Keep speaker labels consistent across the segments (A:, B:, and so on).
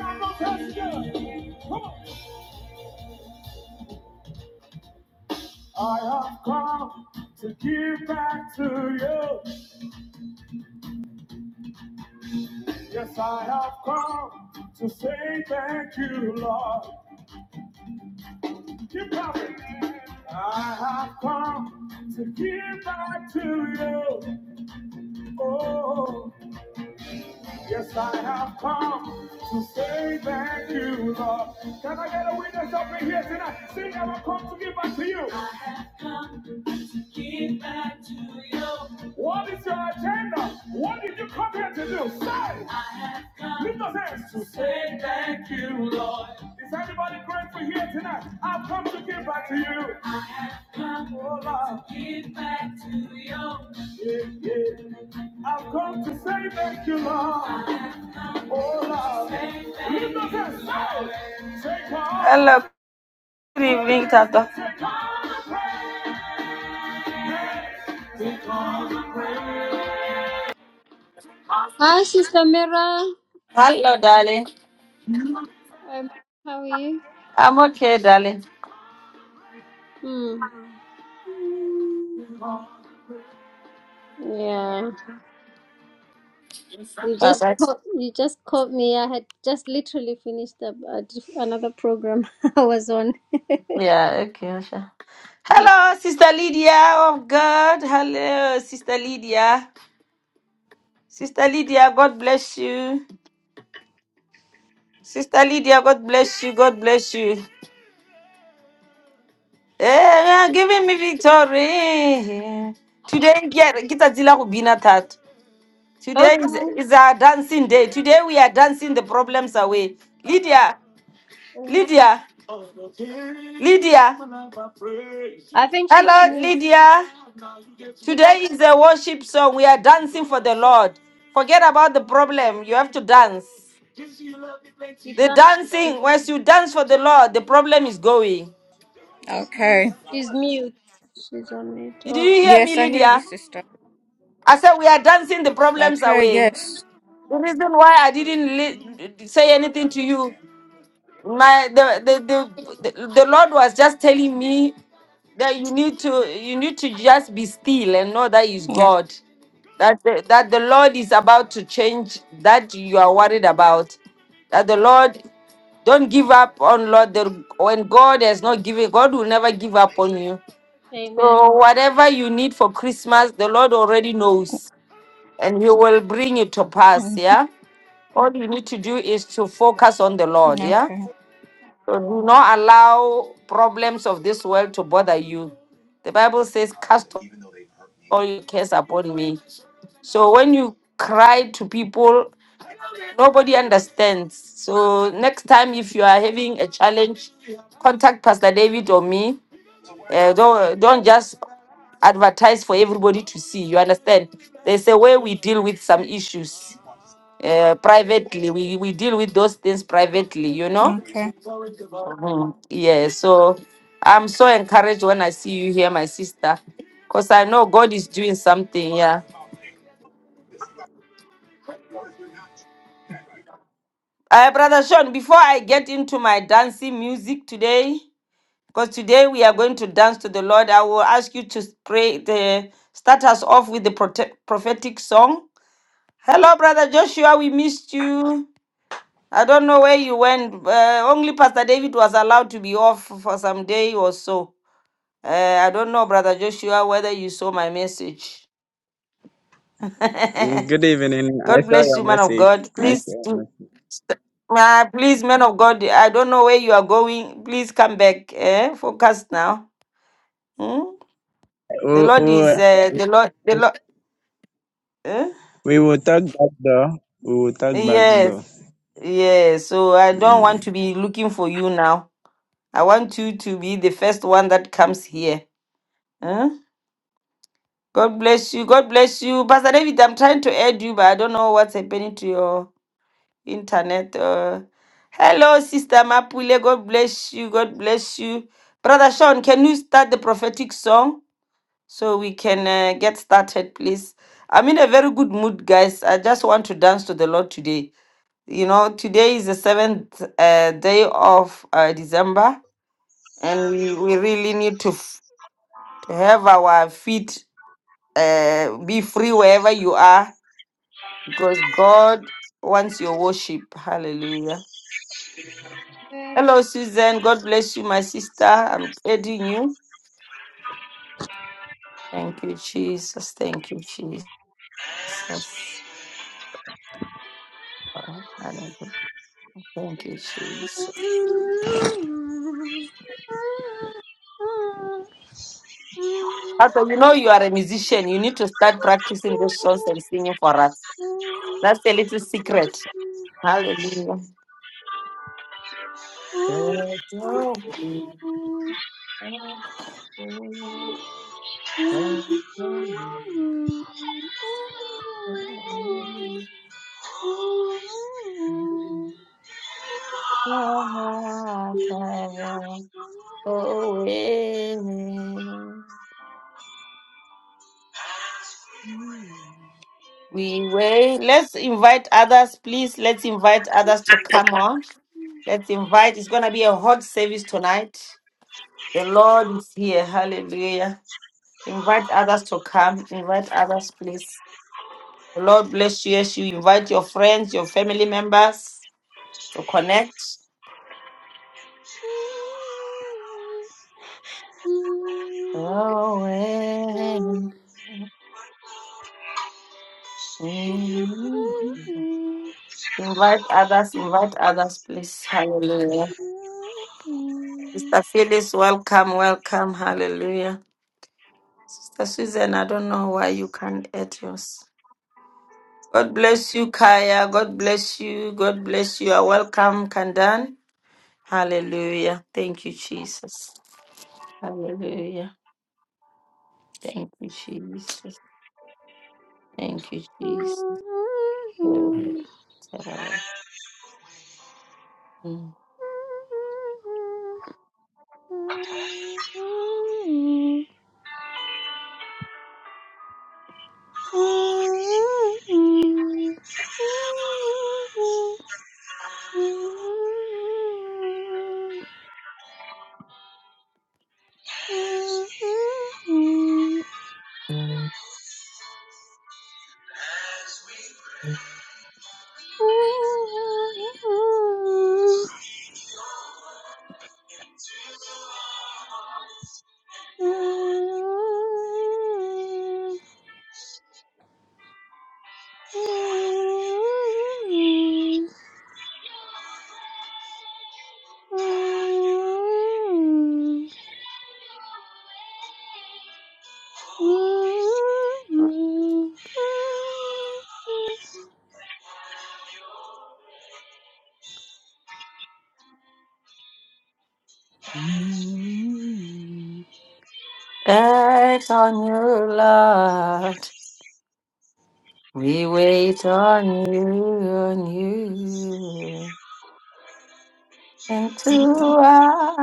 A: I have come to give back to you. Yes, I have come to say thank you, Lord. Keep coming. I have come to give back to you. Oh. Yes, I have come to say thank you, Lord. Can I get a witness up in here tonight? Sing, I will come to give back to you. I have come to give back to you. What is your agenda? What did you come here to do? Say. I have come Lift those hands. To say thank you, Lord. Is anybody grateful here tonight? I've come to give back to you. I have come oh, Lord. to give back to you. Yeah, yeah. I've come to say thank you, Lord. Oh, Lord. Lift up your soul. Take all- Hello. Good evening, Tata.
B: Hi, Sister Mira.
A: Hello, darling.
B: Um, how are you?
A: I'm okay, darling.
B: Hmm. Mm, Yeah. You
A: Bye, bye.
B: just caught, you just caught me. I had just literally finished up a diff- another program I was on.
A: Yeah, okay, Usha. Hello, Sister Lydia of God. Hello, Sister Lydia. Sister Lydia, God bless you. Sister Lydia, God bless you. God bless you. Eh, we are giving me victory. Today, yeah, kita zila kubina that. Today is,
B: Okay.
A: is our dancing day. Today we are dancing the problems away. Lydia,
B: Amen.
A: Lydia, Lydia.
B: I think she's
A: Hello,
B: mute.
A: Lydia.
B: She can't.
A: Today is a worship song. We are dancing for the Lord. Forget about the problem. You have to dance.
B: She
A: The
B: can't.
A: dancing, once you dance for the Lord, the problem is going.
C: Okay.
B: She's mute. She's on mute.
A: Did you
B: Oh,
A: hear me,
C: Yes, I hear you,
A: Lydia?
C: sister.
A: I said, we are dancing the problems
C: Okay,
A: away.
C: yes.
A: The reason why I didn't li- say anything to you, my the the, the the the Lord was just telling me that you need to you need to just be still and know that is
C: Okay.
A: God. That the, that the Lord is about to change that you are worried about. That the Lord don't give up on Lord. The, when God has not given, God will never give up on you.
B: amen.
A: So whatever you need for Christmas, the Lord already knows and He will bring it to pass.
C: Mm,
A: Yeah. All you need to do is to focus on the Lord. Yeah.
C: Okay.
A: So do not allow problems of this world to bother you. The Bible says, Cast all your cares upon me. So when you cry to people, nobody understands. So next time, if you are having a challenge, contact Pastor David or me. Uh, don't don't just advertise for everybody to see. You understand? There's a way we deal with some issues uh, privately. We, we deal with those things privately, you know?
C: Okay.
A: Mhm. Yeah, so I'm so encouraged when I see you here, my sister, because I know God is doing something, yeah. Uh, Brother Sean, before I get into my dancing music today, because today we are going to dance to the Lord, I will ask you to pray the start us off with the prote- prophetic song. Hello, Brother Joshua, we missed you. I don't know where you went. Uh, only Pastor David was allowed to be off for some day or so. Uh, I don't know, Brother Joshua, whether you saw my message.
D: And
A: God
D: Good evening. I saw
A: bless
D: your
A: you, man of
D: message.
A: God.
D: I saw
A: Please,
D: your
A: do-
D: message.
A: uh, please, man of God. I don't know where you are going. Please come back. Eh? Focus now. Hmm? The
D: We,
A: Lord is uh, the Lord. The
D: we,
A: Lord. Eh?
D: we will talk back though. We will talk back
A: Yes,
D: though.
A: yes. So I don't
D: Mm.
A: want to be looking for you now. I want you to be the first one that comes here. eh? God bless you. God bless you. Pastor David, I'm trying to add you, but I don't know what's happening to your internet. Uh, hello, Sister Mapule. God bless you. God bless you. Brother Sean, can you start the prophetic song so we can uh, get started, please? I'm in a very good mood, guys. I just want to dance to the Lord today. You know, today is the seventh uh, day of uh, December, and
E: have
A: we,
E: you
A: we really need to, f- to have our feet uh, be free wherever you are because God wants your worship. Hallelujah. Hello, Susan. God bless you, my sister. I'm aiding you. Thank you, Jesus. Thank you, Jesus.
E: as we
A: Oh, hallelujah. Thank you,
E: as we
A: Jesus. Also, you know you are a musician. You need to start practicing those songs and singing for us.
B: Amen.
A: That's a little secret. Hallelujah. Oh, amen. we wait. Let's invite others, please. Let's invite others to come on.
B: Mm-hmm.
A: Let's invite. It's going to be a hot service tonight. The Lord is here. Hallelujah. Invite others to come. Invite others, please. The Lord bless you as you invite your friends, your family members to connect. Oh, amen. Invite others, invite others, please. Hallelujah. Sister Phyllis, welcome, welcome. Hallelujah. Sister Susan, I don't know why you can't add yours. God bless you, Kaya. God bless you. God bless you. You're welcome, Kandan. Hallelujah. Thank you, Jesus. Hallelujah. Thank you, Jesus. Thank you, Jesus. Glory to
E: have, as
B: Mm-hmm.
A: Mm.
E: we.
A: Act on you, Lord. We wait on you, on you. into us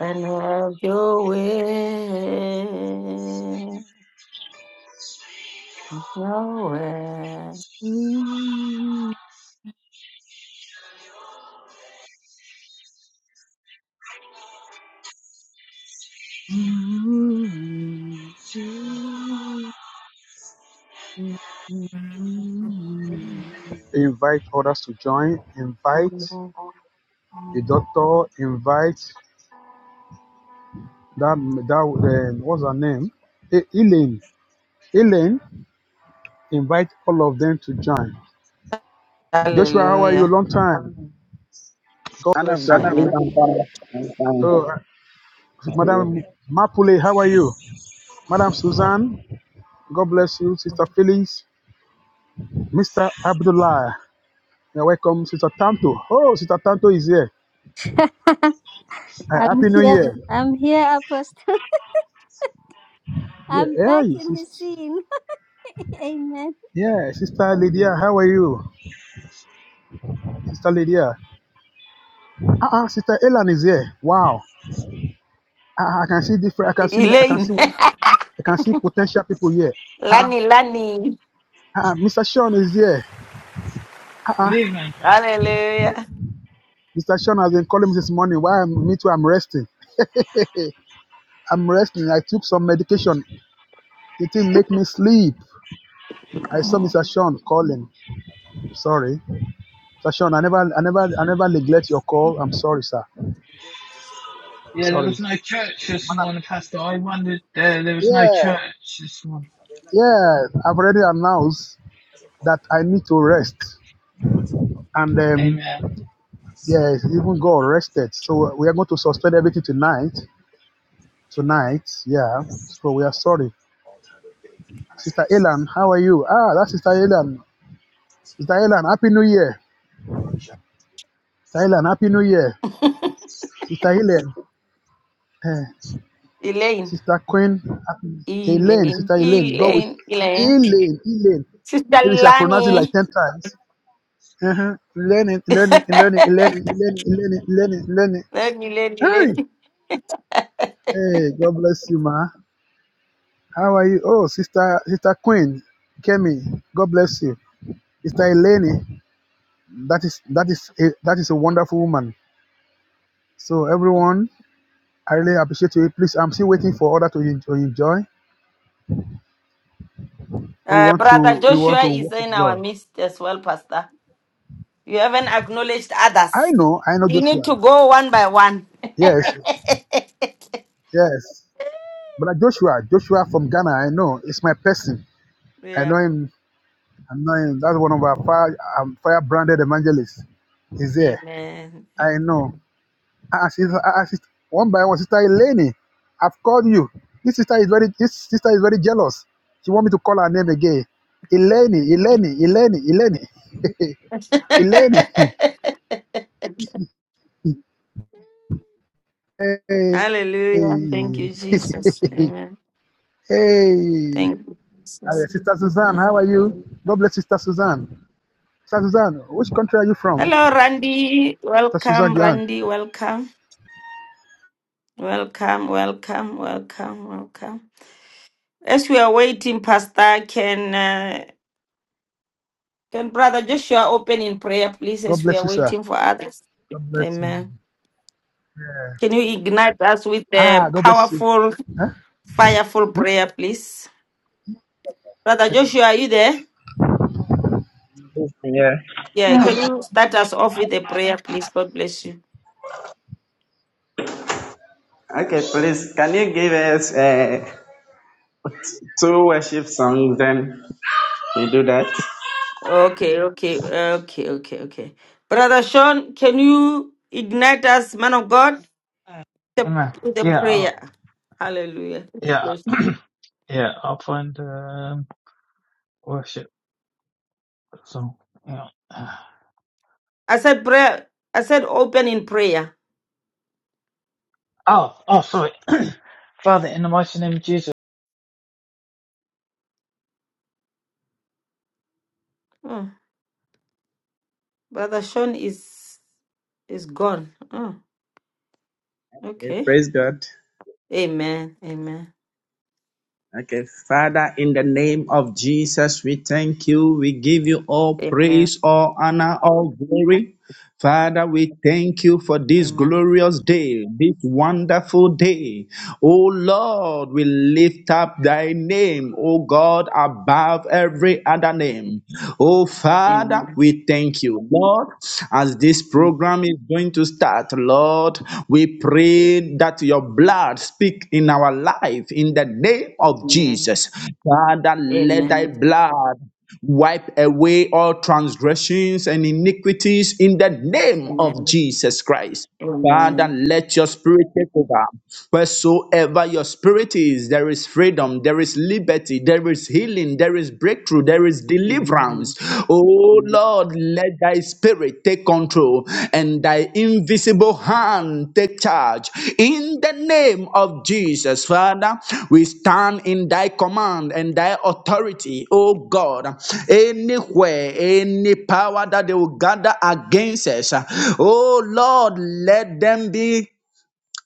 A: and have your way. Nowhere.
B: Mm-hmm. I'm
F: invite others to join, invite
A: Amen.
F: the doctor, invite that that uh, what's her name, E- Elaine. Elaine, invite all of them to join. Joshua, how are you?
A: Hallelujah.
F: Long time. God
D: Man of
F: bless
D: God, please,
A: Amen.
D: I'm coming. I'm
F: Oh,
D: coming.
F: uh, Madam Mapule, how are you? Madam Suzanne, God bless you. Sister Phyllis, Mr. Abdullah, you're welcome. Sister Tanto, oh, Sister Tanto is here. Uh, Happy New
B: here.
F: Year.
B: I'm here, Apostle. I'm
F: Yeah,
B: back
F: yeah,
B: in the
F: sis-
B: scene. Amen.
F: yeah, Sister Lydia, how are you? Sister Lydia. Ah, ah, Sister Elan is here. Wow. Ah, ah, I can see different. I can see. I can
A: Elaine.
F: see. I can see potential people here. Ah,
A: Lani, Lani.
F: ah, ah, Mr. Sean is here.
E: Good
F: Ah, ah,
E: evening, Pastor.
A: Hallelujah.
F: Mr. Sean has been calling me this morning. Why I'm me too? I'm resting. I'm resting. I took some medication. It didn't make me sleep. I saw Mr.
A: Mm.
F: Sean calling. Sorry, Mr. Sean. I never, I never, I never neglect your call. I'm sorry, sir.
E: Yeah, there
F: Sorry,
E: was no church this
F: madam.
E: morning, Pastor. I wondered there there was no
F: Yeah,
E: church this morning.
F: yeah. I've already announced that I need to rest, and um,
E: Amen.
F: Yes, even got arrested. So uh, we are going to suspend everything tonight. Tonight, yeah. So we are sorry. Sister Elan, how are you? Ah, that's Sister Elan. Sister Elan, Happy New Year. Sister Elan, Happy New Year. Sister Helen, eh,
A: Elaine.
F: Sister Queen, Happy Elaine,
A: Elaine.
F: Sister Elaine, go with
A: Elaine. Elaine.
F: Elaine, Elaine.
A: Sister
F: Maybe I pronounce it like
A: Lani.
F: 10 times. Uh-huh. Learning, learning, learning, learning, learning, learning, learning, learning.
A: Lani, Lani,
F: Hey,
A: Lani.
F: hey, God bless you, ma. How are you? Oh, sister, sister Queen, Kemi, God bless you. Sister Eleni, that is that is a, that is a wonderful woman. So everyone, I really appreciate you. Please, I'm still waiting for others to, en- to enjoy. We
A: Uh,
F: want
A: Brother
F: to we want
A: Joshua
F: to
A: is
F: worship
A: in our
F: God.
A: midst as well, Pastor. You haven't acknowledged
F: I
A: others.
F: know, I know
A: You need
F: Joshua.
A: to go one by one.
F: Yes, yes. But Joshua, Joshua from Ghana, I know. It's my person. I
A: yeah.
F: know him. I know him. That's one of our fire, um, fire branded evangelists. He's there.
A: Amen.
F: I
A: Amen.
F: know. I sister, I sister, one by one. Sister Eleni, I've called you. This sister is very this sister is very jealous. She want me to call her name again. Eleni, Eleni, Eleni, Eleni, Eleni. Hey, hey.
A: Hallelujah. Thank you, Jesus. Amen.
F: hey.
A: Thank you,
F: Uh,
A: Jesus.
F: sister Suzanne,
A: Yeah.
F: how are you? God bless Sister Suzanne. Sister Suzanne, which country are you from?
A: Hello, Randy.
F: Sister
A: Welcome,
F: Suzanne Johan.
A: Randy. Welcome. Welcome, welcome, welcome, welcome. As we are waiting, Pastor, can uh, can Brother Joshua open in prayer, please, as
F: God
A: we
F: bless
A: are
F: you, sir.
A: waiting for others?
F: God bless you.
A: Amen.
F: Yeah.
A: Can you ignite us with a
F: Ah, God bless you.
A: powerful,
F: Huh?
A: fireful prayer, please? Brother Joshua, are you there?
D: Please, yeah.
A: Yeah, can you start us off with a prayer, please? God bless you.
D: Okay, please, can you give us uh, two worship songs then? We do that.
A: Okay, okay, okay, okay, okay. Brother Sean, can you ignite us, man of God, the,
E: Amen.
A: with a
E: Yeah,
A: prayer?
E: I'll,
A: Hallelujah. God
E: yeah,
A: bless you.
E: yeah. I'll find um, worship song. Yeah. Ah,
A: I said prayer. I said open in prayer.
E: Oh, oh, sorry. Father, in the mighty name of Jesus.
A: Oh, Brother Sean is is gone. Oh,
D: Okay,
A: okay.
D: praise God.
A: Amen. Amen.
D: Okay, Father, in the name of Jesus, we thank you. We give you all
A: Amen.
D: praise, all honor, all glory. Father, we thank you for this
A: Amen.
D: glorious day, this wonderful day. Oh Lord, we lift up thy name, oh God, above every other name. Oh Father,
A: Amen.
D: we thank you, Lord, as this
A: Amen.
D: program is going to start, Lord, we pray that your blood speak in our life in the name of
A: Amen.
D: Jesus. Father, let thy blood Wipe away all transgressions and iniquities in the name of
A: Amen.
D: Jesus Christ. Father,
A: Amen.
D: let your spirit take over. Wheresoever your spirit is, there is freedom, there is liberty, there is healing, there is breakthrough, there is deliverance.
A: Amen.
D: Oh
A: Amen.
D: Lord, let thy spirit Spirit take control and thy invisible hand take charge. In the name of Jesus, Father, we stand in thy command and thy authority, oh God. Anywhere, any power that they will gather against us, oh Lord, let them be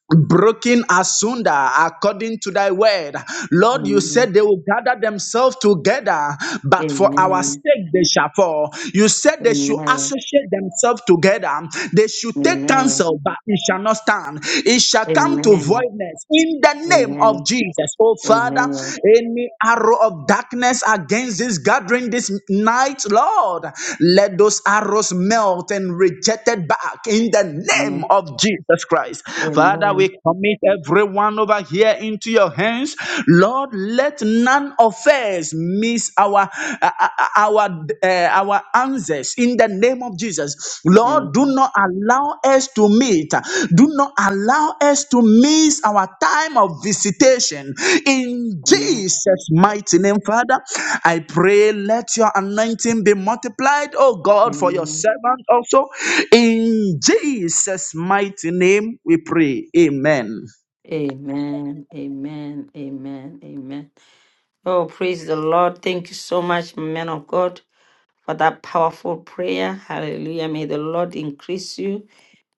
D: broken asunder according to thy word. Lord, you said they will gather themselves together, but for our
A: Amen.
D: sake they shall fall. You said
A: Amen. Amen. Amen. Amen.
D: they should associate themselves together, they should take counsel, but it shall not stand. It shall
A: Amen.
D: come to voidness in the
A: Amen. Amen.
D: name of
A: Amen.
D: Jesus. Oh
A: Amen.
D: Father,
A: Amen.
D: any arrow of of darkness against this gathering this night, Lord. Let those arrows melt and rejected back in the name of Jesus Christ.
A: Amen.
D: Father, we
A: Amen.
D: commit everyone over here into your hands. Lord, let none of us miss our uh, uh, uh, our uh, our answers in the name of Jesus. Jesus. Lord, do not allow us to meet. Do not allow us to miss our time of visitation. In Jesus' mighty name, Father, I pray let your anointing be multiplied, oh God, for your servant also. In Jesus' mighty name, we pray. Amen.
A: Amen. Amen. Amen. Oh, praise the Lord. Thank you so much, man of God. for that powerful prayer. Hallelujah. May the Lord increase you.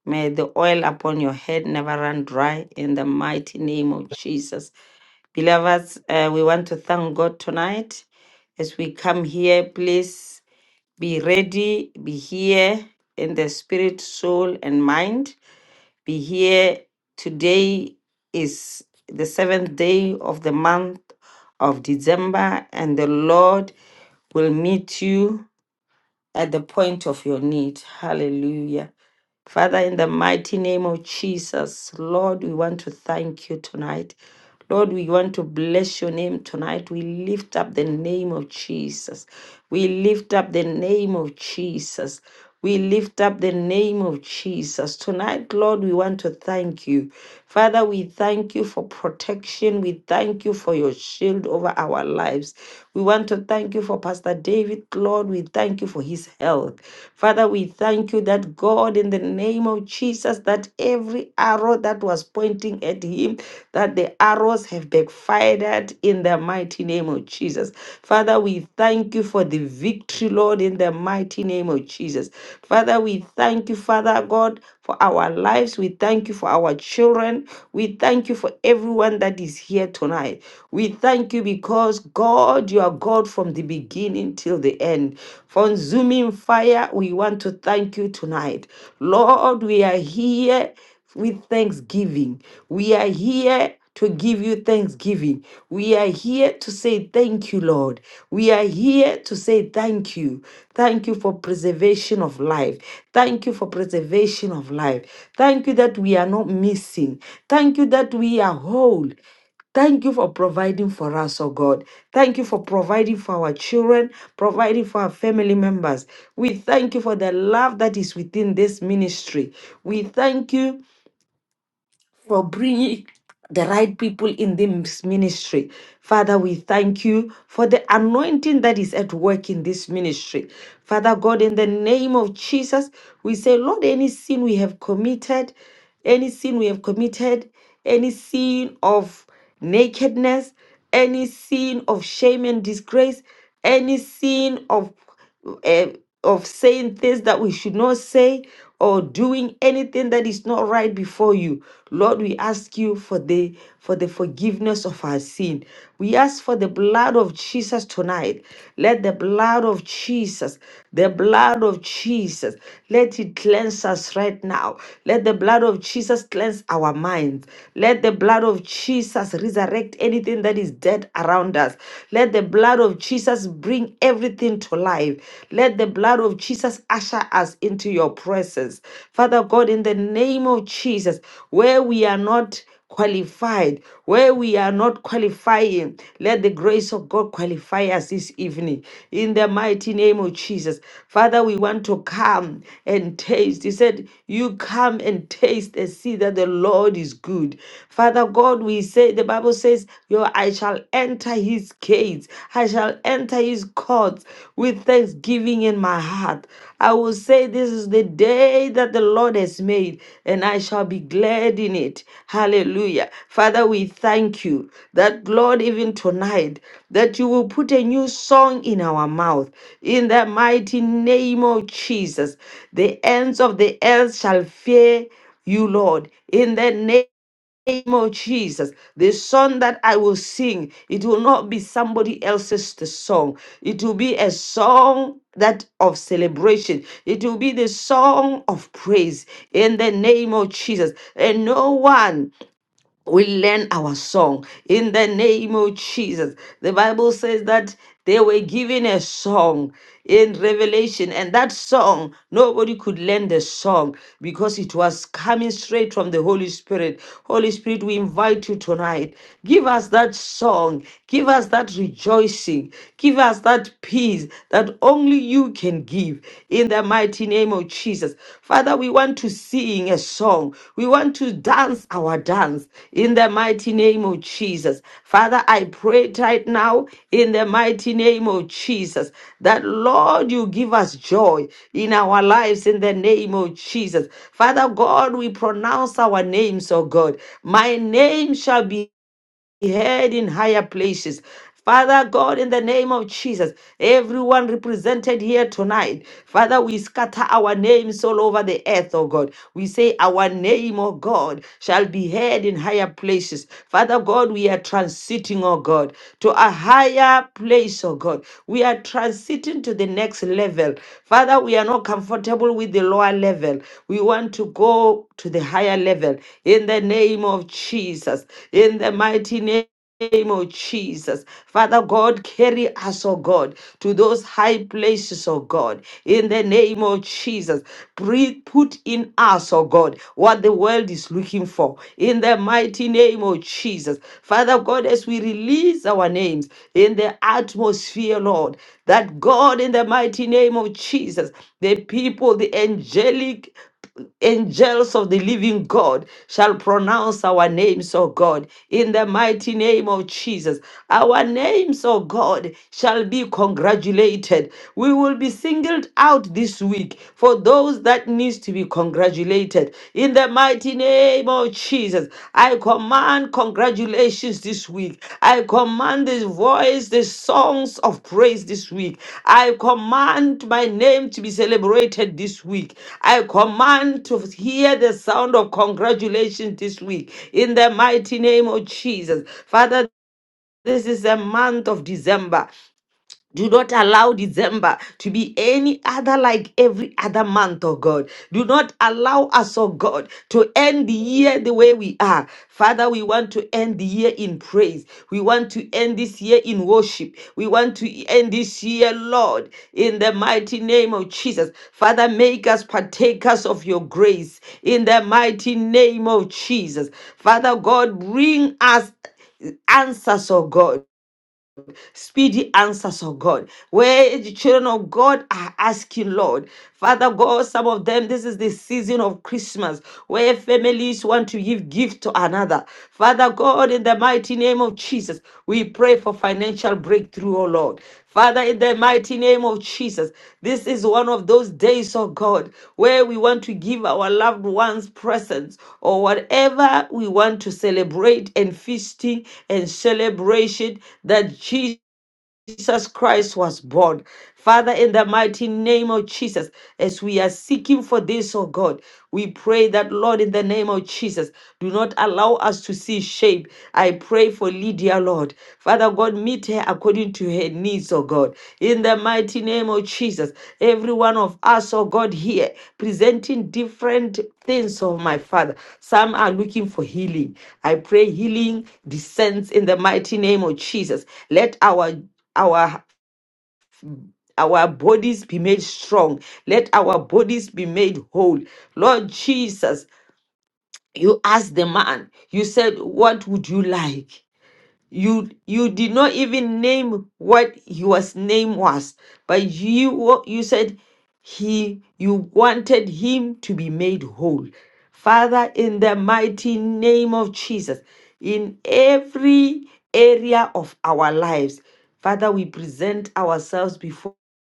A: May the oil upon your head never run dry in the mighty name of Jesus. Beloveds, uh, we want to thank God tonight. As we come here, please be ready, be here in the spirit, soul, and mind. Be here. Today is the seventh day of the month of December, and the Lord will meet you at the point of your need. Hallelujah. Father, in the mighty name of Jesus, Lord, we want to thank you tonight. Lord, we want to bless your name tonight. We lift up the name of Jesus. We lift up the name of Jesus. We lift up the name of Jesus. Tonight, Lord, we want to thank you. Father, we thank you for protection. We thank you for your shield over our lives. We want to thank you for Pastor David, Lord. We thank you for his health. Father, we thank you that God, in the name of Jesus, that every arrow that was pointing at him, that the arrows have have backfired in the mighty name of Jesus. Father, we thank you for the victory, Lord, in the mighty name of Jesus. Father, we thank you, Father God, for our lives. We thank you for our children. We thank you for everyone that is here tonight. We thank you because, God, you are God from the beginning till the end. From Zooming Fire, we want to thank you tonight. Lord, we are here with thanksgiving. We are here to give you thanksgiving. We are here to say thank you, Lord. We are here to say thank you. Thank you for preservation of life. Thank you for preservation of life. Thank you that we are not missing. Thank you that we are whole. Thank you for providing for us, oh God. Thank you for providing for our children, providing for our family members. We thank you for the love that is within this ministry. We thank you for bringing the right people in this ministry. Father, we thank you for the anointing that is at work in this ministry. Father God, in the name of Jesus, we say, Lord, any sin we have committed, any sin we have committed, any sin of nakedness, any sin of shame and disgrace, any sin of eh, of saying things that we should not say or doing anything that is not right before you lord we ask you for the for the forgiveness of our sin we ask for the blood of jesus tonight let the blood of jesus the blood of jesus let it cleanse us right now let the blood of jesus cleanse our minds let the blood of jesus resurrect anything that is dead around us let the blood of Jesus bring everything to life. Let the blood of Jesus usher us into your presence. Father God, in the name of Jesus, where we are not qualified, where we are not qualifying, let the grace of God qualify us this evening. In the mighty name of Jesus. Father, we want to come and taste. He said, You come and taste and see that the Lord is good. Father God, we say, the Bible says, says, Yo, I shall enter his gates, I shall enter his courts with thanksgiving in my heart. I will say, This is the day that the Lord has made, and I shall be glad in it. Hallelujah. Father, we thank you that, Lord, even tonight, that you will put a new song in our mouth. In the mighty name of Jesus, the ends of the earth shall fear you, Lord. In the name name of Jesus, the song that I will sing, it will not be somebody else's the song. It will be a song that of celebration. It will be the song of praise in the name of Jesus. And no one we learn our song in the name of Jesus. The Bible says that they were given a song in Revelation, and that song nobody could learn the song because it was coming straight from the Holy Spirit. Holy Spirit, we invite you tonight. Give us that song, give us that rejoicing, give us that peace that only you can give give in the mighty name of Jesus. Father, we want to sing a song. We want to dance our dance in the mighty name of Jesus. Father, I pray right now in the mighty name of Jesus that Lord, you give us joy in our lives in the name of Jesus. Father God, we pronounce our names, oh God. My name shall be heard in higher places. Father God, in the name of Jesus, everyone represented here tonight, Father, we scatter our names all over the earth, oh God. We say, Our name, oh God, shall be heard in higher places. Father God, we are transiting, oh God, to a higher place, oh God. We are transiting to the next level. Father, we are not comfortable comfortable with the lower level. We want to go to the higher level in the name of Jesus, in the mighty name name of Jesus. Father God, carry us, oh God, to those high places, oh God, in the name of Jesus. Breathe, put in us, oh God, what the world is looking for, in the mighty name of Jesus. Father God, God, as we release our names in the atmosphere, Lord, that God, in the mighty name of Jesus, the people, the angelic angels of the living God shall pronounce our names, O God, in the mighty name of Jesus. Our names, O God, shall be congratulated. We will be singled out this week for for those that needs to be congratulated in the mighty name of jesus i command congratulations this week i command this voice the songs of praise this week i command my name to be celebrated this week i command to hear the sound of congratulations this week in the mighty name of jesus father this is a month of December. Do not allow December to be any other like every other month, oh God. Do not allow us, oh God, to end the year the way we are. Father, we want to end the year in praise. We want to end this year in worship. We want to end this year, Lord, in the mighty name of Jesus. Father, make us partakers of your grace in the mighty name of Jesus. Father God, bring us answers, oh God speedy answers, oh God, where the children of God are asking, Lord. Father God, some of them, this is the season of Christmas where families want to give gift to another. Father God, in the mighty name of Jesus, we pray for financial breakthrough, oh Lord. Father, in the mighty name of Jesus, this is one of those days, oh God, where we want to give our loved ones presents or whatever we want to celebrate and feasting and celebration that Jesus. Jesus Christ was born. Father, in the mighty name of Jesus, as we are seeking for this, oh God, we pray that, Lord, in the name of Jesus, do not allow us to see shame. I pray for Lydia, Lord. Father God, meet her according to her needs, oh God. In the mighty name of Jesus, every one of us, oh God, here, presenting different things, oh my Father. Some are looking for healing. I pray healing descends in the mighty name of Jesus. Let our our our bodies be made strong. Let our bodies be made whole. Lord Jesus, you asked the man, you said, What would you like? You you did not even name what his name was, but you you said he you wanted him to be made whole. Father, in the mighty name of Jesus, in every area of our lives, Father, we present ourselves before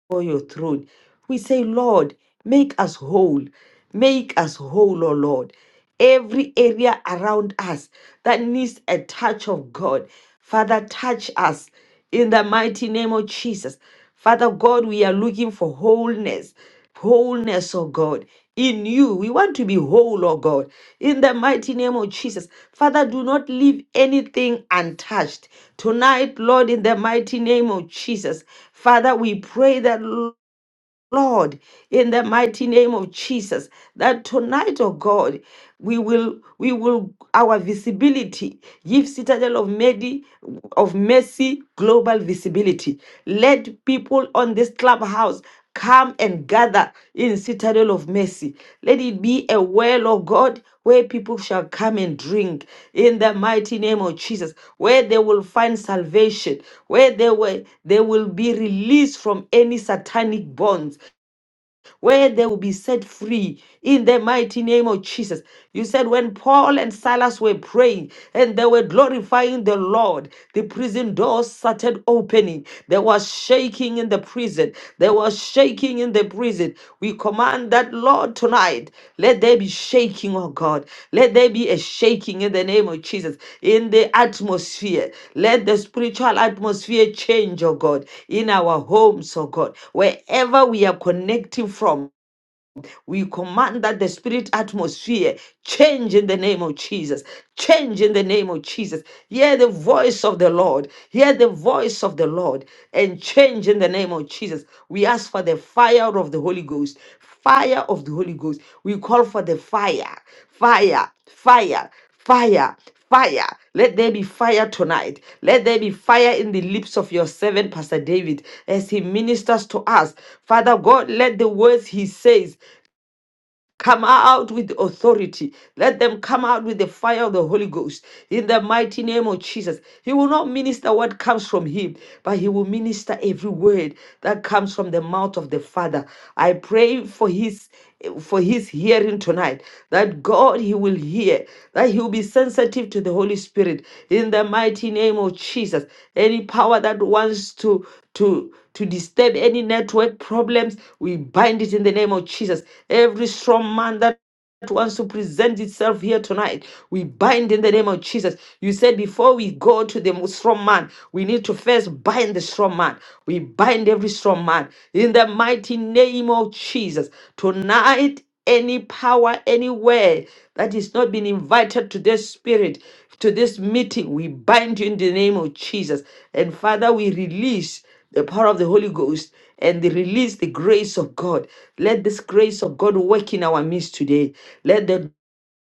A: before your throne. We say, Lord, make us whole. Make us whole, O Lord. Every area around us that needs a touch of God, Father, touch us in the mighty name of Jesus. Father God, we are looking for wholeness, wholeness, oh God. In you, we want to be whole, oh God, in the mighty name of Jesus. Father, do not leave anything untouched. Tonight, Lord, in the mighty name of Jesus, Father, we pray that, Lord, in the mighty name of Jesus, that tonight, oh God, we will, we will, our visibility, give Citadel of Medi, of Mercy, global visibility. Let people on this clubhouse come come and gather in citadel of mercy. Let it be a well, of God, where people shall come and drink in the mighty name of Jesus, where they will find salvation, where they will, they will be released from any satanic bonds where they will be set free in the mighty name of Jesus. You said when Paul and Silas were praying and they were glorifying the Lord, the prison doors started opening. There was shaking in the prison. There was shaking in the prison. We we command that, Lord, tonight, let there be shaking, oh God. Let there be a shaking in the name of Jesus in the atmosphere. Let the spiritual atmosphere change, oh God, in our homes, oh God, wherever we are connecting from. We command that the spirit atmosphere change in the name of Jesus. Change in the name of Jesus. Hear the voice of the Lord. Hear the voice of the Lord and change in the name of Jesus. We ask for the fire of the Holy Ghost. Fire of the Holy Ghost. We call for the fire. Fire. Fire. Fire fire. Let there be fire tonight. Let there be fire in the lips of your servant, Pastor David, as he ministers to us. Father God, let the words he says Come out with authority. Let them come out with the fire of the Holy Ghost in the mighty name of Jesus. He will not minister what comes from him, but he will minister every word that comes from the mouth of the Father. I pray for his for his hearing tonight that God he will hear that he will be sensitive to the Holy Spirit in the mighty name of Jesus any power that wants to to to disturb any network problems. We bind it in the name of Jesus. Every strong man that that wants to present itself here tonight. We bind in the name of Jesus. You said before we go to the strong man, we need to first bind the strong man. We bind every strong man in the mighty name of Jesus. Tonight, any power anywhere that is not been invited to this spirit, to this meeting, we bind you in the name of Jesus. And Father, we release the power of the Holy Ghost, and they release the grace of God. Let this grace of God work in our midst today. Let the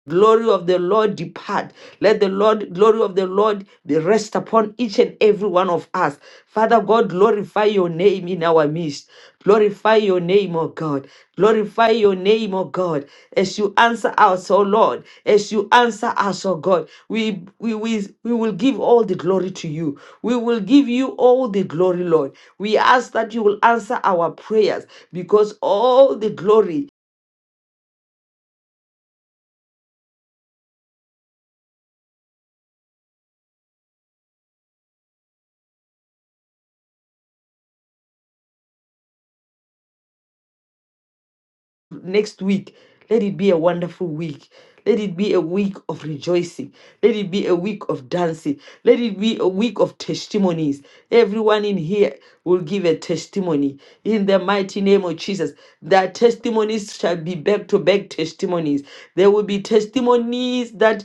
A: glory of the Lord depart. Let the Lord glory of the Lord be rest upon each and every one of us. Father God, glorify your name in our midst. Glorify your name, O God. Glorify your name, O God. As you answer us, O Lord, as you answer us, O God, we, we, we, we will give all the glory to you. We will give you all the glory, Lord. We ask that you will answer our prayers because all the glory next week, let it be a wonderful week. Let it be a week of rejoicing. Let it be a week of dancing. Let it be a week of testimonies. Everyone in here will give a testimony in the mighty name of Jesus. Their testimonies shall be back to back testimonies. There will be testimonies that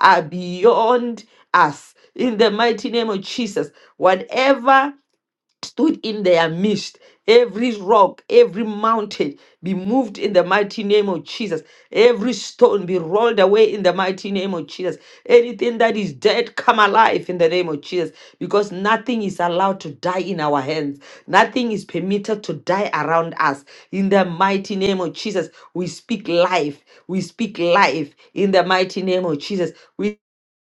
A: are beyond us in the mighty name of Jesus. Whatever stood in their midst. Every rock, every mountain be moved in the mighty name of Jesus. Every stone be rolled away in the mighty name of Jesus. Anything that is dead come alive in the name of Jesus because nothing is allowed to die in our hands. Nothing is permitted to die around us. In the mighty name of Jesus, we speak life. We speak life in the mighty name of Jesus. We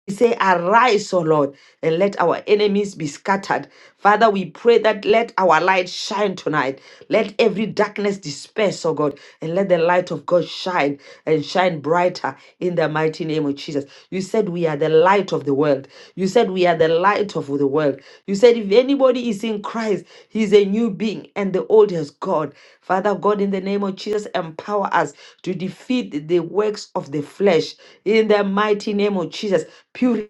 A: we say, Arise, O Lord, and let our enemies be scattered. Father, we pray that let our light shine tonight. Let every darkness disperse, O God, and let the light of God shine and shine brighter in the mighty name of Jesus. You said we are the light light of the world. You said we are the light of the world. You said if anybody is in Christ, he's a new being and the old has gone. Father God, in the name of Jesus, empower us to defeat the works of the flesh. In the mighty name of Jesus, purify.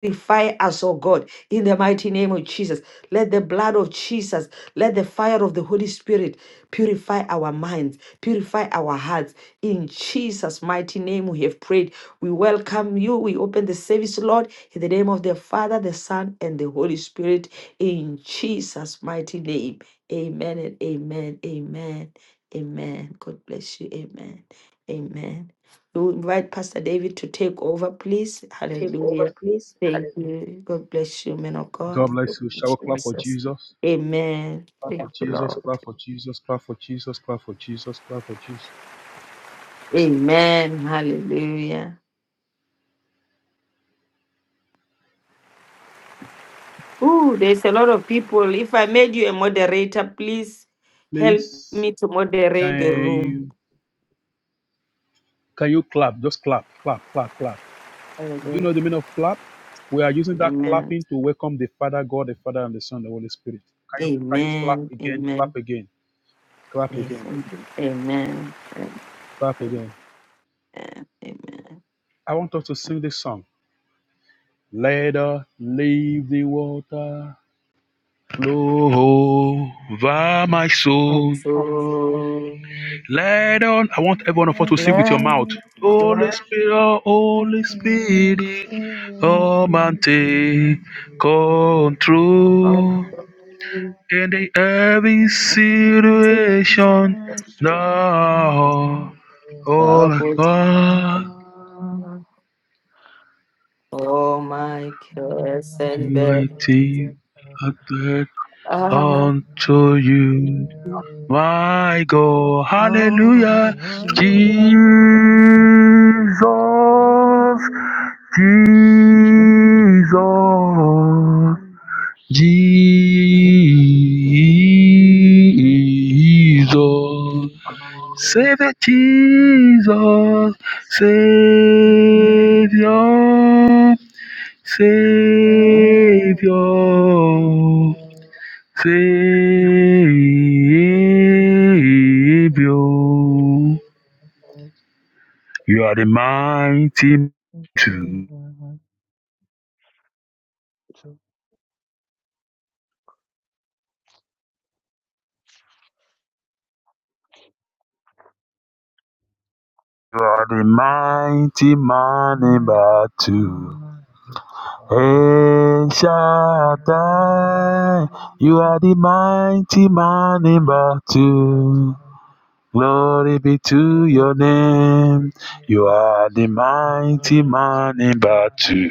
A: Purify us, oh God, in the mighty name of Jesus. Let the blood of Jesus, let the fire of the Holy Spirit purify our minds, purify our hearts. In Jesus' mighty name, we have prayed. We welcome you. We open the service, Lord, in the name of the Father, the Son, and the Holy Spirit. In Jesus' mighty name. Amen and amen. Amen. Amen. God bless you. Amen. Amen. We invite Pastor David to take over, please. Hallelujah. Thank you. God bless you, men of
F: God
A: God. Thank
F: bless you.
A: you,
F: Shall we clap for
A: Jesus.
F: Jesus?
A: Amen.
F: Clap
A: Thank
F: for
A: you,
F: Jesus,
A: Lord.
F: clap for Jesus, clap for Jesus, clap for Jesus, clap for Jesus.
A: Amen. Hallelujah. Ooh, there's a lot of people. If I made you a moderator, please help
F: Please,
A: me to moderate the
F: can
A: room.
F: you can you clap? Just clap, clap, clap, clap. Do you
A: Hallelujah.
F: know the meaning of clap? We are using that
A: Amen.
F: clapping to welcome the Father, God, the Father, and the Son, the Holy Spirit. Can you can you clap
A: Amen.
F: again?
A: Amen.
F: Clap again, clap
A: Yes.
F: again,
A: Amen. Amen. Amen.
F: clap again.
A: Amen.
F: I want us to sing this song. Let us leave the water flow over my soul.
A: And So,
F: Let on. I want everyone of us to sing with your mouth. Holy Spirit, Holy Spirit,
E: Hallelujah.
F: come and
G: Manifest
F: take control in the every
A: man,
F: situation. Now, all I got,
A: Oh my curse and
F: my
A: Kersenberg.
F: I bet
E: Hallelujah.
A: Ah,
F: unto you. My God,
H: Oh,
F: hallelujah, Jesus, Jesus,
E: Thank you.
F: Jesus, Savior Jesus, Savior, Savior. Savior,
H: good.
F: you are the mighty two. You are the mighty man in battle. El Shaddai, you are the mighty man in battle. Glory be to your name. You are the
E: I'm
F: mighty
E: I'm
F: man in
E: I'm
F: battle.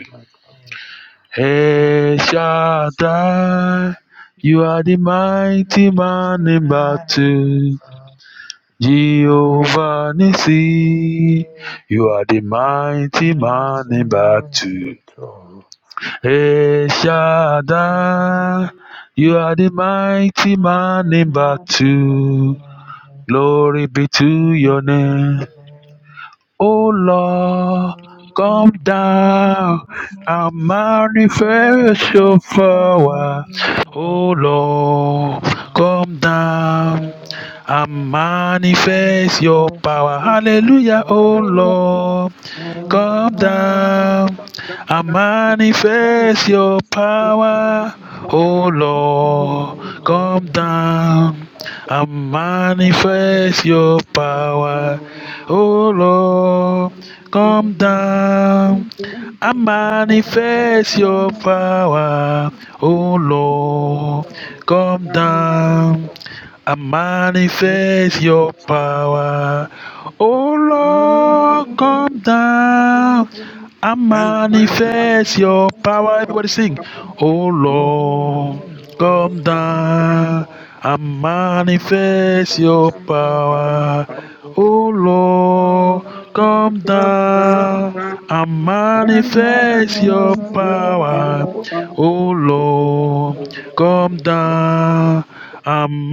F: Hey Shaddai, you are the mighty man in battle. Jehovah Nissi, you are the
E: I'm
F: mighty man in battle. Hey Shaddai, you
E: I'm
F: are the mighty man in battle. Glory be to your name. Oh Lord, come
E: Thank
F: down and manifest your power.
E: you.
F: Oh Lord,
E: Um,
F: come
E: and
F: down
E: uh,
F: and
E: I'm the
F: manifest your
E: manifest
F: power. Hallelujah, oh
E: superhero.
F: Lord. Come
E: Sometimes
F: down
E: you
F: and manifest your power. Oh Lord, come down and
E: manifest superhero.
F: manifest your
E: Manifest
F: power.
E: superhero.
F: Oh Lord, come down and manifest your power. Oh Lord, come
E: I'm the
F: down I manifest your
E: most
F: power. Oh
E: brilliant
F: Lord, come down. I manifest your
E: manifest
F: power. Everybody sing. Oh Lord,
E: superhero.
F: come
E: Come
F: down.
E: down.
F: I
E: I
F: manifest your
E: manifest your power,
F: power.
E: Lord.
F: Oh Lord,
E: And
F: come
E: I
F: down. I manifest your
E: manifest your power,
F: power. Oh Lord,
E: Lord.
F: come down. I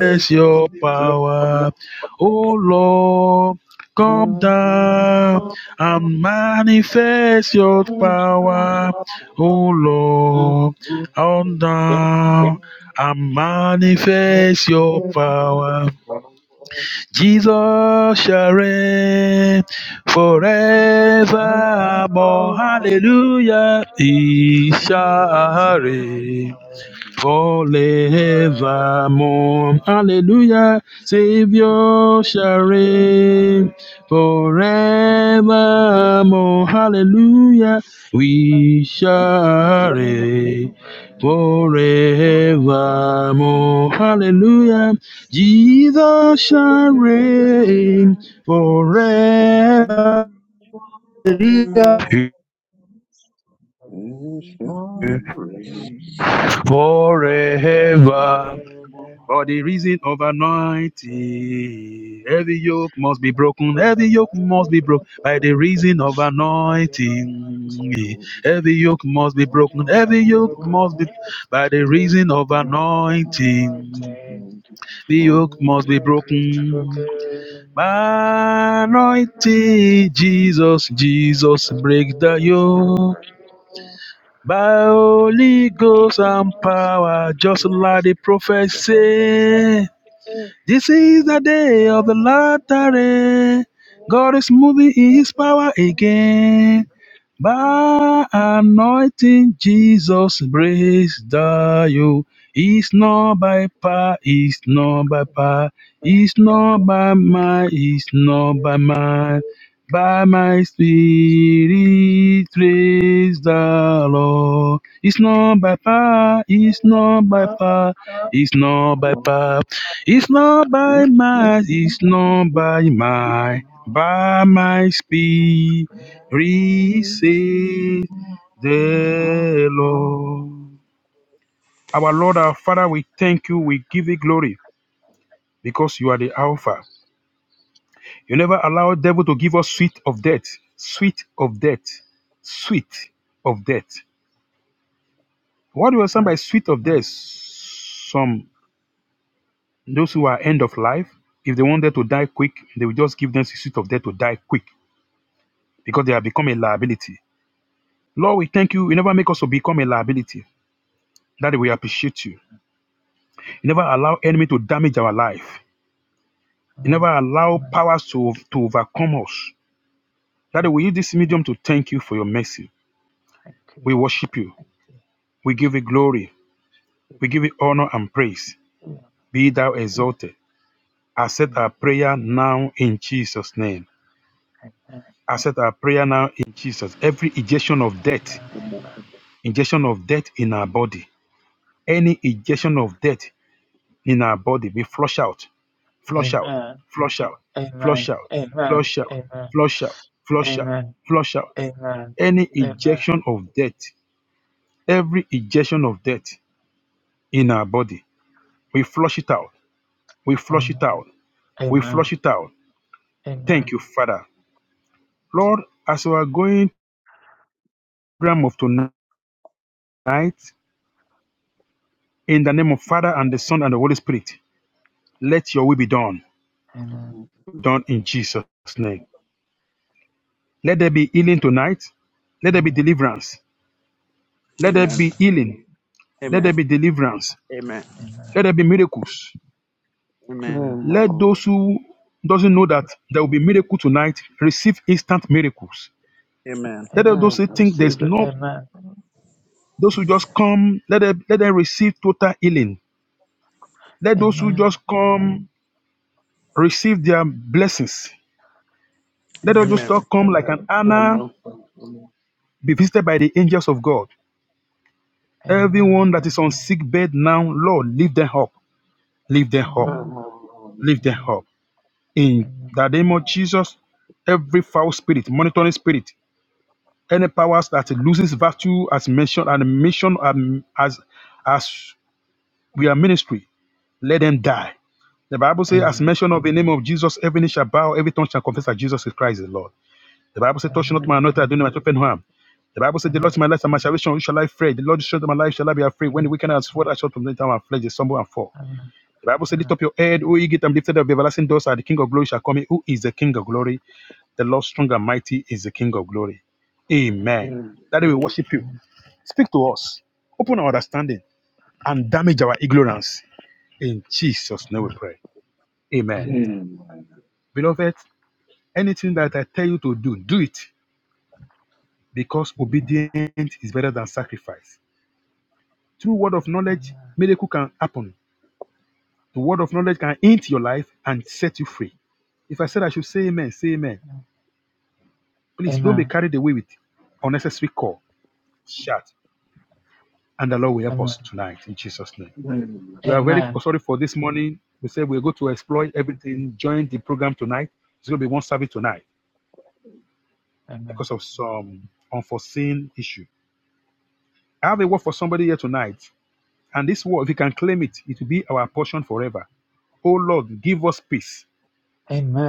F: Manifest your power, oh Lord. Come down and manifest your power, oh Lord. Come down and
G: I'm still
F: manifest your
G: falling in love.
F: power.
G: I'm falling
F: Jesus shall reign
G: in love. I'm
F: forevermore.
E: Forever.
G: falling
E: forever,
F: Hallelujah. He
G: in love. I'm falling in
E: is your
F: shall reign
E: name.
F: forevermore.
E: Forever
F: Hallelujah. Savior shall reign forevermore. Hallelujah. We
E: is
F: shall reign
E: your
F: forevermore.
E: name.
F: Hallelujah.
E: Thank
F: Jesus shall
E: you.
F: reign forever. Forever For the reason of anointing, every yoke must be broken, every yoke must be broken. By the reason of anointing, every yoke must be broken, every yoke
G: love.
F: must be. By the reason of
G: I'm falling in love.
F: anointing,
G: Man,
F: the
G: my
F: yoke
G: Lord, man,
F: must be
G: my Lord,
F: broken. By anointing, Jesus, Jesus, break the yoke. By Holy Ghost and power, just like the prophet said. This is the day of the Lord. eh, God is moving in His power again. By anointing Jesus breaks the yoke. It's not by power, it's not by power, it's not by might, it's not by might. By my spirit praise the Lord. It's not by power, it's not by power, it's not by power, it's not
G: man, my Lord, man, my Lord, man, man,
F: by
G: my Lord, man, my
F: might, it's not by might. By my spirit.
G: Lord,
F: Receive the Lord. Our Lord, our Father, we thank you. We give you glory because you are the Alpha. You never allow devil to give us sweet of death, sweet of death, sweet of death. What do you understand by
E: Amen.
F: sweet of death? Some those who are end of life, if they wanted to die quick, they will just give them the sweet of death to die quick because they have become a liability. Lord, we thank you. You never make us to become a liability. That we appreciate you. He never allow enemy to damage our life. He never
E: Amen.
F: allow powers to, to overcome us. Daddy, we use this medium to thank you for your mercy.
E: Thank you,
F: We worship you. We give you glory. We give you honor and praise.
E: Lord.
F: Be thou exalted. Accept our
E: Amen.
F: prayer now in Jesus' name.
E: Amen.
F: Accept our prayer now in Jesus. Every injection of
E: Amen.
F: death, injection of death in our body, any injection of death in our body, we flush out. flush out,
E: Amen.
F: flush out,
E: Amen.
F: flush out,
E: Amen. Amen.
F: flush out, flush out,
E: Amen.
F: flush out,
E: Amen.
F: flush out.
E: Amen.
F: Any
E: Amen.
F: ejection of death, every ejection of death in our body, we flush it out, we flush it out, we
E: Amen.
F: flush it out.
E: Amen.
F: Thank you, Father. Lord, as we are going program of tonight, in the name of Father and the Son and the Holy Spirit, let your will be done,
E: Amen. Amen.
F: done in Jesus' name. Let there be healing tonight. Let there be deliverance. Let there be healing. Let
E: Amen.
F: there be deliverance. Let there be miracles.
E: Amen.
F: Let those who doesn't know that there will be miracle tonight receive instant miracles. Let
E: Amen.
F: those
G: man,
F: who
E: I
F: think there's
E: receive it.
F: no
E: Amen.
F: those who just come, let them let them receive total healing. Let those who
E: Amen.
F: just come receive their blessings. Let
E: Amen.
F: those who just come like an Anna be visited by the angels of God.
E: Amen. Amen.
F: Everyone that is on sick bed now, Lord, lift them up, lift them up,
G: my
E: Amen.
F: lift them
E: Amen.
F: up. In
E: Amen.
F: the name of Jesus, every foul spirit, monitoring spirit, Any powers that loses virtue as mentioned and mentioned um, as as we are ministry, let them die. The Bible
E: Amen.
F: says, as
E: Amen.
F: mention of the name of Jesus, every knee shall bow, every tongue shall confess that Jesus is Christ the Lord. The Bible says, touch not my
G: Lord,
F: anointed, I do not open harm. The Bible says, the Lord
E: Amen.
F: is my light and my salvation, who shall I fear? The Lord is the strength of my life, shall I be afraid? When the wicked and sword, I shall from the time and flesh, they stumble and fall. The Bible says, lift up your head, O ye gate, and lifted up the everlasting doors, and the King of glory shall come in. Who is the King of glory? The Lord strong and mighty is the King of glory. Amen.
E: Amen.
F: That we worship you.
E: Amen.
F: Speak to us, open our understanding, and damage our ignorance. In Jesus' name we pray.
E: Amen.
F: Amen.
E: Amen.
F: Beloved, anything that I tell you to do, do it because
E: Amen.
F: obedience is better than sacrifice. Through word of knowledge,
E: Amen.
F: miracle can happen. The word of knowledge can enter your life and set you free. If I said I should say amen, say amen. Please don't be
E: Amen.
F: carried away with unnecessary call. Shout. And the Lord will help
E: Amen.
F: us tonight in Jesus' name. We are very
E: Amen.
F: sorry for this morning. We said we're going to exploit everything. Join the program tonight. It's going to be one service tonight
E: Amen.
F: because of some unforeseen issue. I have a word for somebody here tonight. And this word, if you can claim it, it will be our portion forever. Oh Lord, give us peace.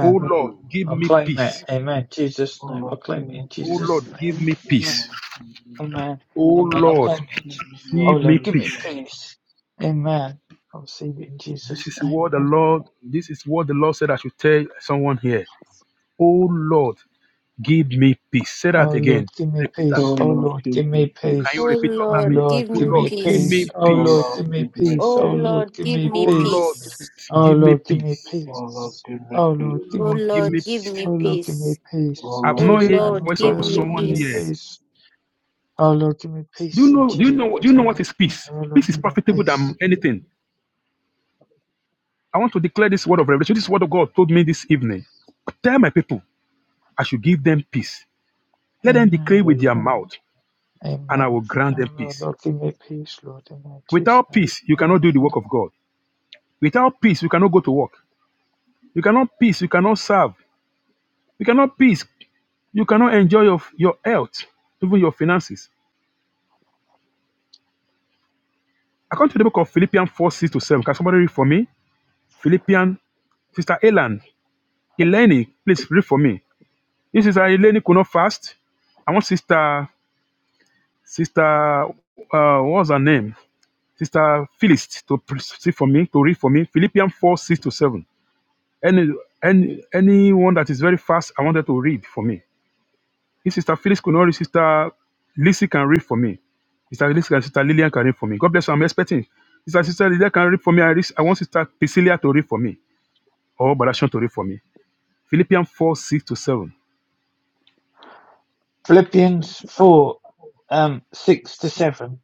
F: Oh Lord, give
E: I'll
F: me
E: claim it.
F: peace.
E: Amen. Jesus' name.
G: All
E: I'll
G: of you
E: claim
G: in
E: it in
G: the
F: Oh
G: peace of
E: Jesus'
F: Lord,
E: name.
F: give
G: Jesus,
F: me
E: Amen.
G: my
F: peace.
G: Lord,
E: Amen.
F: Oh
E: Amen. I'll
G: all
F: Lord,
E: claim
G: of
E: it. In
G: you
E: Je-
G: in your
E: oh
F: give me
E: Lord, give me
F: peace.
G: peace,
E: peace. Amen. I'll receive it in
F: This
E: Jesus'
F: is what the
E: name.
F: Lord, this is what the Lord said I should tell someone here. Oh Lord, give me peace. Say that
E: Oh Lord,
F: again.
E: give me
F: Repeat that.
G: Oh
E: peace. Oh
G: Lord,
E: Lord,
G: give
E: give me
G: me peace.
F: Can
E: peace.
F: you
I: Oh
F: repeat
E: Oh
F: after
I: Lord,
F: me?
I: give
E: Lord,
F: Oh
E: give
I: me
F: Lord,
E: me
F: give
E: peace.
I: peace.
F: me
E: Oh
G: Oh
E: Lord,
F: peace.
G: Lord,
E: give me
G: give me
E: peace.
I: Oh
E: Oh
G: peace.
E: Lord,
I: Lord,
E: give
I: give
E: me
I: me
F: Oh
E: peace.
F: Lord,
I: peace.
E: Oh
F: give me
E: Lord, give me
F: peace.
G: Oh Lord,
E: peace.
G: give me
E: Oh
G: peace.
E: Lord,
F: Oh
E: give
I: Oh
F: Lord,
E: me
F: give me
I: Lord, give
E: peace.
F: peace.
I: me
E: Oh Lord, give me
I: peace.
G: Oh
E: peace. In
F: I've
I: Oh
G: Lord,
F: not
E: Jesus'
G: give
F: heard
G: me
E: name I
F: the
I: Lord,
F: voice
G: peace.
E: pray.
I: give
F: of
E: Oh
I: me
E: Lord, give
F: someone
E: me
F: here.
I: peace.
E: peace. Oh Lord, give me
F: Do you
E: peace. In
F: know? Do you
E: Jesus'
F: know? Do you
E: mighty
F: know
E: name I
F: what is peace?
E: pray. Oh Lord,
F: Peace is
E: give me
F: profitable than
E: peace.
F: anything. I want to declare this word of revelation. This word of God told me this evening. Tell my people, I should give them peace. Let them declare
E: Amen.
F: with their
G: Amen.
F: mouth, and I
E: Amen.
F: will grant
E: Oh
F: them
E: Lord,
F: peace.
E: Lord, give me peace, Lord. Amen. In Jesus'
F: Without
E: name.
F: peace, you cannot do
E: Amen.
F: the work of God. Without peace, we cannot go to work. You cannot peace, you cannot serve. You cannot peace, you cannot enjoy your, your health, even your finances. According to the book of Philippians 4 6 to 7, can somebody read for me? Philippians, Sister Elan, Eleni, please read for me. This Sister Eleni could not fast. I want Sister, Sister, uh, what's her name? Sister Phyllis to pre- see for me, to read for me. Philippians 4 6 to 7. Any, any, anyone that is very fast, I wanted to read for me. If Sister Phyllis could not read, Sister Lizzie can read for me. Sister Lizzie and Sister Lillian can read for me. God bless you. I'm expecting. Sister Sister Lillian can read for me. I, read, I want Sister Priscilla to read for me. Or Badashon to read for me. Philippians 4, 6 to 7.
E: Philippians 4, um, 6 to 7.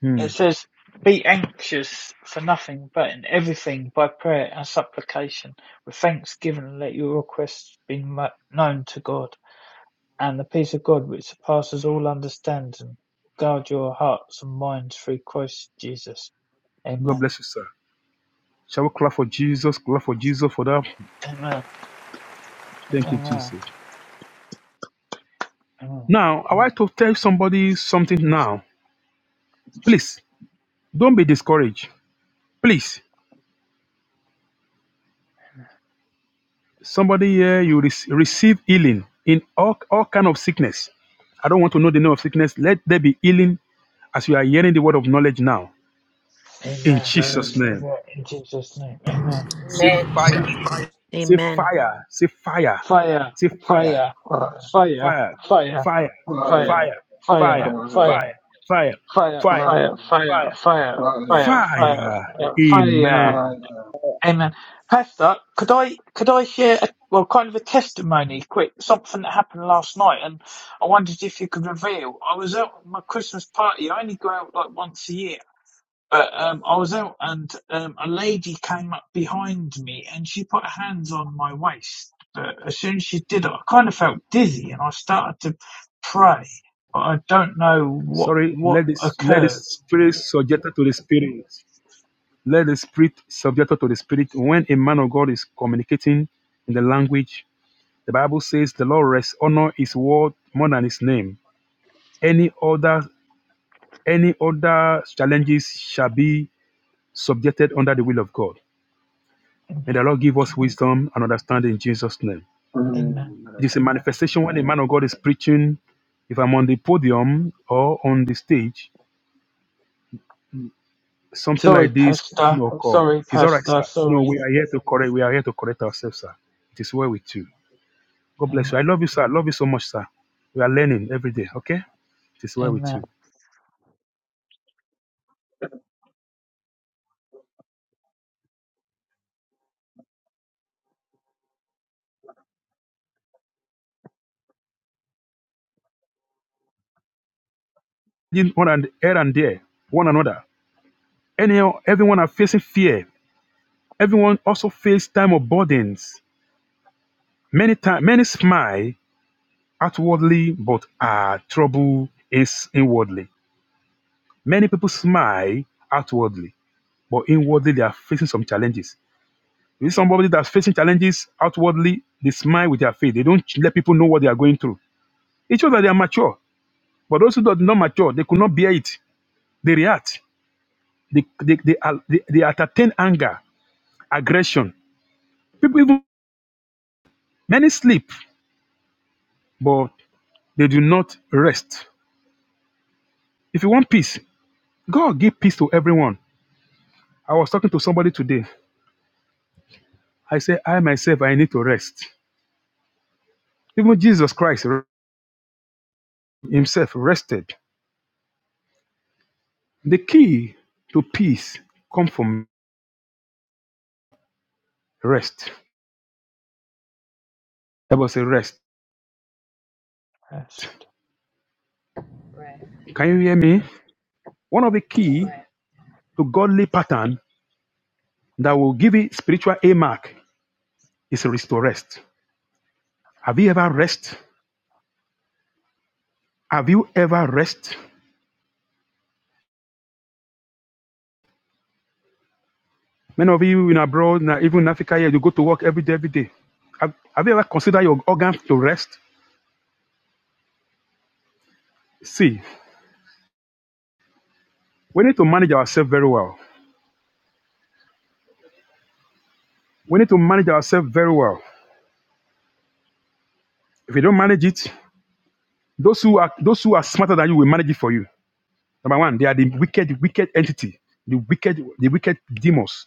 F: Hmm.
E: It says, Be anxious for nothing, but in everything by prayer and supplication, with thanksgiving, let your requests be known to God. And the peace of God, which surpasses all understanding, guard your hearts and minds through Christ Jesus.
F: God
E: Amen.
F: bless you, sir. Shall we clap for Jesus? Clap for Jesus for that.
E: Amen.
F: Thank you,
E: Amen.
F: Jesus.
E: Amen.
F: Now, I want to tell somebody something now. Please, don't be discouraged. Please, Somebody here, you rec- receive healing in all, all kind of sickness. I don't want to know the name of sickness. Let there be healing as you are hearing the word of knowledge now. In
E: Amen.
F: Jesus'
E: Receive
F: name.
G: Amen.
E: that in Jesus' name. Amen.
F: Say
J: Amen.
F: fire. Say
K: Amen.
F: fire. Say fire.
E: Fire,
F: Say fire.
E: fire,
G: Fire,
E: fire,
F: Fire.
E: fire,
F: Fire.
E: fire,
G: fire,
F: Fire.
E: fire,
F: Fire.
G: fire,
E: fire,
F: Fire. Fire.
E: Fire,
F: Fire.
G: fire,
E: fire, fire,
F: Fire.
E: fire,
G: fire,
E: fire, fire,
F: Fire.
E: fire, fire.
F: Amen.
G: fire.
E: Amen. Pastor, could I could I share a, well kind of a testimony quick, something that happened last night and I wondered if you could reveal. I was out at my Christmas party, I only go out like once a year. But um I was out and um a lady came up behind me and she put her hands on my waist. But as soon as she did it I kind of felt dizzy and I started to pray. I don't know what
F: Sorry,
E: what
F: let this let the
E: occurred
F: spirit subject to the spirit. Let the spirit subject to the spirit. When a man of God is communicating in the language, the Bible says the Lord rests honor his word more than his name. Any other any other challenges shall be subjected under the will of God. And the
E: Amen.
F: Lord give us
E: Amen.
F: wisdom and understanding in Jesus' name.
E: Amen.
F: It
G: Amen.
F: is a manifestation when a man of God is preaching. If I'm on the podium or on the stage, something
E: Sorry,
F: like this can
E: Pastor.
F: occur.
E: Sorry,
F: It's all right,
E: Pastor.
F: sir. No,
E: Sorry.
F: we are here to correct. We are here to correct ourselves, sir. It is well with you. God bless you. I
E: Amen.
F: love you, sir. I love you so much, sir. We are learning every day, okay? It is well with you.
E: Amen.
F: In One and here and there, one another. Anyhow, everyone are facing fear. Everyone also face time of burdens. Many time, many smile outwardly, but are trouble is inwardly. Many people smile outwardly, but inwardly they are facing some challenges. If it's somebody that's facing challenges outwardly, they smile with their face. They don't let people know what they are going through. It shows that they are mature. But those who did not mature, they could not bear it. They react. They they they, al- they, they entertain anger, aggression. People even many sleep, but they do not rest. If you want peace, God give peace to everyone. I was talking to somebody today. I said, I myself, I need to rest. Even Jesus Christ himself rested. The key to peace comes from rest. That was a rest.
E: Rest.
J: Right.
F: Can you hear me? One of the key to godly pattern that will give it spiritual A mark is restore rest. Have you ever rest? Have you ever rest? Many of you in abroad, even in Africa here, you go to work every day, every day. Have, have you ever considered your organs to rest? See, we need to manage ourselves very well. We need to manage ourselves very well. If you don't manage it, those who are those who are smarter than you will manage it for you. Number one, they are the wicked, wicked entity, the wicked, the wicked demons.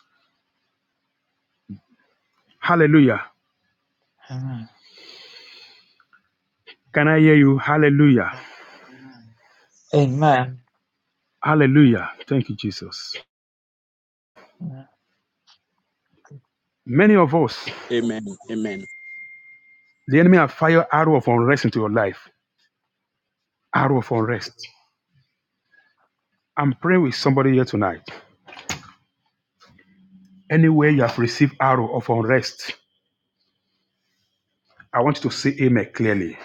F: Hallelujah.
E: Amen.
F: Can I hear you? Hallelujah.
E: Amen.
F: Hallelujah. Thank you, Jesus. Many of us The enemy have fired arrow of unrest into your life. Arrow of unrest. I'm praying with somebody here tonight. Anywhere you have received arrow of unrest, I want you to say amen clearly.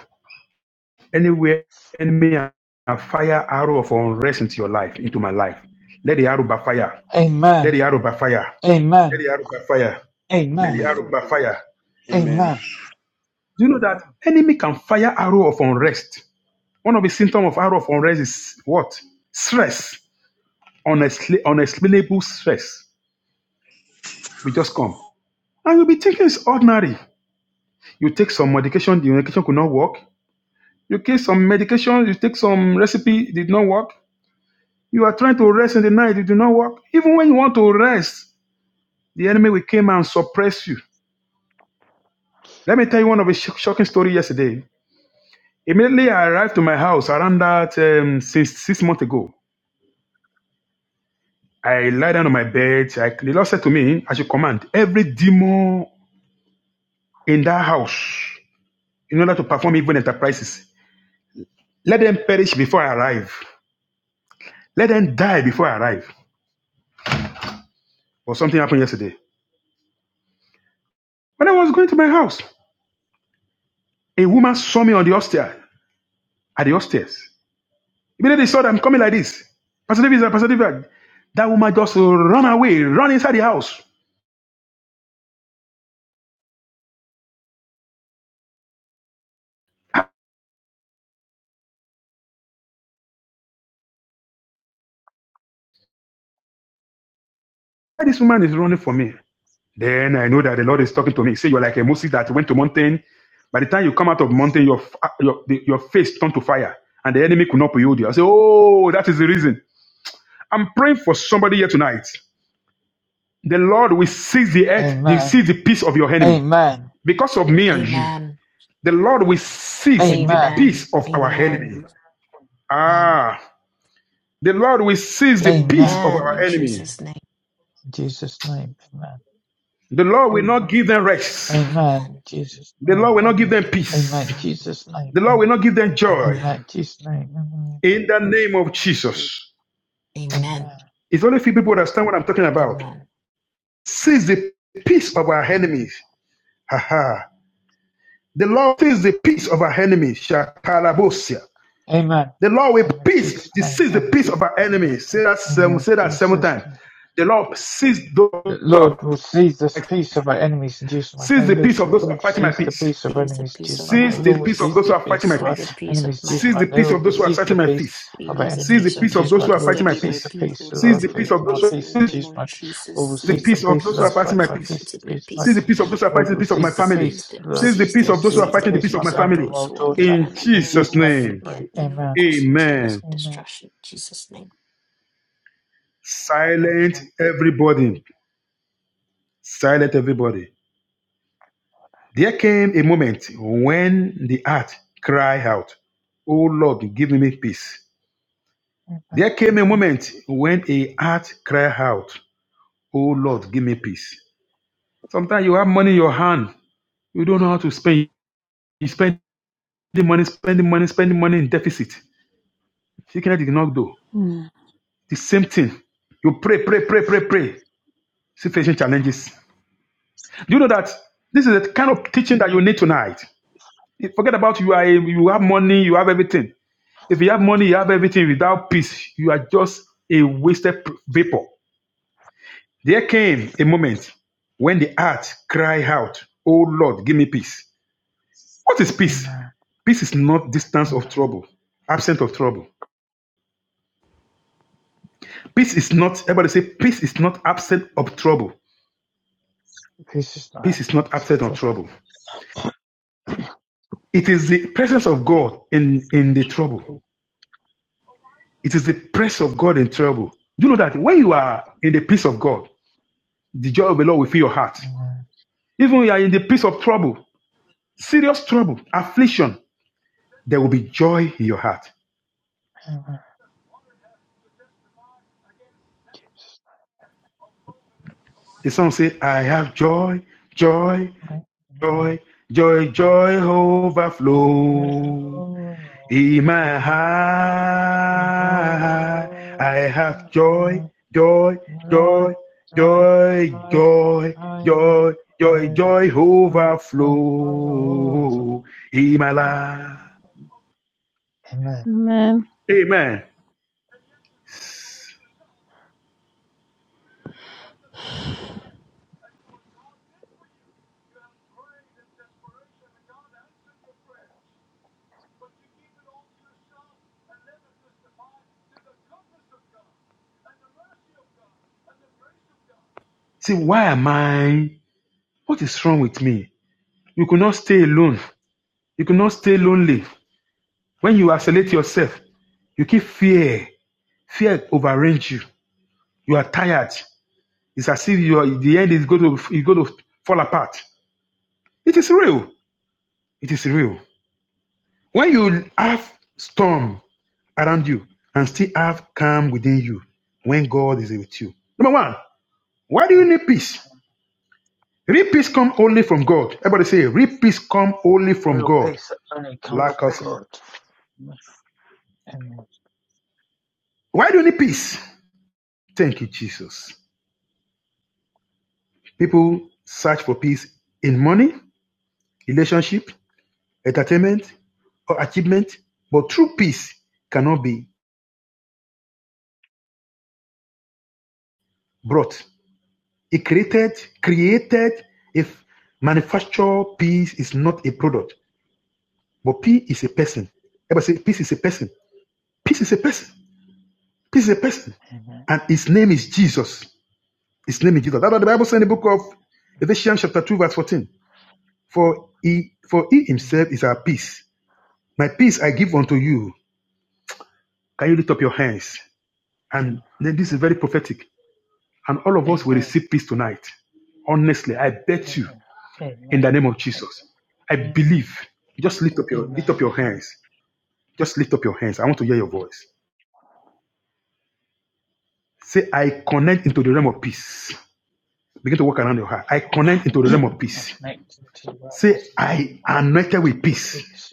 F: Anywhere enemy have fired arrow of unrest into your life, into my life. Let the arrow backfire. Let the
E: Amen.
F: arrow backfire. Let
E: Amen.
F: the arrow backfire. Let the
E: Amen.
F: arrow backfire.
E: Amen.
F: Do you know that enemy can fire arrow of unrest? One of the symptoms of arrow of unrest is what? Stress. Unexpla- unexplainable stress. We just come. And you'll be thinking it's ordinary. You take some medication, the medication could not work. You take some medication, you take some recipe, it did not work. You are trying to rest in the night, it did not work. Even when you want to rest, the enemy will come and suppress you. Let me tell you one of a sh- shocking story yesterday. Immediately I arrived to my house around that um, six, six months ago. I lie down on my bed. I, the Lord said to me, I should command every demon in that house in order to perform evil enterprises. Let them perish before I arrive. Let them die before I arrive. Or something happened yesterday. When I was going to my house, a woman saw me on the upstairs, at the upstairs. Immediately they saw that I'm coming like this. Pastor David, Pastor David, that woman just run away, run inside the house. Why this woman is running for me? Then I know that the Lord is talking to me. He said, you're like a Moses that went to mountain. By the time you come out of mountain, your, your, your face turned to fire and the enemy could not behold you. I say, oh, that is the reason. I'm praying for somebody here tonight. The Lord will seize the earth, he
E: Amen.
F: seize the peace of your enemy.
E: Amen.
F: Because of me and you,
K: Amen.
F: the Lord will seize the
E: Amen.
K: Amen.
F: peace of our
K: Amen.
F: enemy.
K: Amen.
F: Ah, the Lord will seize the peace
E: Amen.
F: of
K: Amen.
F: our
K: In
F: enemy.
K: Jesus' name.
E: In Jesus' name. Amen.
F: The Lord will not give them rest.
E: Amen.
K: Amen.
E: Jesus'
F: The
E: name.
F: Lord will not give them peace.
E: Amen.
K: Amen.
E: Jesus' name.
F: The
E: Amen.
F: Lord will not give them joy.
K: Amen.
E: Amen. Jesus' name. Amen.
F: In the name of Jesus.
K: Amen.
E: Amen.
F: It's only a few people understand what I'm talking about.
K: Amen.
F: Seize the peace of our enemies. Ha ha. The Lord seize the peace of our enemies. Shakalabosia.
E: Amen.
F: The Lord will
E: Amen.
F: peace,
E: Jesus'
F: to
E: name.
F: seize the
E: Amen.
F: peace of our enemies. Say that seven,
E: Amen.
F: say that seven times.
E: Jesus'
F: The Lord seize those
E: The
F: who are
E: Lord will seize the peace of our enemies in Jesus' mighty
F: seize
E: name.
F: the
E: Lord,
F: peace of those who are
E: Lord,
F: fighting my
E: seize the
F: peace.
E: peace of our
K: Seize the
E: enemies in
K: peace
E: Jesus' mighty
K: of
E: name.
K: my
F: Seize
E: Lord,
F: the
E: will
F: peace
K: enemies.
F: of
E: seize
F: those who
E: the
F: are fighting
E: peace
F: my
E: of
K: Seize
E: our
K: the
F: peace.
K: peace of
E: enemies in
K: my
E: Jesus'
F: Seize the
E: mighty
K: enemies.
E: name.
F: peace of
E: Lord, will
F: those who are
E: seize the
F: fighting my
E: peace
F: peace.
E: of our
K: Seize the
F: Seize
E: enemies
F: the
K: peace
E: in
K: of
F: peace of
K: those
E: Jesus'
K: who
F: those
K: are
F: who
E: mighty
F: are
E: name. Lord,
F: fighting
E: will
F: my
K: disturbed by
E: seize the
F: peace.
K: peace
E: peace
K: and
E: of
F: Seize
E: our
F: the
K: fighting
F: peace
K: by
F: of
E: for my
F: those
K: peace
F: who
K: in the
E: peace in
F: seize
K: name
E: Jesus'
K: of
E: mighty name.
K: Jesus.
E: Lord, will
F: the
E: seize
K: Seize
E: the
F: peace
K: the
F: of
E: peace of
F: those who
K: peace
F: are
E: those
K: of
F: fighting
E: fight
K: those
F: my
K: who
E: my
K: are
F: peace.
E: peace
K: fighting
E: in
K: my
E: Jesus' mighty
F: Seize
K: peace.
F: the
E: name.
F: peace of those who are fighting
E: Lord,
F: the
E: will
F: peace of my
E: seize the
F: family.
K: Seize
E: peace Lord
K: them,
F: Seize the
E: those
K: seize
F: peace
E: seize,
F: of
K: them,
F: those who are
E: seize
K: seize
E: the
K: the
F: fighting the
E: peace
F: peace
E: of
F: of
E: my
F: my
K: peace of
E: family and
F: family.
K: those
E: my
K: who are
E: daughter.
K: living
F: In
K: under my
E: In
F: Jesus'
E: Jesus' name
K: roof.
E: we
F: name,
K: They are
E: pray.
K: evil,
E: Amen.
K: causing chaos
F: amen.
K: and
E: Amen.
K: destruction. In Jesus' name.
F: Silent everybody. silent everybody. There came a moment when the heart cried out, O Lord, give me peace. There came a moment when a heart cried out, O Lord, give me peace. Sometimes you have money in your hand, you don't know how to spend. You spend the money, spend the money, spend the money in deficit. Sickness did not do. The same thing. You pray, pray, pray, pray, pray. Situation challenges. Do you know that this is the kind of teaching that you need tonight? Forget about you are you have money, you have everything. If you have money, you have everything without peace, you are just a wasted vapor. There came a moment when the heart cried out, Oh Lord, give me peace. What is peace?
E: Amen.
F: Peace is not distance of trouble, absent of trouble. Peace is not, everybody say, peace is not absent of trouble.
E: Peace is not
F: Peace is not
E: absence of
F: absent of
E: trouble.
F: trouble. It is the presence of God in, in the trouble. It is the presence of God in trouble. Do you know that when you are in the peace of God, the joy of the Lord will fill your heart.
E: Amen.
F: Even when you are in the peace of trouble, serious trouble, affliction, there will be joy in your heart.
E: Amen.
F: The song says, I have joy, joy, joy, joy, joy overflow in my heart. I have joy, joy, joy, joy, joy, joy, joy, joy overflow in my life.
E: Amen.
B: Amen.
F: Amen. See, why am I? What is wrong with me? You could not stay alone. You cannot stay lonely. When you isolate yourself, you keep fear. Fear overrange you. You are tired. It's as if you are, the end is going to is going to fall apart. It is real. It is real. When you have storm around you and still have calm within you, when God is with you. Number one, why do you need peace? Real peace come only from God. Everybody say, real peace come only from
E: Real
F: God.
E: peace that only comes
F: Lack
E: from
F: us,
E: God. Amen.
F: Why do you need peace? Thank you, Jesus. People search for peace in money, relationship, entertainment, or achievement, but true peace cannot be brought. It created, created, if manufactured peace is not a product, but peace is a person. Everybody say peace is a person. Peace is a person. Peace is a person.
E: Amen.
F: And his name is Jesus. His name is Jesus. That's what the Bible says in the book of Ephesians chapter 2, verse 14. For he for he himself
E: Amen.
F: is our peace. My peace I give unto
E: Amen.
F: you. Can you lift up your hands? And
E: Amen.
F: then this is very prophetic. And all of us will
E: Amen.
F: receive peace tonight. Honestly, I bet you
E: Amen.
F: in
E: Amen.
F: the name of Jesus. I
E: Amen.
F: believe. Just lift up your lift up
E: Amen.
F: your hands. Just lift up your hands. I want to hear your voice. Say, I connect into the realm of peace. Begin to walk around your heart. I connect into the realm of
E: I
F: peace.
E: connect to the
F: Say,
E: realms
F: I
E: of
F: am
E: the
F: anointed
E: to
F: with
E: be
F: peace.
E: peace.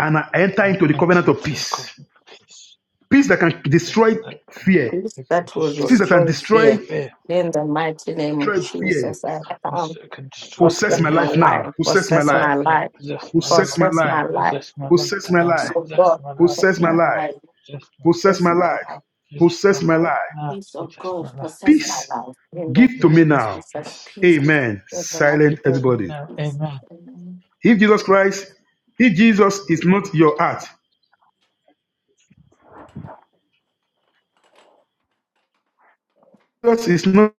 F: And I enter
E: I've
F: into the covenant
E: entered
F: of
E: the
F: peace.
E: cosmic peace,
F: Peace that can destroy
E: peace that can,
F: fear.
A: peace
E: that can
A: that will
F: Peace
E: destroy
F: that can
A: destroy
F: destroy,
E: fear,
A: fear.
E: fear,
A: In the mighty name of
F: destroy fear.
A: Jesus, I
E: peace
A: come.
E: that can destroy
F: Possess
A: Possess
F: my
E: fear.
A: my
F: life now.
A: life.
E: Possess
F: Possess my
E: my
A: Possess
F: life.
A: my
E: life now,
A: life.
E: possess my life
F: Possess my
A: Possess
F: life.
A: my
E: now,
A: life.
E: possess my life
F: Possess my
E: now,
A: Peace
F: life.
A: of
E: possess
A: God.
E: my life
A: Possess
F: Possess my
A: my
E: now,
F: life.
A: life.
E: possess my
F: Possess
E: life,
A: Possess
F: my
A: my
F: life.
A: life.
E: possess my
F: Possess
E: life
F: my life.
E: now,
A: Peace of
E: possess
A: God.
E: my life,
A: Possess my
F: Peace.
A: life. In
F: Give
A: the
F: to
A: name
F: me
E: possess
A: of
E: my
F: now.
A: Jesus,
E: peace,
A: peace.
E: possess
F: Amen.
A: In the
E: peace.
A: mighty
F: Silent
E: Give
A: name
E: to me
A: of
F: everybody.
E: now,
A: Jesus.
E: amen,
A: Amen.
F: If Jesus Christ, if Jesus is not your heart, Jesus is not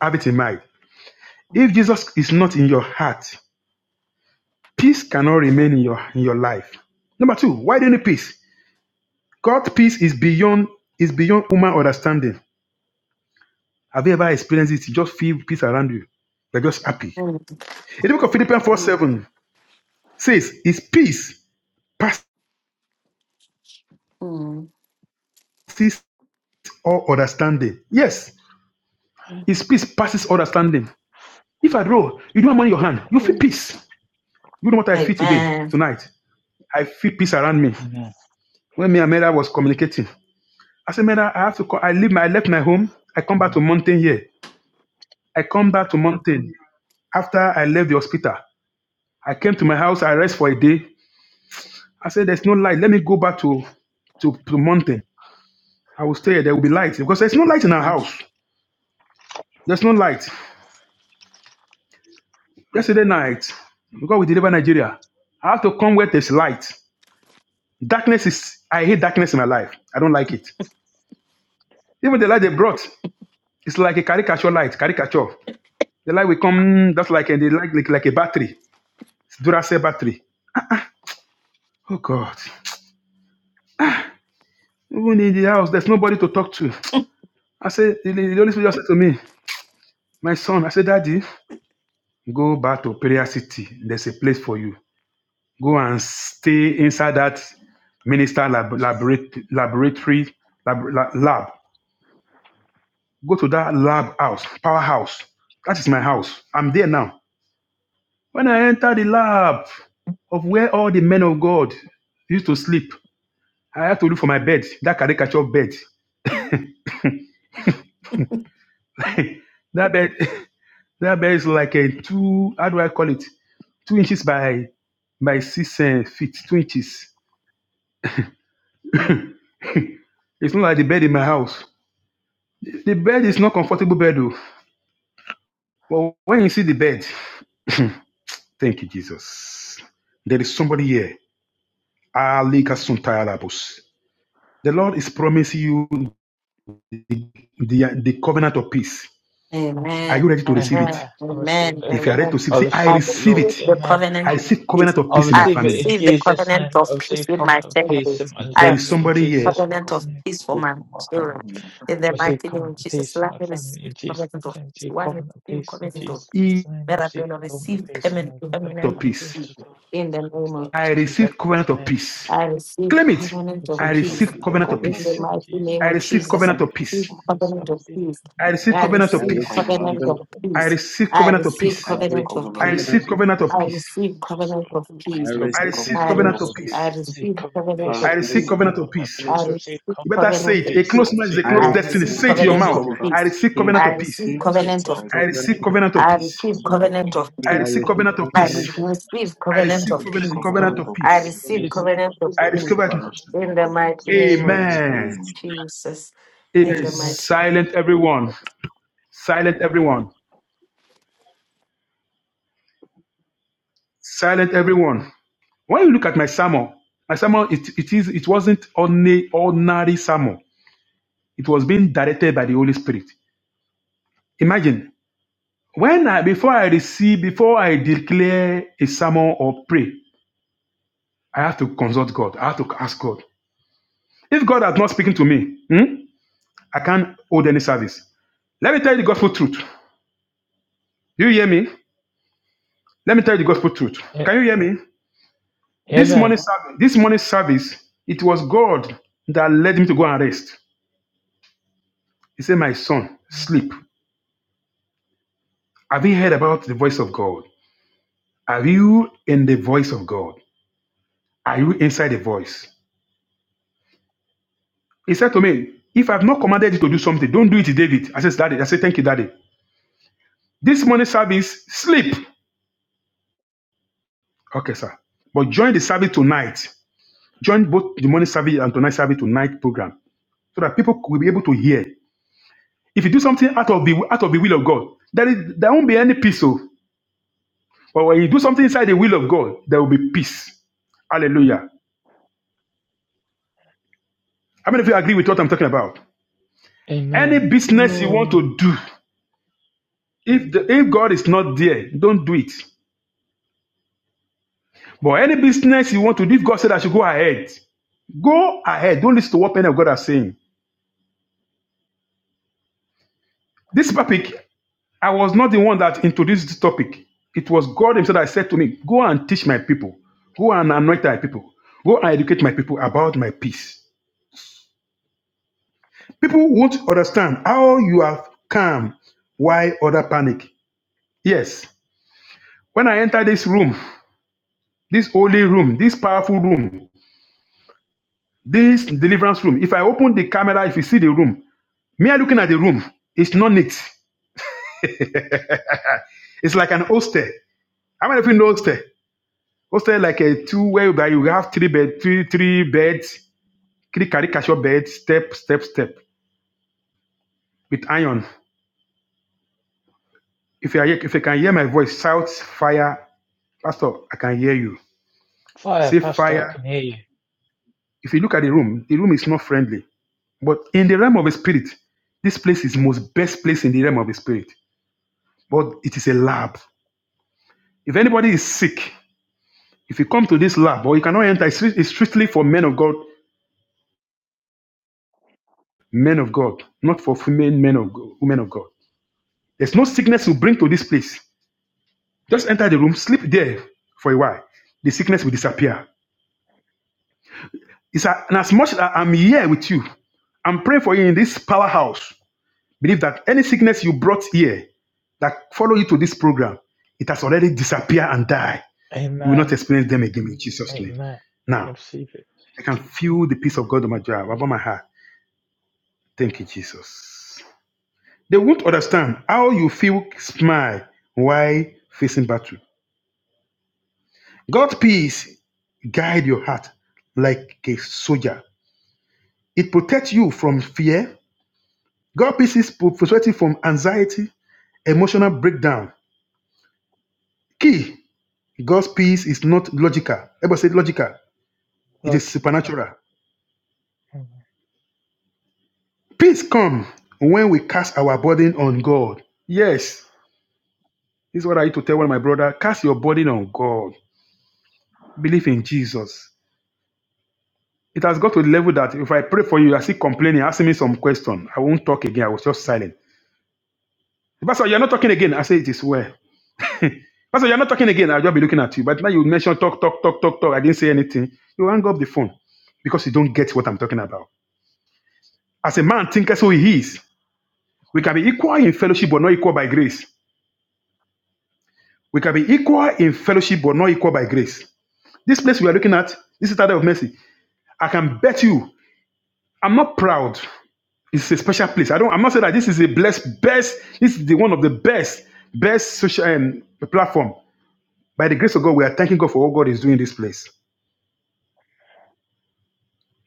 F: habit in mind. If Jesus is not in your heart, peace cannot remain in your in your life. Number two, why do you need peace? God's peace is beyond is beyond human understanding. Have you ever experienced it? You just feel peace around you. You're just happy.
A: Mm,
F: In the book of Philippians 4 7 says, His peace
A: mm,
F: passes all understanding. Yes, His
A: mm.
F: peace passes all understanding. If at all you don't have money in your hand, you feel
A: mm.
F: peace. You know what I feel today, tonight? I feel peace around me.
E: amen,
F: When me and Mera was communicating, I said, Mera, I have to co- I leave my I left my home. I come back to mountain here. I come back to mountain after I left the hospital. I came to my house, I rest for a day. I said, There's no light. Let me go back to, to, to mountain. I will stay here. There will be light. Because there's no light in our
A: Amen.
F: house. There's no light. Yesterday night, because we deliver Nigeria, I have to come where there's light. Darkness is, I hate darkness in my life. I don't like it. Even the light they brought, it's like a caricature light, caricature. The light will come, that's like, a- the light, like, like a battery. It's Duracell battery. Oh God. Even in the house, there's nobody to talk to. I said, the, the Holy Spirit just said to me, my son, I said, Daddy, Go back to Prayer City. There's a place for you. Go and stay inside that minister lab, laboratory, laboratory lab, la- lab. Go to that lab house, powerhouse. That is my house. I'm there now. When I enter the lab of where all the men of God used to sleep, I had to look for my bed, that caricature bed. that bed, that bed is like a two, how do I call it? Two inches by by six eh, feet, two inches. It's not like the bed in my house. The bed is not comfortable bed, though. But when you see the bed, thank you, Jesus. There is somebody here. Alika Suntalabus. The Lord is promising you the, the covenant of peace. Are you
A: Amen.
F: ready to receive it?
A: Amen.
E: amen. I receive
A: Amen.
E: it,
F: If you are
E: thank,
F: ready to
A: Amen.
F: receive, it,
E: you. I
F: say, I
A: I
E: receive it,
F: receive
E: Lord,
F: it.
A: receive the
E: amen.
A: covenant
F: I
A: of
F: receive
A: peace.
F: covenant of
E: I
F: peace in my
A: I
E: receive it
F: family.
E: in
A: receive the
E: Jesus'
A: covenant
E: name. I
A: of peace
E: receive
A: with my
E: covenant of
A: family.
E: peace in my
A: I
F: There is
A: receive
E: family in
F: somebody
A: the
F: here.
E: Jesus'
A: covenant
E: mighty
G: Come
A: of
E: name.
A: peace for
G: on,
A: my
G: come
A: children.
G: on.
A: In
E: I
A: the
E: receive
A: mighty name of
E: covenant of
A: Jesus,
E: peace in
A: let
E: my
A: me
E: family
A: receive
E: in Jesus'
A: covenant of
E: mighty name. I
A: peace.
E: receive
A: One
E: covenant of
A: receive
E: peace in
A: covenant of
E: Jesus'
A: peace.
F: Eat
E: mighty name.
A: Let
E: I
A: I
E: receive covenant of
A: receive
E: peace in
A: permanent,
E: my family,
F: of
A: permanent
E: my
F: peace.
A: peace.
E: daughter's life, my
A: in the name
E: family's
A: of
E: life
F: I
E: in
A: Jesus.
E: Jesus'
F: receive covenant of
E: mighty name.
F: peace.
E: I
A: I receive
F: Claim it.
A: covenant of
F: I
E: receive
A: peace
E: covenant
F: receive
G: Receive the
E: of
F: covenant of
A: in
G: covenant
A: the
F: peace.
E: peace
G: of
E: in
A: mighty
G: faith.
E: Jesus'
A: name
F: I
A: of
E: mighty name.
F: receive
E: I
A: Jesus. I
E: receive
F: covenant of
G: Jesus.
A: receive
E: covenant
F: peace.
E: of peace. I
A: covenant of
E: receive
A: peace.
E: covenant
F: I
E: of
F: receive
A: I
E: peace. I
F: covenant of
G: Receive
E: receive
G: the
A: receive
F: peace.
G: covenant
A: covenant
G: of
E: covenant of
A: of
G: faith.
F: I
E: peace.
A: peace.
F: receive
A: I
F: covenant of
E: Cristo,
A: receive
F: peace.
G: Receive the
A: covenant
E: Cristo,
A: of
G: covenant
F: I
A: peace.
G: of
F: receive
E: Cristo,
G: faith.
F: covenant of
A: I
F: peace.
A: receive
E: Cristo,
A: covenant of
E: receive
A: peace.
G: Receive the
F: I
E: covenant,
F: receive
A: I
E: Cristo,
G: covenant
A: receive,
G: of
F: covenant of peace.
G: faith.
A: I receive
E: receive covenant
A: covenant
G: I
E: peace,
F: I
A: of
G: receive
F: receive
A: peace.
E: receive
F: covenant
G: covenant
F: of
G: of
E: covenant
F: peace.
G: faith.
A: I
E: peace, receive
A: receive
F: You better
E: covenant
F: say
A: covenant of
F: it. A
E: peace,
F: closed
A: peace.
F: mouth is a
E: receive
F: closed
A: I
E: covenant
F: destiny.
A: receive
F: Say
E: peace, in
G: I'm
F: it to your
G: still
A: covenant
E: Jesus'
F: mouth.
A: of
G: covered
E: name,
G: up
F: I
A: peace.
G: in
E: receive
F: receive
G: peace
F: covenant
A: I
E: covenant
F: of
G: and
F: peace.
E: peace,
A: receive
E: in
G: Jesus
E: Jesus'
A: covenant of
G: mighty
E: mighty
F: I
E: name,
A: peace.
F: receive
G: name. I'm
F: covenant of
A: I
F: peace.
A: receive
G: still the covenant
A: covenant
G: of
A: of
G: peace.
F: I
E: receive
A: peace.
F: receive
E: covenant
F: covenant of
A: I
E: peace,
F: peace.
E: in Jesus'
A: receive
E: mighty name,
F: I
G: I'm
A: covenant
F: receive
A: of
G: still the
F: covenant,
E: receive
A: peace.
F: covenant
G: covenant
E: covenant
F: of
G: of
A: I
E: peace,
F: peace.
G: peace.
E: in
A: receive
E: Jesus'
A: covenant of
E: mighty
F: I
E: name, receive covenant peace, in Jesus' mighty name,
A: peace
E: receive
F: discover.
G: I'm
E: covenant
G: still the
A: in the
E: peace,
G: covenant of
E: in
A: mighty name
E: Jesus'
A: of
G: peace.
E: mighty
F: Amen.
G: Amen.
E: name.
A: Jesus.
F: It
A: In the
E: Amen.
F: is
A: mighty name
F: silent, everyone.
A: of Jesus.
F: Silent, everyone. Silent, everyone. When you look at my sermon, my sermon, it, it is it wasn't only ordinary sermon. It was being directed by the Holy Spirit. Imagine when I before I receive, before I declare a sermon or pray, I have to consult God. I have to ask God. If God has not speaking to me, hmm, I can't hold any service. Let me tell you the gospel truth. Do you hear me? Let me tell you the gospel truth.
E: A-
F: Can you hear me? This morning
E: Amen.
F: service, this morning service, it was God that led me to go and rest. He said, My son, sleep. Have you heard about the voice of God? Are you in the voice of God? Are you inside the voice? He said to me, If I've not commanded you to do something, don't do it, David. I said, Daddy, I said, Thank you, Daddy. This morning service, sleep. Okay, sir. But join the service tonight. Join both the morning service and tonight service tonight program so that people will be able to hear. If you do something out of the out of the will of God, there, is, there won't be any peace. oh. But when you do something inside the will of God, there will be peace. Hallelujah. How many of you agree with what I'm talking about? Any
E: Amen.
F: business you want
K: Amen.
F: to do, if the, if God is not there, don't do it. But any business you want to do, if God said I should go ahead, go ahead. Don't listen to what any of God are saying. This topic, I was not the one that introduced this topic. It was God Himself that said to me, Go and teach my people, go and anoint my people, go and educate my people about my peace. People won't understand how you are calm while other panic. Yes, when I enter this room, this holy room, this powerful room, this deliverance room, if I open the camera, if you see the room, Me are looking at the room. It's not neat. It's like an hostel. How many of you know hostel? Hostel like a two where by you have three bed, three three beds, three caricature beds, step step step with iron. If you are if you can hear my voice, shout fire, pastor. I can hear you.
E: Fire,
F: Say
E: Pastor, I can
F: fire.
E: hear you.
F: If you look at the room, the room is not friendly. But in the realm of the spirit, this place is most best place in the realm of the spirit. But it is a lab. If anybody is sick, if you come to this lab, or you cannot enter, it's strictly for men of God men of God, not for female men of God, women of God. There's no sickness will bring to this place. Just enter the room, sleep there for a while. The sickness will disappear. It's a, and as much as I'm here with you, I'm praying for you in this powerhouse. Believe that any sickness you brought here that follow you to this program, it has already disappeared and died. You will not
E: Amen.
F: experience them again in Jesus' name.
E: Amen. I
F: Now,
E: Receive it.
F: I
E: In
F: can
E: Jesus' name.
F: feel the peace of God on my job, above my heart. Thank you, Jesus. They won't understand how you feel smile while facing battle. God's peace guide your heart like a soldier. It protects you from fear. God's peace is protecting from anxiety, emotional breakdown. Key, God's peace is not logical. Everybody say logical. It is
E: Logical.
F: supernatural. Peace come when we cast our burden on God. Yes, this is what I used to tell one of my brother. Cast your burden on God. Believe in Jesus. It has got to the level that if I pray for you, you are still complaining, asking me some question. I won't talk again. I was just silent. The Pastor, you're not talking again. I say it is well. Pastor, you're not talking again. I'll just be looking at you. But now you mention talk, talk, talk, talk, talk. I didn't say anything. You hang up the phone because you don't get what I'm talking about. As a man thinketh, so he is. We can be equal in fellowship, but not equal by grace. We can be equal in fellowship, but not equal by grace. This place we are looking at, this is the of mercy. I can bet you, I'm not proud. It's a special place. I don't. I'm not saying that this is a blessed best. This is the one of the best best social um, platform. By the grace of God, we are thanking God for what God is doing in this place.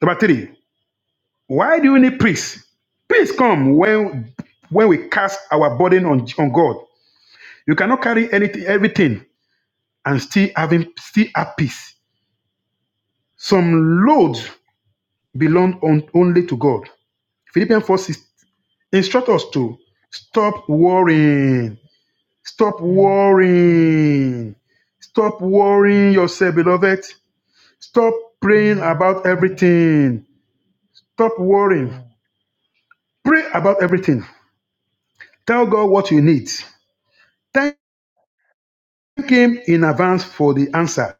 F: Number three. Why do we need priests? Priests come when when we cast our burden on on God. You cannot carry anything, everything, and still having still have peace. Some loads belong on, only to God. Philippians 4 instruct us to stop worrying Stop worrying. Stop worrying yourself, beloved. Stop praying about everything. Stop worrying. Pray about everything. Tell God what you need. Thank Him in advance for the answer.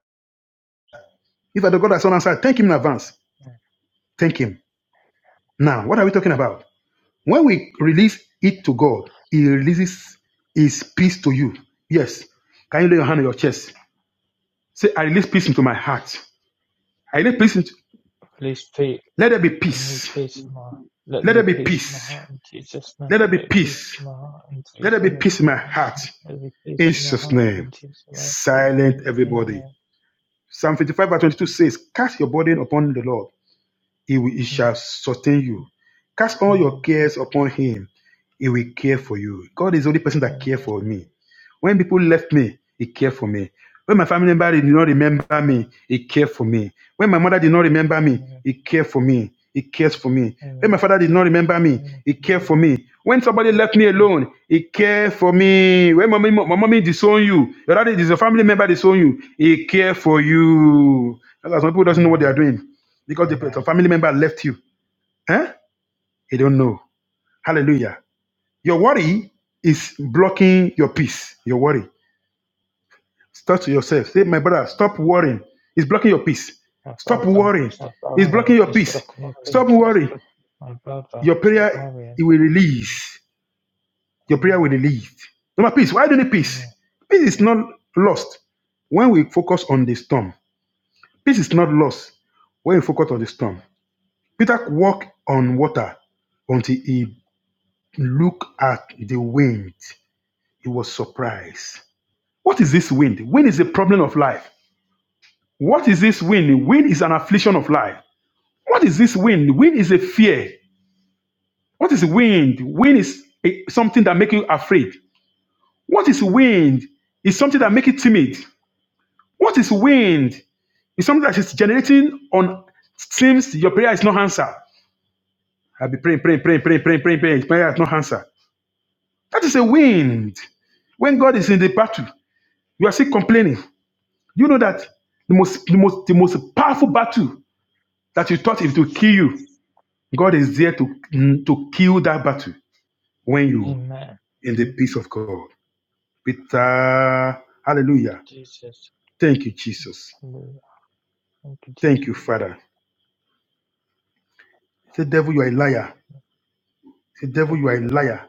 F: If the God has not answered, thank Him in advance. Thank Him. Now, what are we talking about? When we release it to God, He releases His peace to you. Yes. Can you lay your hand on your chest? Say, I release peace into my heart. I release peace into.
E: Please peace.
F: Let there be
E: I need
F: peace.
E: peace in my heart. Let
F: Let
E: there
F: there
E: be
F: be
E: peace in my
F: peace.
E: heart in Jesus' name.
F: Let there be
E: Let there be peace
F: peace.
E: in my heart in
F: Let there
E: Jesus'
F: be
E: name.
F: peace in
E: Let
F: my heart.
E: there be
F: In
E: peace in my
F: Jesus'
E: heart
F: name.
E: in Jesus' name.
F: Silent everybody.
E: Amen.
F: Psalm 55 verse 22 says, Cast your burden upon the Lord, he, will, he
E: Amen.
F: shall sustain you. Cast all your
E: Amen.
F: cares upon him. He will care for you. God is the only person that cares
E: Amen.
F: for me. When people left me, he cared for me. When my family member did not remember me, he cared for me. When my mother did not remember me,
E: Amen.
F: he cared for me. He cares for me. When my
E: Amen.
F: father did not remember me,
E: Amen.
F: he cared for me. When somebody left me alone, he cared for me. When my mommy, my mommy disown you, your daddy is your family member disown you, he cared for you. That's why some people doesn't know what they are
E: Amen.
F: doing because the your family member left you. Huh? You don't know. Hallelujah. Your worry is blocking your peace. Your worry. Start to yourself. Say, my brother, stop worrying. It's blocking your peace.
E: My
F: Stop
E: brother,
F: worrying.
E: stop
F: It's blocking
E: worrying.
F: your
E: It's
F: peace.
E: blocking your
F: Stop
E: peace.
F: worrying.
E: My brother,
F: Your
E: stop
F: prayer
E: worrying.
F: it will
E: It's
F: release. Your prayer will
E: Amen.
F: release. Number peace. Why do you need
E: Amen.
F: peace? Peace is not lost when we focus on the storm. Peace is not lost when we focus on the storm. Peter walked on water until he Look at the wind. He was surprised. What is this wind? Wind is a problem of life. What is this wind? Wind is an affliction of life. What is this wind? Wind is a fear. What is wind? Wind is a- something that makes you afraid. What is wind? It's something that makes you timid. What is wind? It's something that is generating on seems your prayer is not answered. I'll be praying, praying, praying, praying, praying, praying, praying. Prayer is not answered. That is a wind. When God is in the battle, you are still complaining. Do you know that the most, the most, the most powerful battle that you thought it will kill you, God is there to, to kill that battle when you
E: Amen.
F: in the peace of God.
E: Yeah.
F: Peter,
E: Thank you,
F: hallelujah.
E: Jesus.
F: Thank you, Jesus.
E: Hallelujah. Thank you, Jesus.
F: Thank you, Father. Say, devil, you are a liar. Say, devil, you
E: Devil,
F: are a
E: you're a liar.
F: liar.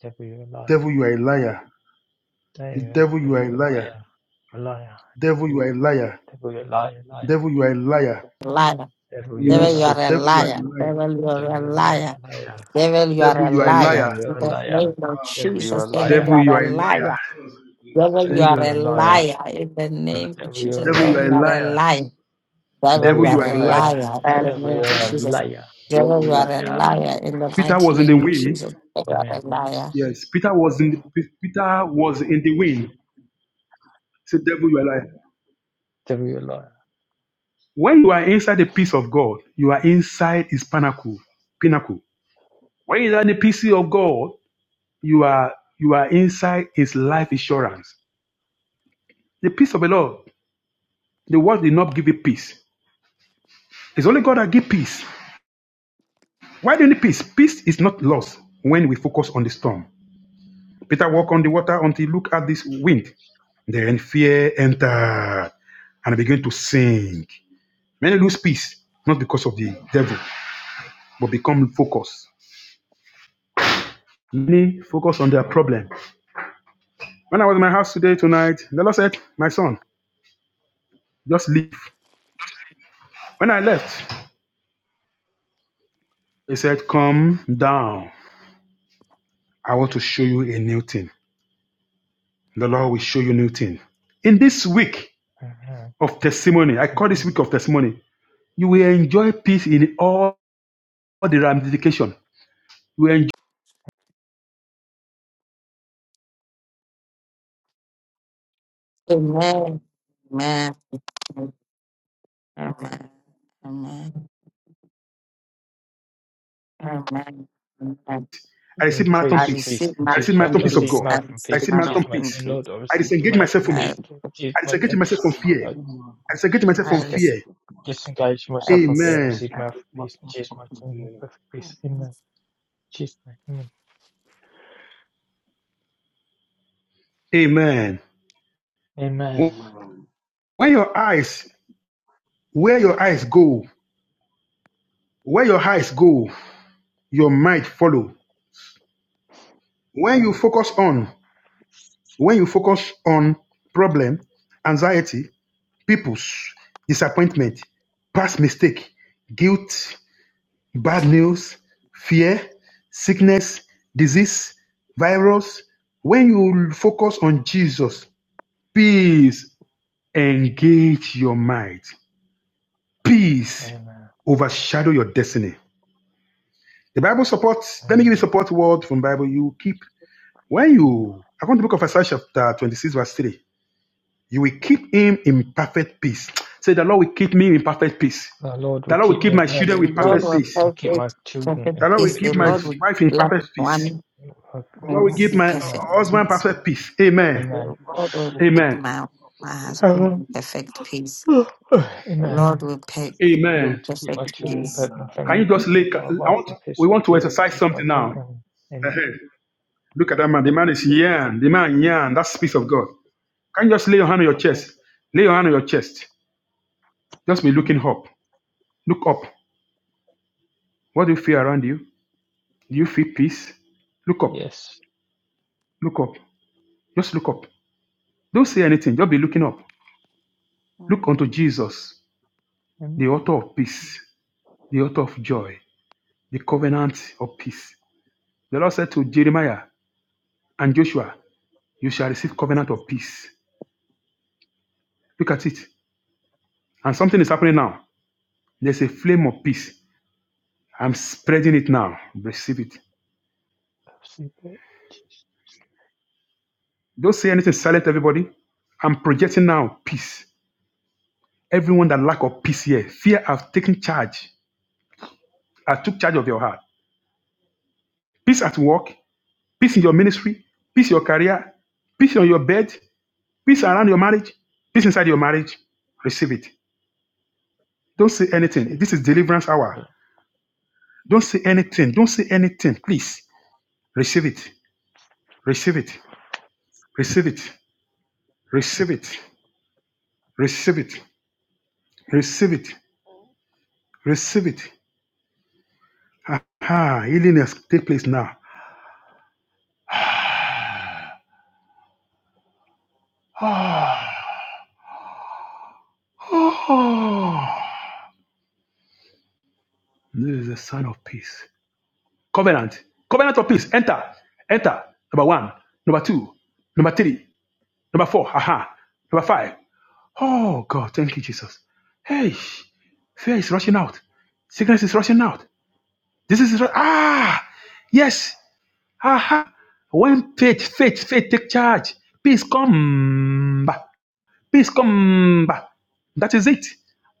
E: Devil, you're a liar.
F: Devil, you are a liar. Say,
E: Devil,
F: devil, you are
E: devil,
F: a
E: you're a
F: liar.
E: liar. A liar.
F: Devil, you are a liar.
E: Devil, you're a liar. Liar.
F: Devil, you are a liar.
A: Liar.
E: Devil,
F: You
E: you're
F: will
E: a
F: not
A: Devil, you
F: so.
A: are
E: liar.
A: a
F: Devil, you are
A: liar.
F: a liar.
A: Devil, you
E: Devil,
A: are a
E: you're a liar.
A: liar.
E: Liar.
A: Devil, you are
F: Devil,
A: a
F: you are a
A: liar.
E: Devil,
F: liar.
E: you're
A: In
E: a
A: the name
E: liar.
A: of
E: Devil, you're
A: Jesus.
E: a
A: Devil,
E: liar.
A: you
F: Devil,
A: are
F: you
A: a
F: are a
A: liar.
F: liar.
A: Devil, you
F: Thank
E: Devil,
A: are
F: God.
E: you're
A: a
E: a liar.
A: liar. In the name of
E: Devil, you're
A: Jesus.
E: a
F: Devil, you
A: Devil,
E: liar.
F: are a
A: you are a
F: liar.
A: liar.
E: Devil,
A: Devil, you
F: Devil,
E: you're
F: you
A: are
E: a
F: are
A: a
F: a liar.
E: liar.
A: liar. In the
E: Devil,
A: name of
E: you're a
A: Jesus.
E: liar.
A: Devil,
G: Double
A: you are
G: your
A: a
E: Liar.
A: liar.
G: denial.
A: In the
F: Peter
A: mighty
F: was
E: Liar.
F: in the
A: name of
F: wind.
A: Jesus. Devil, you are
E: Amen.
A: a liar.
F: Yes, Peter was in the, Peter was in the wind. Say, devil, you are a liar.
E: Devil, you're a
F: When you are inside the peace of God, you are inside His pinnacle. Pinnacle. When you are in the peace of God, you are you are inside His life insurance. The peace of the Lord. The world did not give you peace. It's only God that give peace. Why do you need peace? Peace is not lost when we focus on the storm. Peter walked on the water until he looked at this wind. Then fear entered and began to sink. Many lose peace, not because of the devil, but become focused. Many focus on their problem. When I was in my house today, tonight, the Lord said, My son, just leave. When I left, He said, Come down. I want to show you a new thing. The Lord will show you a new thing. In this week
E: liar.
F: of testimony, I call this week of testimony, you will enjoy peace in all the ramification. You will enjoy
A: Amen. Amen. Amen. Amen. Amen. Amen.
F: I receive
E: and
F: marathon
A: I
E: praise
F: peace.
E: peace
A: receive
E: in
A: my
F: I
E: Jesus'
F: receive
A: own
E: mighty.
F: marathon
E: I
F: peace of
A: peace.
E: receive
F: God.
A: I
E: marathon
F: I
A: receive
E: peace
F: receive
E: in
A: my
F: marathon
E: Jesus'
A: own
E: mighty. name.
F: peace.
A: peace.
E: Lord, I
F: I
E: receive
F: disengage myself
E: marathon
F: from
A: I,
E: peace in Jesus'
F: I
E: mighty.
F: disengage
E: name.
F: myself from
G: I'm
F: fear.
E: I
G: still not
F: I
G: of
F: disengage myself from
A: I,
E: just get
F: fear.
G: Jesus.
E: disengage
A: I,
E: myself from fear. I
G: I
F: Amen.
E: receive marathon
G: separate
E: peace in
G: myself
E: Jesus'
G: from
E: mighty. name.
G: fear.
E: Perfect
A: I,
E: peace. Amen. Jesus' name. Amen.
F: Amen. When
G: Amen.
F: your eyes, where your eyes go, where your eyes go, your mind follow. When you focus on, when you focus on problem, anxiety, people's disappointment, past mistake, guilt, Bad news, fear, sickness, disease, virus. When you focus on Jesus, peace engage your mind.
E: Amen.
F: Peace
E: Amen.
F: overshadow your destiny. The Bible supports, let me give you
E: Amen.
F: support word from Bible. You keep, when you, according to the book of Isaiah chapter 26 verse 3, you will keep him in perfect peace. Say, the Lord will keep me in perfect peace.
E: The Lord
F: The
E: will
F: Lord will
E: keep me
F: keep
E: in
G: Lord,
F: my children
E: perfect
A: the
F: with
A: Lord
F: perfect
E: peace.
A: will
F: peace.
E: I keep my
A: perfect,
E: children
A: perfect
E: in
F: The Lord will
A: peace.
F: keep
A: The
E: perfect
F: my
A: Lord
E: peace.
A: will
F: wife in
A: love
F: perfect peace.
A: one
F: The Lord
A: in
F: will
G: Honor
F: give my
G: people
F: uh,
E: Amen.
G: of
A: perfect
F: husband
A: peace.
F: perfect peace. Amen.
A: The Lord will
G: people
A: keep
F: Amen.
G: from
A: my, my husband
E: Amen.
A: in perfect peace. The
E: Amen.
A: Lord will pe- keep
E: O
A: me in
E: Lord,
F: Amen.
E: to keep my
A: perfect
E: children, bed,
A: peace.
E: my
G: Amen.
F: Can you
E: family,
A: Amen.
F: just lay?
E: my
F: I
E: wife
F: want,
E: in peace
F: we
E: for the
F: want to
E: peace
F: exercise
E: just my
F: something
E: day.
F: now.
E: Amen. Amen.
F: Uh-huh. Look at that man. The man is yan. The man yan. That's the peace of God. Can you just lay your hand on your chest? Lay your hand on your chest. Just be looking
E: Amen.
F: up. Look up. What do you feel around you? Do you feel peace? Look up.
E: Yes.
F: Look up. Just look up. Don't say anything. Just be looking up. Look unto Jesus,
E: Amen.
F: the author of peace, the author of joy, the covenant of peace. The Lord said to Jeremiah and Joshua, You shall receive covenant of peace. Look at it. And something is happening now. There's a flame of peace. I'm spreading it now. Receive it.
E: I receive it.
F: Don't say anything silent, everybody. I'm projecting now peace. Everyone that lack of peace here, fear I've taken charge. I took charge of your heart. Peace at work, peace in your ministry, peace in your career, peace on your bed, peace around your marriage, peace inside your marriage. Receive it. Don't say
E: I
F: anything.
E: receive
F: This is deliverance hour.
E: it.
F: Don't say anything. Don't say anything. Please receive it. Receive it. Receive it. Receive it. Receive it. Receive it. Receive it. Aha. Healing has take place now. Oh, this is the sign of peace. Covenant. Covenant of peace. Enter. Enter. Number one. Number two. Number three. Number four. Aha. Number five. Oh God. Thank you, Jesus. Hey. Fear is rushing out. Sickness is rushing out. This is ah yes. Aha! When faith, faith, faith take charge, peace come back. Peace come back. That is it.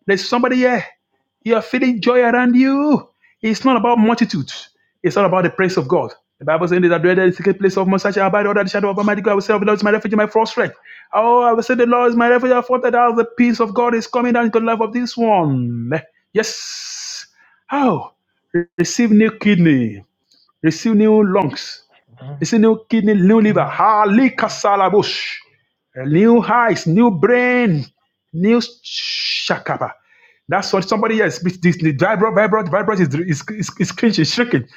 F: There's somebody here. You're feeling joy around you. It's not about multitudes. It's not about the praise of God. The Bible says that dwell in the secret place of most such abide under the shadow of Almighty God. I will say, the Lord is my refuge, my first strength. Oh, I will say, the Lord is my refuge, I thought that out the peace of God is coming down into the life of this one. Yes. How? receive new kidney, receive new lungs,
E: Amen.
F: it's a new kidney, new liver.
E: Amen.
F: Halikasalabush. New eyes, new brain, new shakaba. That's what somebody else. This, the vibrant, vibrant, vibrant is, is, is, is cringing, is shrinking.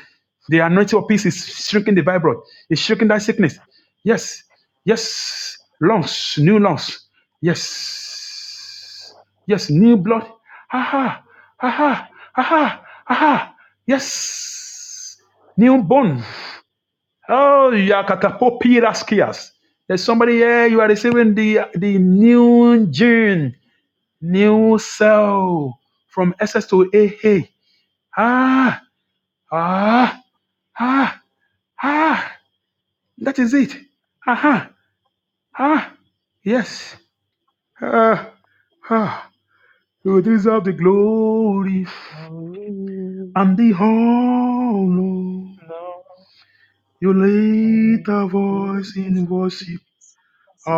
F: The anointing of peace is shrinking the vibrant. It's shrinking that sickness. Yes. Yes. Lungs, new lungs. Yes. Yes. New blood. Aha. Aha. Aha. Aha. Yes. New bone. Oh, yakatapopiraskias. There's somebody here, you are receiving the, the new gene, new cell from S S to A. A. Ah, ah, ah, ah. That is it. Aha, ah, yes. Ah, ah. You deserve the glory
E: Hallelujah.
F: and the honor.
E: No.
F: You lift a voice in worship.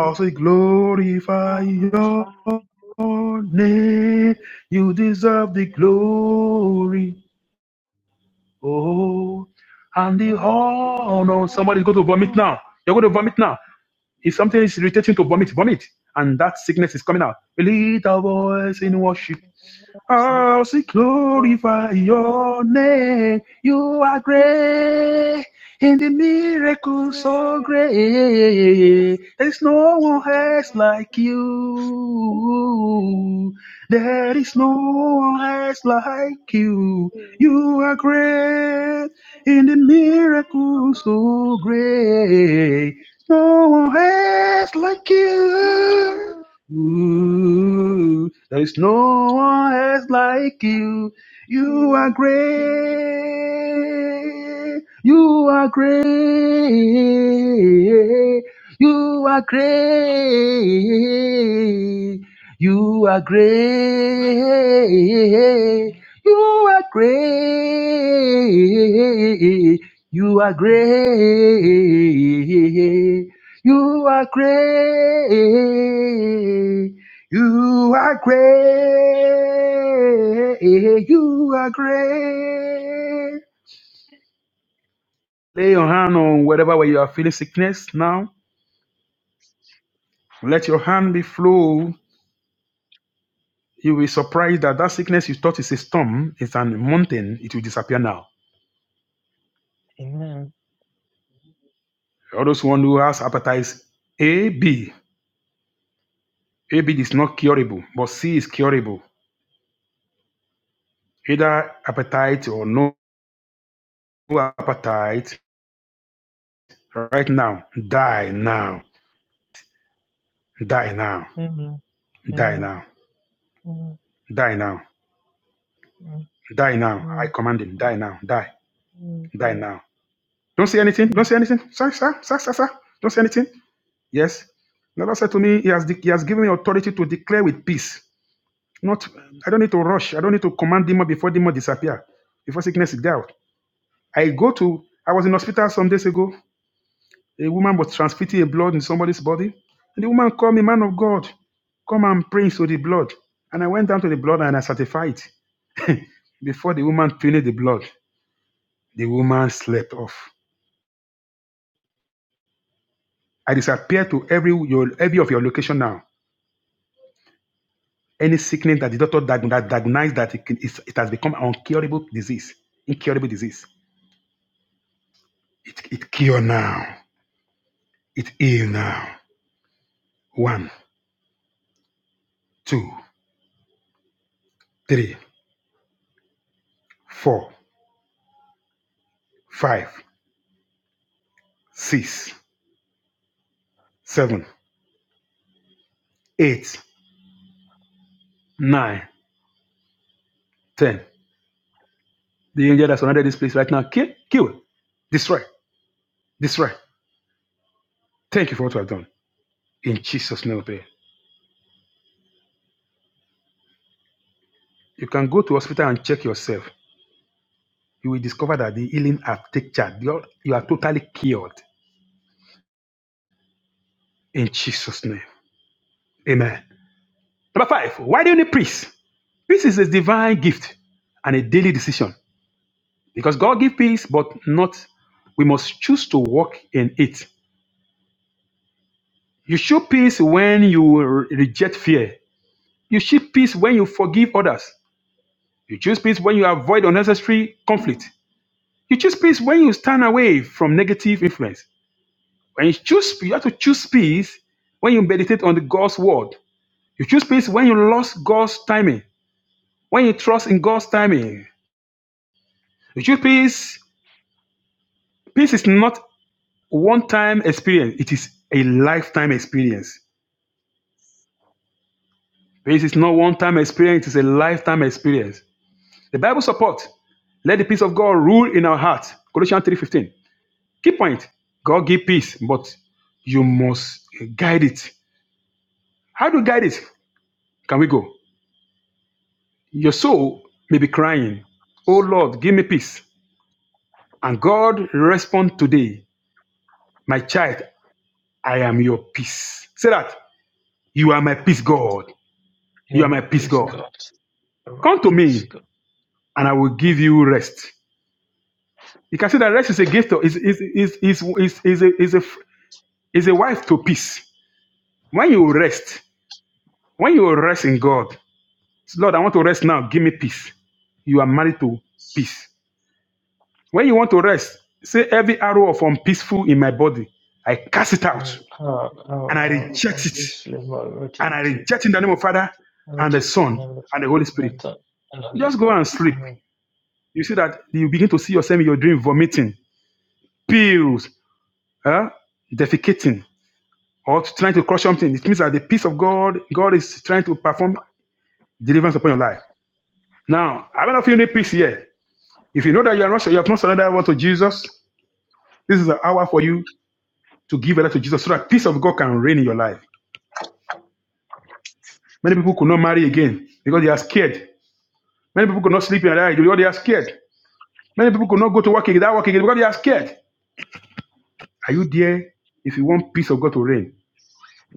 E: Nothing
F: say glorify your
E: glorifies you.
F: name. You deserve the glory. Oh, and the
E: Amen.
F: honor. Somebody's going to vomit now. You're going to vomit now. If something is irritating to vomit, vomit. And that sickness is coming out. A little voice in worship. I'll see glorify your name. You are great in the miracle so great. There's no one else like you. There is no one else like you. You are great in the miracle so great. No one else like you. Ooh, there is no one else like you. You are great. You are great. You are great. You are great. You are great. You are great. You are great. You are great. You are great. Lay your hand on whatever way you are feeling sickness now. Let your hand be flow. You will be surprised that that sickness you thought is a storm, it's a mountain. It will disappear now.
E: Amen.
F: All those one who has appetite A, B. A, B is not curable, but C is curable. Either appetite or no appetite, right now. Die now. Die now.
E: Amen.
F: Die
E: Amen.
F: now. Die now.
E: Amen.
F: Die now. I command him. Die now. Die.
E: Amen.
F: Die now. Don't say anything. Don't say anything. Sir, sir, sir, sir, sir. Don't say anything. Yes. The Lord said to me, He has, de- he has given me authority to declare with peace. Not, I don't need to rush. I don't need to command demon before demon disappear, before sickness is dealt. I go to, I was in hospital some days ago. A woman was transfusing a blood in somebody's body. And the woman called me, man of God, come and pray into the blood. And I went down to the blood and I certified. Before the woman finished the blood, the woman slept off. I disappear to every your every of your location now. Any sickness that the doctor diag- that diagnosed that it, can- it has become an incurable disease, incurable disease. It, it cure now. It heal now. One, two, three, four, five, six, seven, eight, nine. 10. The angel that surrounded this place right now, kill, kill, destroy, destroy. Thank you for what you have done. In Jesus' name, pray. You can go to hospital and check yourself. You will discover that the healing has taken charge. You are you are totally cured. In Jesus' name. Amen. Number five, why do you need peace? Peace is a divine gift and a daily decision. Because God gives peace, but not we must choose to walk in it. You show peace when you re- reject fear. You show peace when you forgive others. You choose peace when you avoid unnecessary conflict. You choose peace when you stand away from negative influence. When you choose, you have to choose peace when you meditate on the God's word. You choose peace when you lost God's timing. When you trust in God's timing. You choose peace. Peace is not one-time experience. It is a lifetime experience. Peace is not one-time experience. It is a lifetime experience. The Bible supports. Let the peace of God rule in our hearts. Colossians 3:15. Key point God give peace, but you must guide it. How do you guide it? Can we go? Your soul may be crying, Oh Lord, give me peace. And God respond today, My child, I am your peace. Say that. You are my peace, God. You
E: You're
F: are my
E: my
F: peace,
E: peace,
F: God.
E: God. You're my
F: Come to
E: peace,
F: me,
E: God.
F: and I will give
E: I'm
F: you rest. You can see that rest is a gift, is, is, is, is, is, is, a, is, a, is a wife to peace. When you rest, when you rest in God, Lord, I want to rest now. Give me peace. You are married to peace. When you want to rest, say every arrow of unpeaceful in my body, I cast it
E: And
F: out
E: power,
F: and
E: power,
F: I
E: power,
F: reject
E: from
F: it.
E: peace to
F: And I
E: reject it.
F: reject in the name of Father
E: I
F: and the
E: reject it in the
F: Son
E: name of the
F: and the
E: Father,
F: Holy
E: and the
F: Spirit.
E: Son, and the Holy
F: Just go and
E: Spirit.
F: sleep.
E: Amen.
F: You see that you begin to see yourself in your dream vomiting, pills, huh? defecating, or trying to crush something. It means that the peace of God, God is trying to perform deliverance upon your life. Now, I don't know if you need peace here. If you know that you are not sure, you have not surrendered over to Jesus, this is an hour for you to give it to Jesus so that peace of God can reign in your life. Many people could not marry again because they are scared. Many people could not sleep in their night because they are scared. Many people could not go to work again, that because they are scared. Are you there if you want peace of God to reign?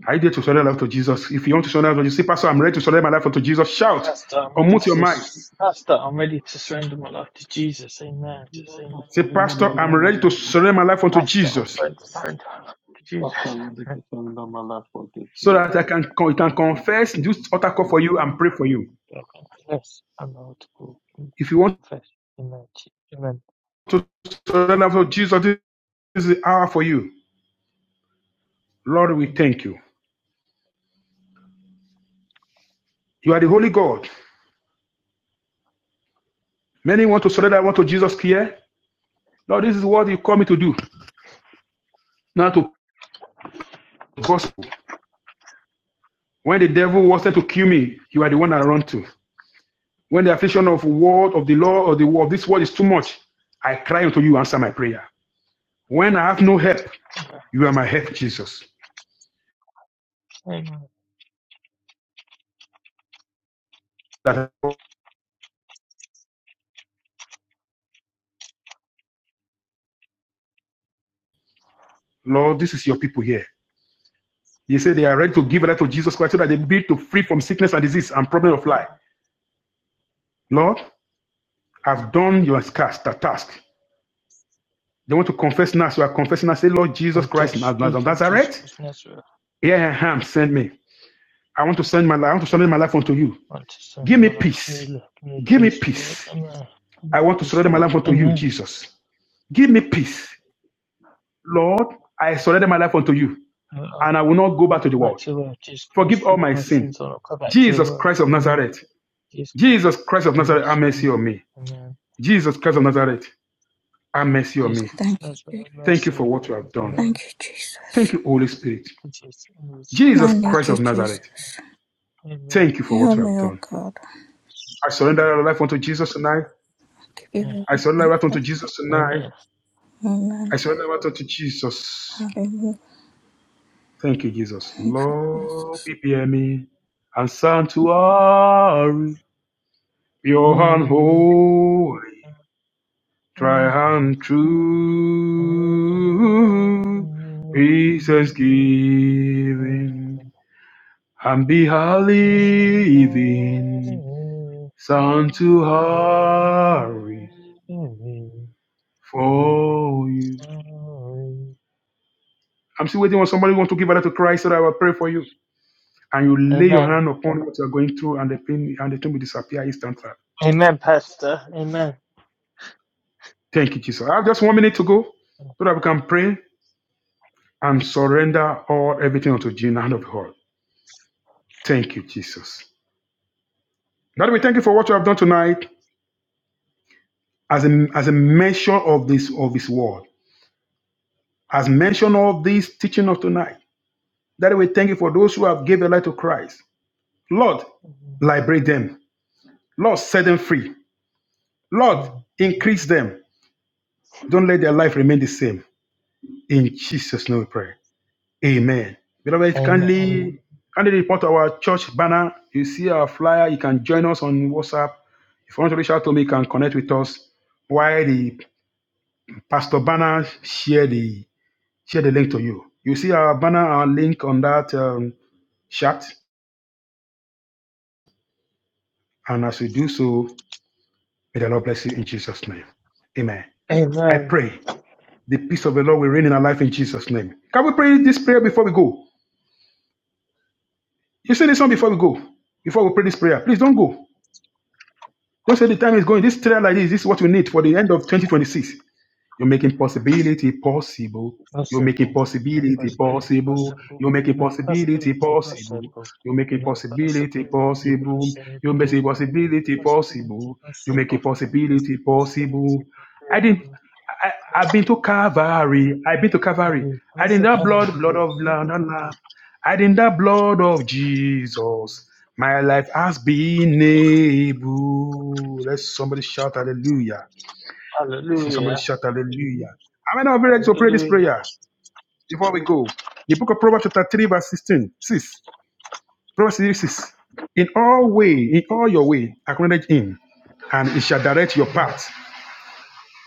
F: Are you there to surrender life to Jesus? If you want to surrender life to Jesus, say, Pastor, I'm ready to surrender my life unto Jesus. Shout
E: Pastor, I'm
F: unmute
E: ready
F: your
E: to,
F: mic.
E: Pastor, I'm ready to surrender my life to Jesus. Amen.
G: Lord, I
F: Say,
G: surrender
F: Pastor,
G: my
F: I'm
G: life
F: ready to
G: unto
F: surrender
G: you.
F: my life unto
E: Pastor, I'm
F: Jesus
E: ready to surrender my life to
G: Pastor, I
E: Jesus.
G: surrender
E: Amen.
G: to surrender my life unto
F: so that I
G: Jesus.
F: can, can confess, do utter call for you and pray for you.
E: I confess, I'm not to
F: If you want.
E: confess. Amen. Amen.
F: to surrender name Jesus. This is the hour for you. Lord, we thank you. You are the Holy God. Many want to surrender, want to Jesus here. Lord, this is what you call me to do. Now to gospel. When the devil wants to kill me, you are the one I run to. When the affliction of word of the law or the world, this world is too much. I cry unto you, answer my prayer. When I have no help, you are my help, Jesus.
E: Amen.
F: That Lord, this is your people here. You say they are ready to give life to Jesus Christ so that they be to free from sickness and disease and problem of life. Lord, have done your task, task. They want to confess now. So you are confessing now. Say, Lord Jesus
E: I
F: Christ Naz-
E: just
F: Naz-
E: do,
F: of
E: Lord Jesus
F: Nazareth,
E: Christ, of Nazareth.
F: here I am. Send me. I want to send my life. I want to surrender my life unto you.
E: I want to
F: Give
E: surrender
F: me
E: my life to you.
F: peace.
E: Lord. Give me
F: Give me
E: peace, Lord.
F: peace.
E: Amen. Give me
F: I want to
E: peace,
F: surrender my
E: Lord.
F: life unto you,
E: Amen.
F: Jesus. Give me peace. Lord, I surrender my life unto you,
E: And I'll,
F: and I will not
E: I'll
F: go back
E: not
F: to the
E: go back
F: world.
E: to the world. Jesus
F: Forgive
E: Christ,
F: all
E: forgive
F: my
E: my
F: sin.
E: sins. I'll not go back to the
F: Jesus
E: world.
F: Christ of
E: Amen.
F: Nazareth.
E: Jesus Christ,
F: Jesus Christ of
E: have
F: Nazareth, have
E: mercy on
F: mercy
E: me.
F: on me.
E: Amen.
F: Jesus Christ of Nazareth, have mercy on
E: Jesus
F: me.
E: Christ,
C: Thank you.
E: Nazareth,
C: Jesus.
E: have
F: Thank you
E: mercy on
F: for
E: me.
F: what you have done.
C: Thank
E: Amen.
C: you, Jesus.
F: Thank you, Holy Spirit.
E: Jesus, Jesus
C: I
F: Jesus
E: Christ, Nazareth.
C: need
F: Christ
C: you,
F: of Nazareth,
C: Jesus.
E: Amen.
F: thank you for what
C: Help
F: you
E: Amen.
F: have
C: me, oh
F: done.
C: God.
F: I surrender my life unto Jesus tonight.
C: Give you
F: I surrender my
C: everything.
F: life unto Jesus tonight.
E: Amen.
F: I
C: Amen.
F: surrender my life unto Jesus.
C: Hallelujah.
F: Thank you, Jesus.
C: Thank you, Jesus.
F: Lord, prepare me and sanctuary, your hand
E: We.
F: holy,
E: Amen.
F: try and true. With thanksgiving and be a living sanctuary
E: Amen.
F: For you.
E: Amen.
F: I'm still waiting on somebody who wants to give a to Christ so that I will pray for you. And you lay your
E: Amen.
F: hand upon what you are going through, and the pain and the pain will disappear instantly.
E: Amen, Pastor. Amen.
F: Thank you, Jesus. I have just one minute to go so that we can pray and surrender all everything unto you in the hand of God. Thank you, Jesus. Lord, we thank you for what you have done tonight as a, as a mention of this of His word, as mention of this teaching of tonight. That we thank you for those who have given their life to Christ. Lord, liberate them. Lord, set them free. Lord, increase them. Don't let their life remain the same. In Jesus' name we pray. Amen. Beloved,
E: Amen.
F: kindly, kindly report to our church banner. You see our flyer. You can join us on WhatsApp. If you want to reach out to me, you can connect with us. While the pastor banner share the share the link to you. You see our banner, our link on that um, chat. And as we do so, may the Lord bless you in Jesus' name. Amen. I
E: Amen.
F: pray The peace of the Lord will reign in our life in Jesus' name. Can we pray this prayer before we go? You say this one before we go. Before we pray this prayer, please don't go. Don't say the time is going. This prayer like this, this is what we need for the end of 2026. You're making possibility possible. You're making
E: Possible.
F: possibility
E: Impossibility
F: possible.
E: possible.
F: You're making
E: Make
F: possibility
E: possibility
F: possible.
E: possible.
F: You're making
E: Make
F: possibility
E: possibility
F: possible. You're making
E: possible.
F: possibility
E: Possibility
F: possible. You're making
E: possible.
F: possibility possible.
E: Possibility
F: I didn't.
E: possible.
F: I, I- I've been to Calvary. I've been to Calvary.
E: Hurry,
F: I
E: hurry,
F: didn't that blood,
E: hurry,
F: blood of Lamb. Lamb, Lamb. I didn't that blood of Jesus. My
E: hurry.
F: life has been able. Let somebody shout hallelujah. See, Somebody
E: Hallelujah.
F: shout hallelujah. How many of you ready to pray this
E: Hallelujah.
F: prayer before we go? The book of Proverbs chapter 3 verse 16. 6. Proverbs 3, 6. In all way, in all your way, acknowledge him, and he shall direct your
E: Amen.
F: path.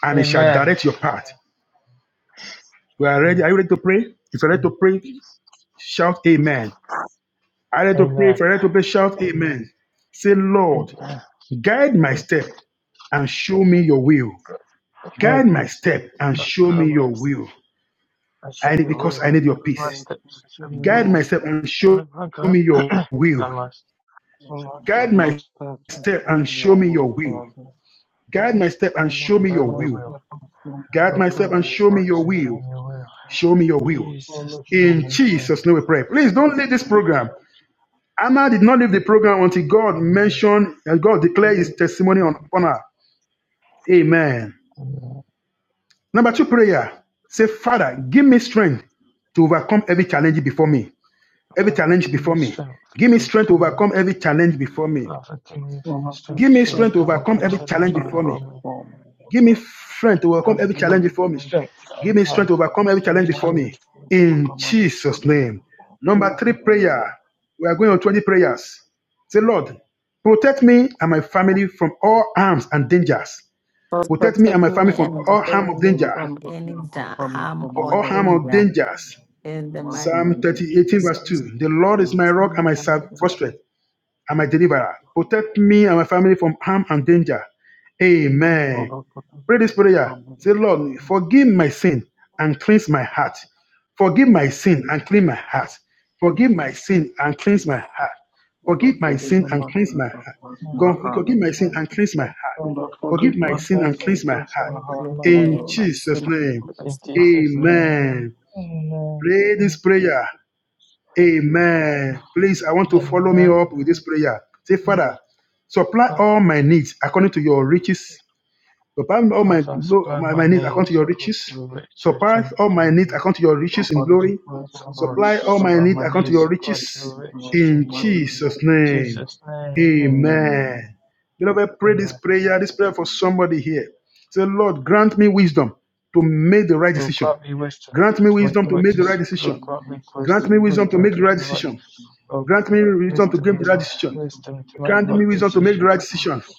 F: And he shall
E: Amen.
F: direct your path. We are ready.
E: Amen.
F: Are you ready to pray? If you're ready to pray, shout amen. Are you ready to pray? If
E: Amen.
F: you're ready to pray, shout amen. Say, Lord,
E: Amen.
F: guide my step and show me your will.
E: Guide
F: Guide
E: my
F: my
E: step,
F: step and
E: I
F: show me
E: God, my
F: your
E: step,
F: will.
E: I should
F: I need
E: be
G: Lord,
F: because
E: will.
F: I
G: guide
F: need your
G: my
E: Lord, my
F: peace.
G: steps, and
E: steps, and show
G: show
E: me your
G: me
F: Guide
E: will.
G: your
F: my step
G: will.
F: and show
E: Lord, my God,
F: me your
E: I
F: will.
E: must
G: Lord, Oh, Lord,
F: Guide
G: guide my
F: my
G: steps, and
F: step
G: show
F: and
G: me
F: show
G: your
F: me your
G: will,
F: will.
G: Father.
F: Guide my step
G: Oh
F: and
G: Lord,
F: show
E: and
F: me
G: guide
E: show
F: your
E: me
G: my
E: your
F: will.
E: will.
G: steps, and show me
F: Guide
G: your
E: Lord,
F: my
E: God,
F: step
G: will
F: and
E: my
G: in the
F: show me
G: mighty
F: your
E: steps, and
G: name
E: show
F: will.
G: of
E: me your will.
G: Jesus.
F: Show me your will.
G: Oh
E: Jesus'
G: Lord, show
E: name
F: In
E: we
G: me your
E: pray.
G: will.
F: Jesus' name we pray. Please don't
G: please.
F: leave this program. Anna did not leave the program until God mentioned and God declared his testimony on, on her. Amen.
E: Amen.
F: Number two prayer. Say, Father, give me strength to overcome every challenge before me. Every
E: Father,
F: challenge
E: give
F: before
E: me
F: me.
E: strength
F: Give me
E: to
F: strength to
E: overcome every
F: overcome every challenge before me.
E: Father, give me
G: Oh Lord, give me
E: strength
F: Give me
E: to
F: strength
G: strength
F: to
G: to
E: overcome
F: overcome
E: every
G: overcome
F: every
G: every
F: challenge
E: challenge
F: before
G: challenge
E: before
F: me.
E: me.
G: before me, O
F: Give me
G: God.
F: strength to overcome
E: Father,
F: every
G: Oh
E: give
F: challenge
E: me
G: Lord, give
F: before
G: me
F: me.
G: the
E: strength to
F: Give
G: strength.
F: me strength
E: overcome
F: to overcome every
G: I
F: challenge
E: every
G: want
F: before
E: challenge
G: me
F: me.
G: to
F: In
G: overcome every
F: Jesus'
G: challenge
F: name.
G: before me.
F: Number three
G: Amen.
F: prayer. We are going on 20 prayers. Say, Lord, protect me and my family from all harms and dangers.
A: For
F: Protect me and my
A: protecting
F: family
G: Oh,
A: me
F: from
G: Lord,
A: and my
F: all harm of
A: family
F: danger.
G: Lord,
A: from
G: protect me
A: any
G: and my
A: da-
G: family
A: harm
G: from
F: For
A: or
G: all
F: all
G: harm
F: harm of
G: and
A: danger.
G: danger.
F: dangers.
A: In
G: The
A: the
G: mighty
A: mighty
F: Psalm
G: name of
A: name of
F: 30,
G: Jesus.
F: verse
A: Jesus.
F: 2. The Lord is my rock and my sal- fortress and my deliverer. Protect me and my family from harm and danger. Amen.
G: Lord, protect
F: Pray
G: me
F: this
G: and my
F: prayer.
G: family.
F: Say, Lord, forgive my sin and cleanse my heart. Forgive my sin and cleanse my heart. Forgive my sin and cleanse my heart.
G: Lord,
F: Forgive my
G: forgive
F: sin
G: me
F: and
G: my
F: cleanse
G: sins
F: my
G: and
F: heart.
G: bless
E: sin
G: my
F: God,
E: to
G: heart.
F: Forgive
E: cleanse
F: my
E: my
F: sin and cleanse my heart.
E: soul
G: Lord,
E: with the
G: forgive
F: Forgive my
G: my
E: true
F: sin and
G: sins and
E: blessings
F: cleanse my
E: and
G: bless
F: heart.
G: my
E: cleanse
G: heart,
A: Lord,
E: my
G: O
F: In
E: heart.
A: forgive
G: Lord.
A: my
F: Jesus'
A: sin.
F: name.
E: In Jesus'
G: Amen.
E: name,
F: Amen.
E: amen.
F: Pray this
E: Mm,
F: prayer. Amen. Please, I want to follow me
E: Amen.
F: up with this prayer. Say, Father, supply all
E: Father,
F: my needs according to your riches Surpass all my,
E: Father,
F: glo-
E: supply
F: my, my
E: my
F: needs according to
E: needs
F: your
E: according
F: riches.
E: to your riches
F: Surpass
E: and
F: all my needs
E: glory.
F: according to your
G: Lord,
F: riches in
G: Father,
F: glory.
G: supply
E: That's
G: all my
E: Lord,
G: needs
F: Supply all my
G: according
E: supply
G: to
F: needs
G: your
E: my
F: according to
G: will,
E: needs
F: your
G: which
E: according
G: is
E: to
F: riches
E: your
G: in God,
E: riches
G: in
E: and
G: the
F: in
G: mighty
E: glory.
G: name
F: Jesus'
G: of
E: In
G: Jesus.
F: name.
E: Jesus' name, amen.
G: Amen.
F: Amen. Beloved, pray this
E: Amen.
F: prayer, this prayer for somebody here. Say, Lord, grant me wisdom to make the right
E: Lord,
F: decision.
E: grant me wisdom
F: Grant me
E: to make
F: wisdom
E: the
F: to
E: right
F: make the
G: O
F: right
E: decision.
G: Lord,
F: decision.
G: forgive
E: Lord,
G: me,
E: grant me
G: make something,
F: Grant
E: wisdom,
F: me
G: make the
F: wisdom to
G: right
E: wisdom
F: make
E: to
F: the right
E: make the
G: decisions,
E: right,
G: O
F: decision.
E: Lord,
G: Lord.
F: Grant
E: grant
F: me
E: me
F: wisdom
G: Lord,
F: to make
E: wisdom
F: the
G: grant me
F: right
E: to,
G: the
F: decision.
G: wisdom to
E: wisdom to
G: make
E: make
F: Grant
E: the
G: the
F: me
G: right
E: right
F: wisdom to make
E: decision.
F: the
G: decisions,
F: right decision.
G: Father.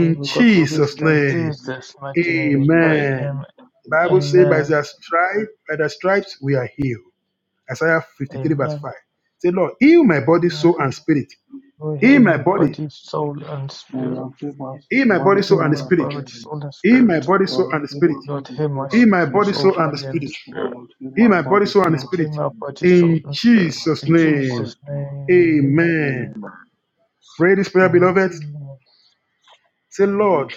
E: I will
G: Lord,
E: God be
G: grant me
E: with
F: Jesus'
G: the wisdom
E: them
F: name.
E: through this
G: right
E: mighty name we pray.
G: in
F: Amen.
E: Amen.
G: Jesus'
F: The Bible
G: mighty
F: says, by
E: Amen.
F: their stripes, by the stripes we are healed. Isaiah 53, verse
E: Amen.
F: 5. Say, Lord, heal my body,
E: Amen.
F: soul, and spirit.
E: Lord,
F: Heal
E: heal
F: my
E: my
F: body.
E: body, soul, and spirit.
G: us
F: Heal my
G: body,
E: Lord,
F: body, soul,
E: heal
F: and
G: soul,
E: my
G: and
F: spirit.
E: body,
G: spirit.
E: soul, and
F: Heal my
E: spirit.
F: body,
G: O
F: soul,
G: Lord,
F: and
G: give
F: spirit.
E: Lord,
G: body,
E: heal my
G: soul,
E: s-
F: Heal
G: and
F: my body,
G: spirit.
E: soul,
F: soul, and
E: body, and
F: spirit.
G: O
E: spirit.
G: Lord, give
F: Heal my body,
G: body,
F: soul,
E: And
F: and
G: soul,
E: Lord,
G: and
E: heal
F: spirit.
E: my
G: spirit.
E: body, soul,
F: In
E: and
G: O
E: spirit.
G: Lord,
F: Jesus'
E: In
G: give body,
F: name.
E: Jesus'
G: soul,
E: name.
F: Amen.
G: spirit.
E: Amen.
G: Amen.
F: Pray this prayer, beloved.
E: Amen.
F: Say, Lord,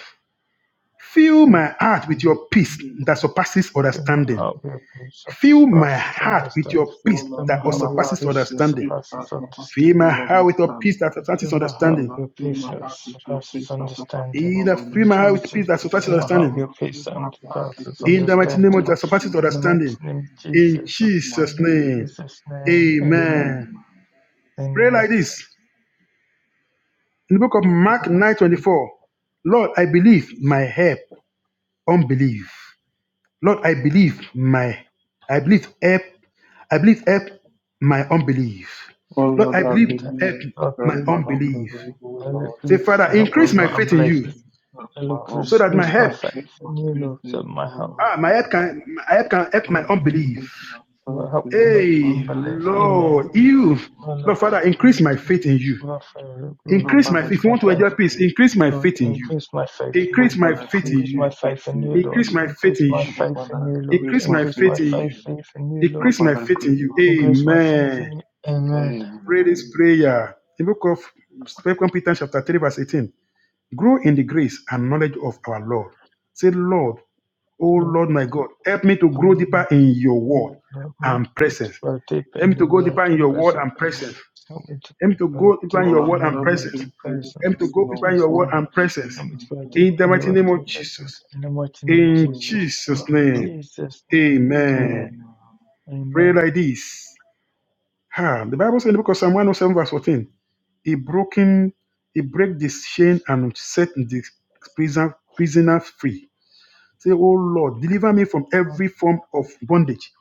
F: fill
E: Lord,
F: my heart with your peace that surpasses
E: fill my
F: understanding.
E: heart with your peace that
F: Fill my
E: surpasses
F: heart with
E: understanding.
F: your peace
E: Fill my
F: that
E: heart with your
G: heart
F: surpasses
G: with
E: peace that
G: your
F: understanding.
G: peace that
E: surpasses
G: surpasses
F: Fill my
G: all
E: understanding.
F: heart with your
G: understanding.
F: peace that surpasses
E: Through my
G: O
E: heart
F: understanding.
G: Lord,
E: will
G: fill
E: peace that
G: heart with your
E: surpasses
G: peace that surpasses
E: understanding.
F: In
G: all
F: the fill
E: In
F: my heart with
G: understanding.
F: peace
E: Jesus,
F: that surpasses
E: through my heart
G: Lord,
F: understanding.
E: will peace
G: give my
E: that
G: heart to
E: surpasses
G: your
F: In the
G: feet
F: mighty
G: as a
F: name of
E: understanding.
F: that
G: sacrifice
F: surpasses
E: In the mighty
G: of
F: understanding.
E: name of
F: In
G: Jesus,
E: Jesus.
G: my
F: Jesus'
E: In
G: name.
F: name.
E: Jesus' name. Amen.
F: Amen.
G: Amen.
F: Pray
E: Amen.
F: like this. In the book of Mark 9 24. Lord, I believe my help, unbelief. Lord, I believe my I believe help. I believe help my unbelief.
G: Oh
F: Lord, I
G: Lord, I
E: And,
F: believe
E: uh,
G: believe
F: help
E: I
G: that
F: my
E: believe,
G: my
F: unbelief.
G: unbelief, O
E: I
G: Lord.
F: Say,
E: believe
F: Father,
E: for help
G: Oh
F: increase
E: in
F: my
E: my
G: Lord,
F: faith
G: I
F: in
E: unbelief.
F: you
G: believe that
E: I
G: my
E: look to
F: so that my
E: excuse
G: unbelief.
E: my
F: help,
G: Increase
E: faith
G: my
E: in you,
G: faith
E: Lord, that
G: in you,
E: my
G: O
E: help
G: Lord.
F: ah, my help can, my help can help my
E: will
G: Oh Lord, increase
F: unbelief.
G: my faith
E: help
G: in
E: cannot
G: you,
F: Hey,
G: Father.
E: unbelief.
G: Not my
E: Amen.
F: Lord, you,
G: unbelief,
E: I
G: O
E: love,
F: Lord,
G: Lord.
F: Father, increase my faith in you.
E: love, love, Lord,
G: O
F: Increase my
G: Father,
F: faith.
E: increase
F: If you
E: my
F: want
G: increase
F: to
G: my
F: enjoy
E: faith
F: peace,
G: faith
F: increase
G: in
F: my
G: you.
E: Lord,
F: faith in you.
E: increase my faith in
G: Oh
E: you,
F: Increase my
E: Lord.
G: Father,
F: faith in
G: increase
E: Increase
G: my
F: you.
E: my
G: faith
E: faith in
G: in
E: you,
G: you.
F: Increase
E: Lord.
F: my faith
E: Increase
F: in
E: my
F: you.
G: Oh
E: faith
G: Father,
E: in you, Lord.
G: increase
F: Increase
G: my
F: my
E: Increase
G: faith
F: faith
E: my
F: in
G: in
F: you.
E: faith
G: you.
E: in you, Lord.
G: Oh
F: Increase my
G: Father,
F: faith in
G: increase
F: you.
G: my faith
E: Increase
G: in
E: my
G: you.
E: faith in
F: Amen.
E: you. Amen.
F: Pray
G: Amen.
F: this prayer. The book of Second Peter chapter 3, verse 18. Grow in the grace and knowledge of our Lord. Say, Lord, Oh
E: Lord,
F: Lord, my God, help me to
E: oh
F: grow
E: Lord, my
F: deeper in your word
E: Father, help
F: and
E: me to
F: presence.
E: grow deeper
F: Help me
E: in
F: to
E: your
F: go
E: word
F: deeper in
E: and
F: your word
E: presence.
F: and presence.
E: Help me to
F: Help me to
E: grow
F: go deeper in
G: Well,
E: deeper
F: your
G: I'm
F: word
E: in your
F: and
E: word
F: presence.
G: to
E: and
G: edify
F: Help me to
E: presence.
F: go
E: In
G: your
F: deeper in
E: Jesus'
F: your word
G: word
E: name.
G: and
F: and presence.
G: your
E: Help me to
G: presence,
E: grow
G: O
F: In
G: Lord
E: deeper
F: the
E: in your
F: mighty
E: word
F: name
G: Jesus.
F: of
E: and
G: In
E: presence.
F: Jesus.
E: In the mighty name
G: the
E: of
F: In
G: name of
E: Jesus.
F: Jesus'
E: In
G: Father.
F: name.
E: Jesus' name. Amen.
F: Amen.
G: Amen.
F: Pray
E: Amen.
F: like this. Ah, the Bible says in the book of Psalm 107, verse 14, He broken, He break the chain and set the prisoner, prisoner free. Say, Oh Lord, deliver me from
E: Oh,
F: every form of bondage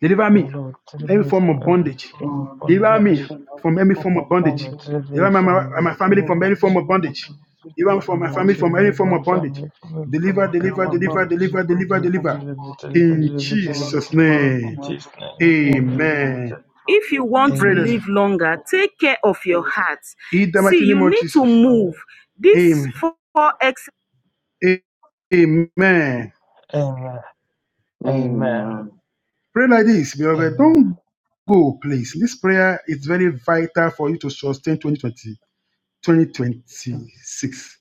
F: Deliver
E: oh
F: me
E: Lord,
F: from
E: deliver
F: any
E: me
F: form
E: from
F: of
E: every
F: bondage.
E: form of
G: Oh, this is
F: Deliver
E: bondage.
F: me
G: everything I
F: from
G: can
F: any
G: from
F: form of bondage.
G: upon this.
F: Deliver
E: Olutimi
F: my, my,
E: from the
F: my
G: Oh,
F: family
G: Lord,
F: from
G: is
F: any form
E: bondage.
F: of bondage.
G: everything
F: Deliver
G: from
F: me from my family
G: upon
F: from
G: this.
F: any
E: Olutimi,
F: form
E: one
F: of bondage.
E: family from
G: Oh,
E: the
F: Deliver,
G: Lord, is
E: Pope
F: deliver,
G: my
F: deliver,
G: family
E: bondage.
F: deliver,
G: from every
F: deliver,
E: Deliver,
G: from
F: deliver.
E: deliver,
G: upon this.
E: deliver,
F: In
E: deliver,
G: Oh, Lord,
E: deliver,
F: Jesus'
E: deliver.
G: deliver us from
E: In
F: name.
G: every
E: Jesus'
G: from
E: name,
G: upon
E: amen.
G: this. In
F: Amen.
G: Jesus' name,
F: Pray
E: Amen.
G: amen.
F: Amen. A- Amen.
E: Amen. Amen.
G: Amen.
F: Pray like this, beloved.
E: Amen.
F: Don't go, please. This prayer is very vital for you to sustain 2020, 2026.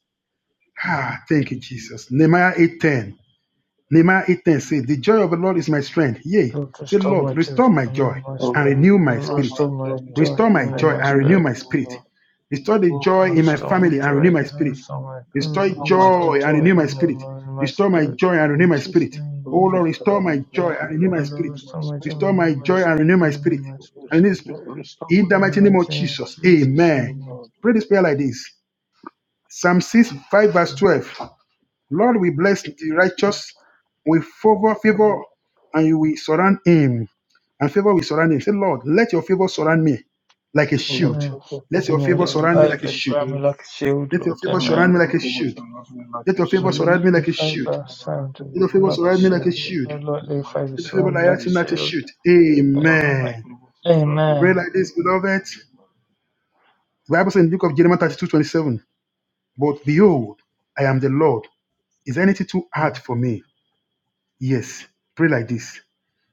F: Ah, thank you, Jesus. Nehemiah 8:10. Nehemiah 8:10 says, The joy of the Lord is my strength. Yea,
E: Lord,
F: say,
E: restore my
F: Lord,
E: joy.
F: restore my
E: I'm in
F: joy
E: my
G: Oh,
F: and
E: spirit.
F: renew
G: Lord,
F: my
E: Lord,
G: restore
F: spirit.
G: my
E: restore my
G: joy,
E: joy.
F: Restore
G: and renew
F: my
E: I'm
G: my
E: in
F: joy
E: my
F: and renew
G: spirit,
E: spirit.
F: my
G: O
F: spirit.
G: Lord.
F: Restore the
G: Oh,
F: joy
E: Lord,
F: in my
G: Father,
E: restore my
G: renew
F: family and
G: my
F: renew
E: joy.
F: my
E: and
G: soul.
F: spirit.
E: Restore my,
F: Restore
G: Restore my joy
E: restore
F: joy and
E: joy.
G: and
F: renew my
E: I'm
G: renew
F: spirit.
E: in my
F: Restore my
G: my
E: spirit.
G: spirit.
F: joy and renew
E: In
F: my
E: Jesus'
F: spirit.
G: Oh,
E: name,
F: Oh
G: Lord,
F: Lord,
E: amen.
G: restore
F: restore
G: my
F: my
G: joy
F: joy and renew
G: and
F: my
E: Lord,
F: spirit.
G: renew my
E: restore my joy.
F: Restore
G: spirit.
E: I'm in
F: my
E: my
G: Oh,
F: joy and renew
E: spirit.
F: my
E: I'm in
F: spirit.
E: my
G: Lord,
F: And
E: spirit.
F: renew the spirit.
G: Restore restore
F: In
G: my
F: the
E: In
G: joy
E: the
F: mighty
G: and
E: mighty
F: name of
G: renew
E: name
G: my
E: of
F: Jesus.
E: Jesus,
G: spirit.
F: Amen.
G: Oh,
E: amen.
G: Lord.
F: Pray this prayer like this. Psalm 6, 5, verse 12. Lord, we bless the righteous with favor, favor, and you will surround him. And favor will surround him. Say, Lord, let your favor surround me like a
G: Oh, Lord,
F: shield.
E: Amen.
G: let your
F: Let
G: favor
F: your
E: Amen.
F: favor
E: Let
G: surround
E: the
G: me
F: surround me like a
G: like
E: favour
G: a
F: shield.
E: surround me
G: shield.
E: like a shield,
F: Let your
E: Lord.
F: favor
G: Oh, Lord,
E: Amen.
F: surround me
G: let
F: like
G: your
F: a
G: favor
F: shield.
G: surround me like
F: Let
G: a
F: your
E: Oh,
F: favor
E: Lord,
G: shield.
E: let
F: surround me
E: the
F: like a shield.
E: favour
G: Oh, Lord, let
E: surround
G: your
E: me
F: Let your
G: favor
F: favor
E: like a
G: surround
F: surround me
G: me
F: like a
G: like
E: shield.
G: a
F: shield.
E: Oh,
G: shield. In
E: Lord, let
G: the
E: the
G: mighty
E: favour
F: Let your
G: name
F: favor
G: of
E: surround me like
F: direct
E: a
F: me
G: Jesus.
F: like a
E: shield.
F: shield.
G: Oh, Lord, let
E: Amen.
G: your
F: Amen.
G: favor surround me
F: Pray
E: Amen.
G: like
F: like
G: a
F: this,
G: shield.
F: beloved.
G: Amen.
F: The Bible says in the book of Jeremiah 32 27. But behold, I am the Lord. Is anything too hard
E: Amen.
F: for me? Yes. Pray like this.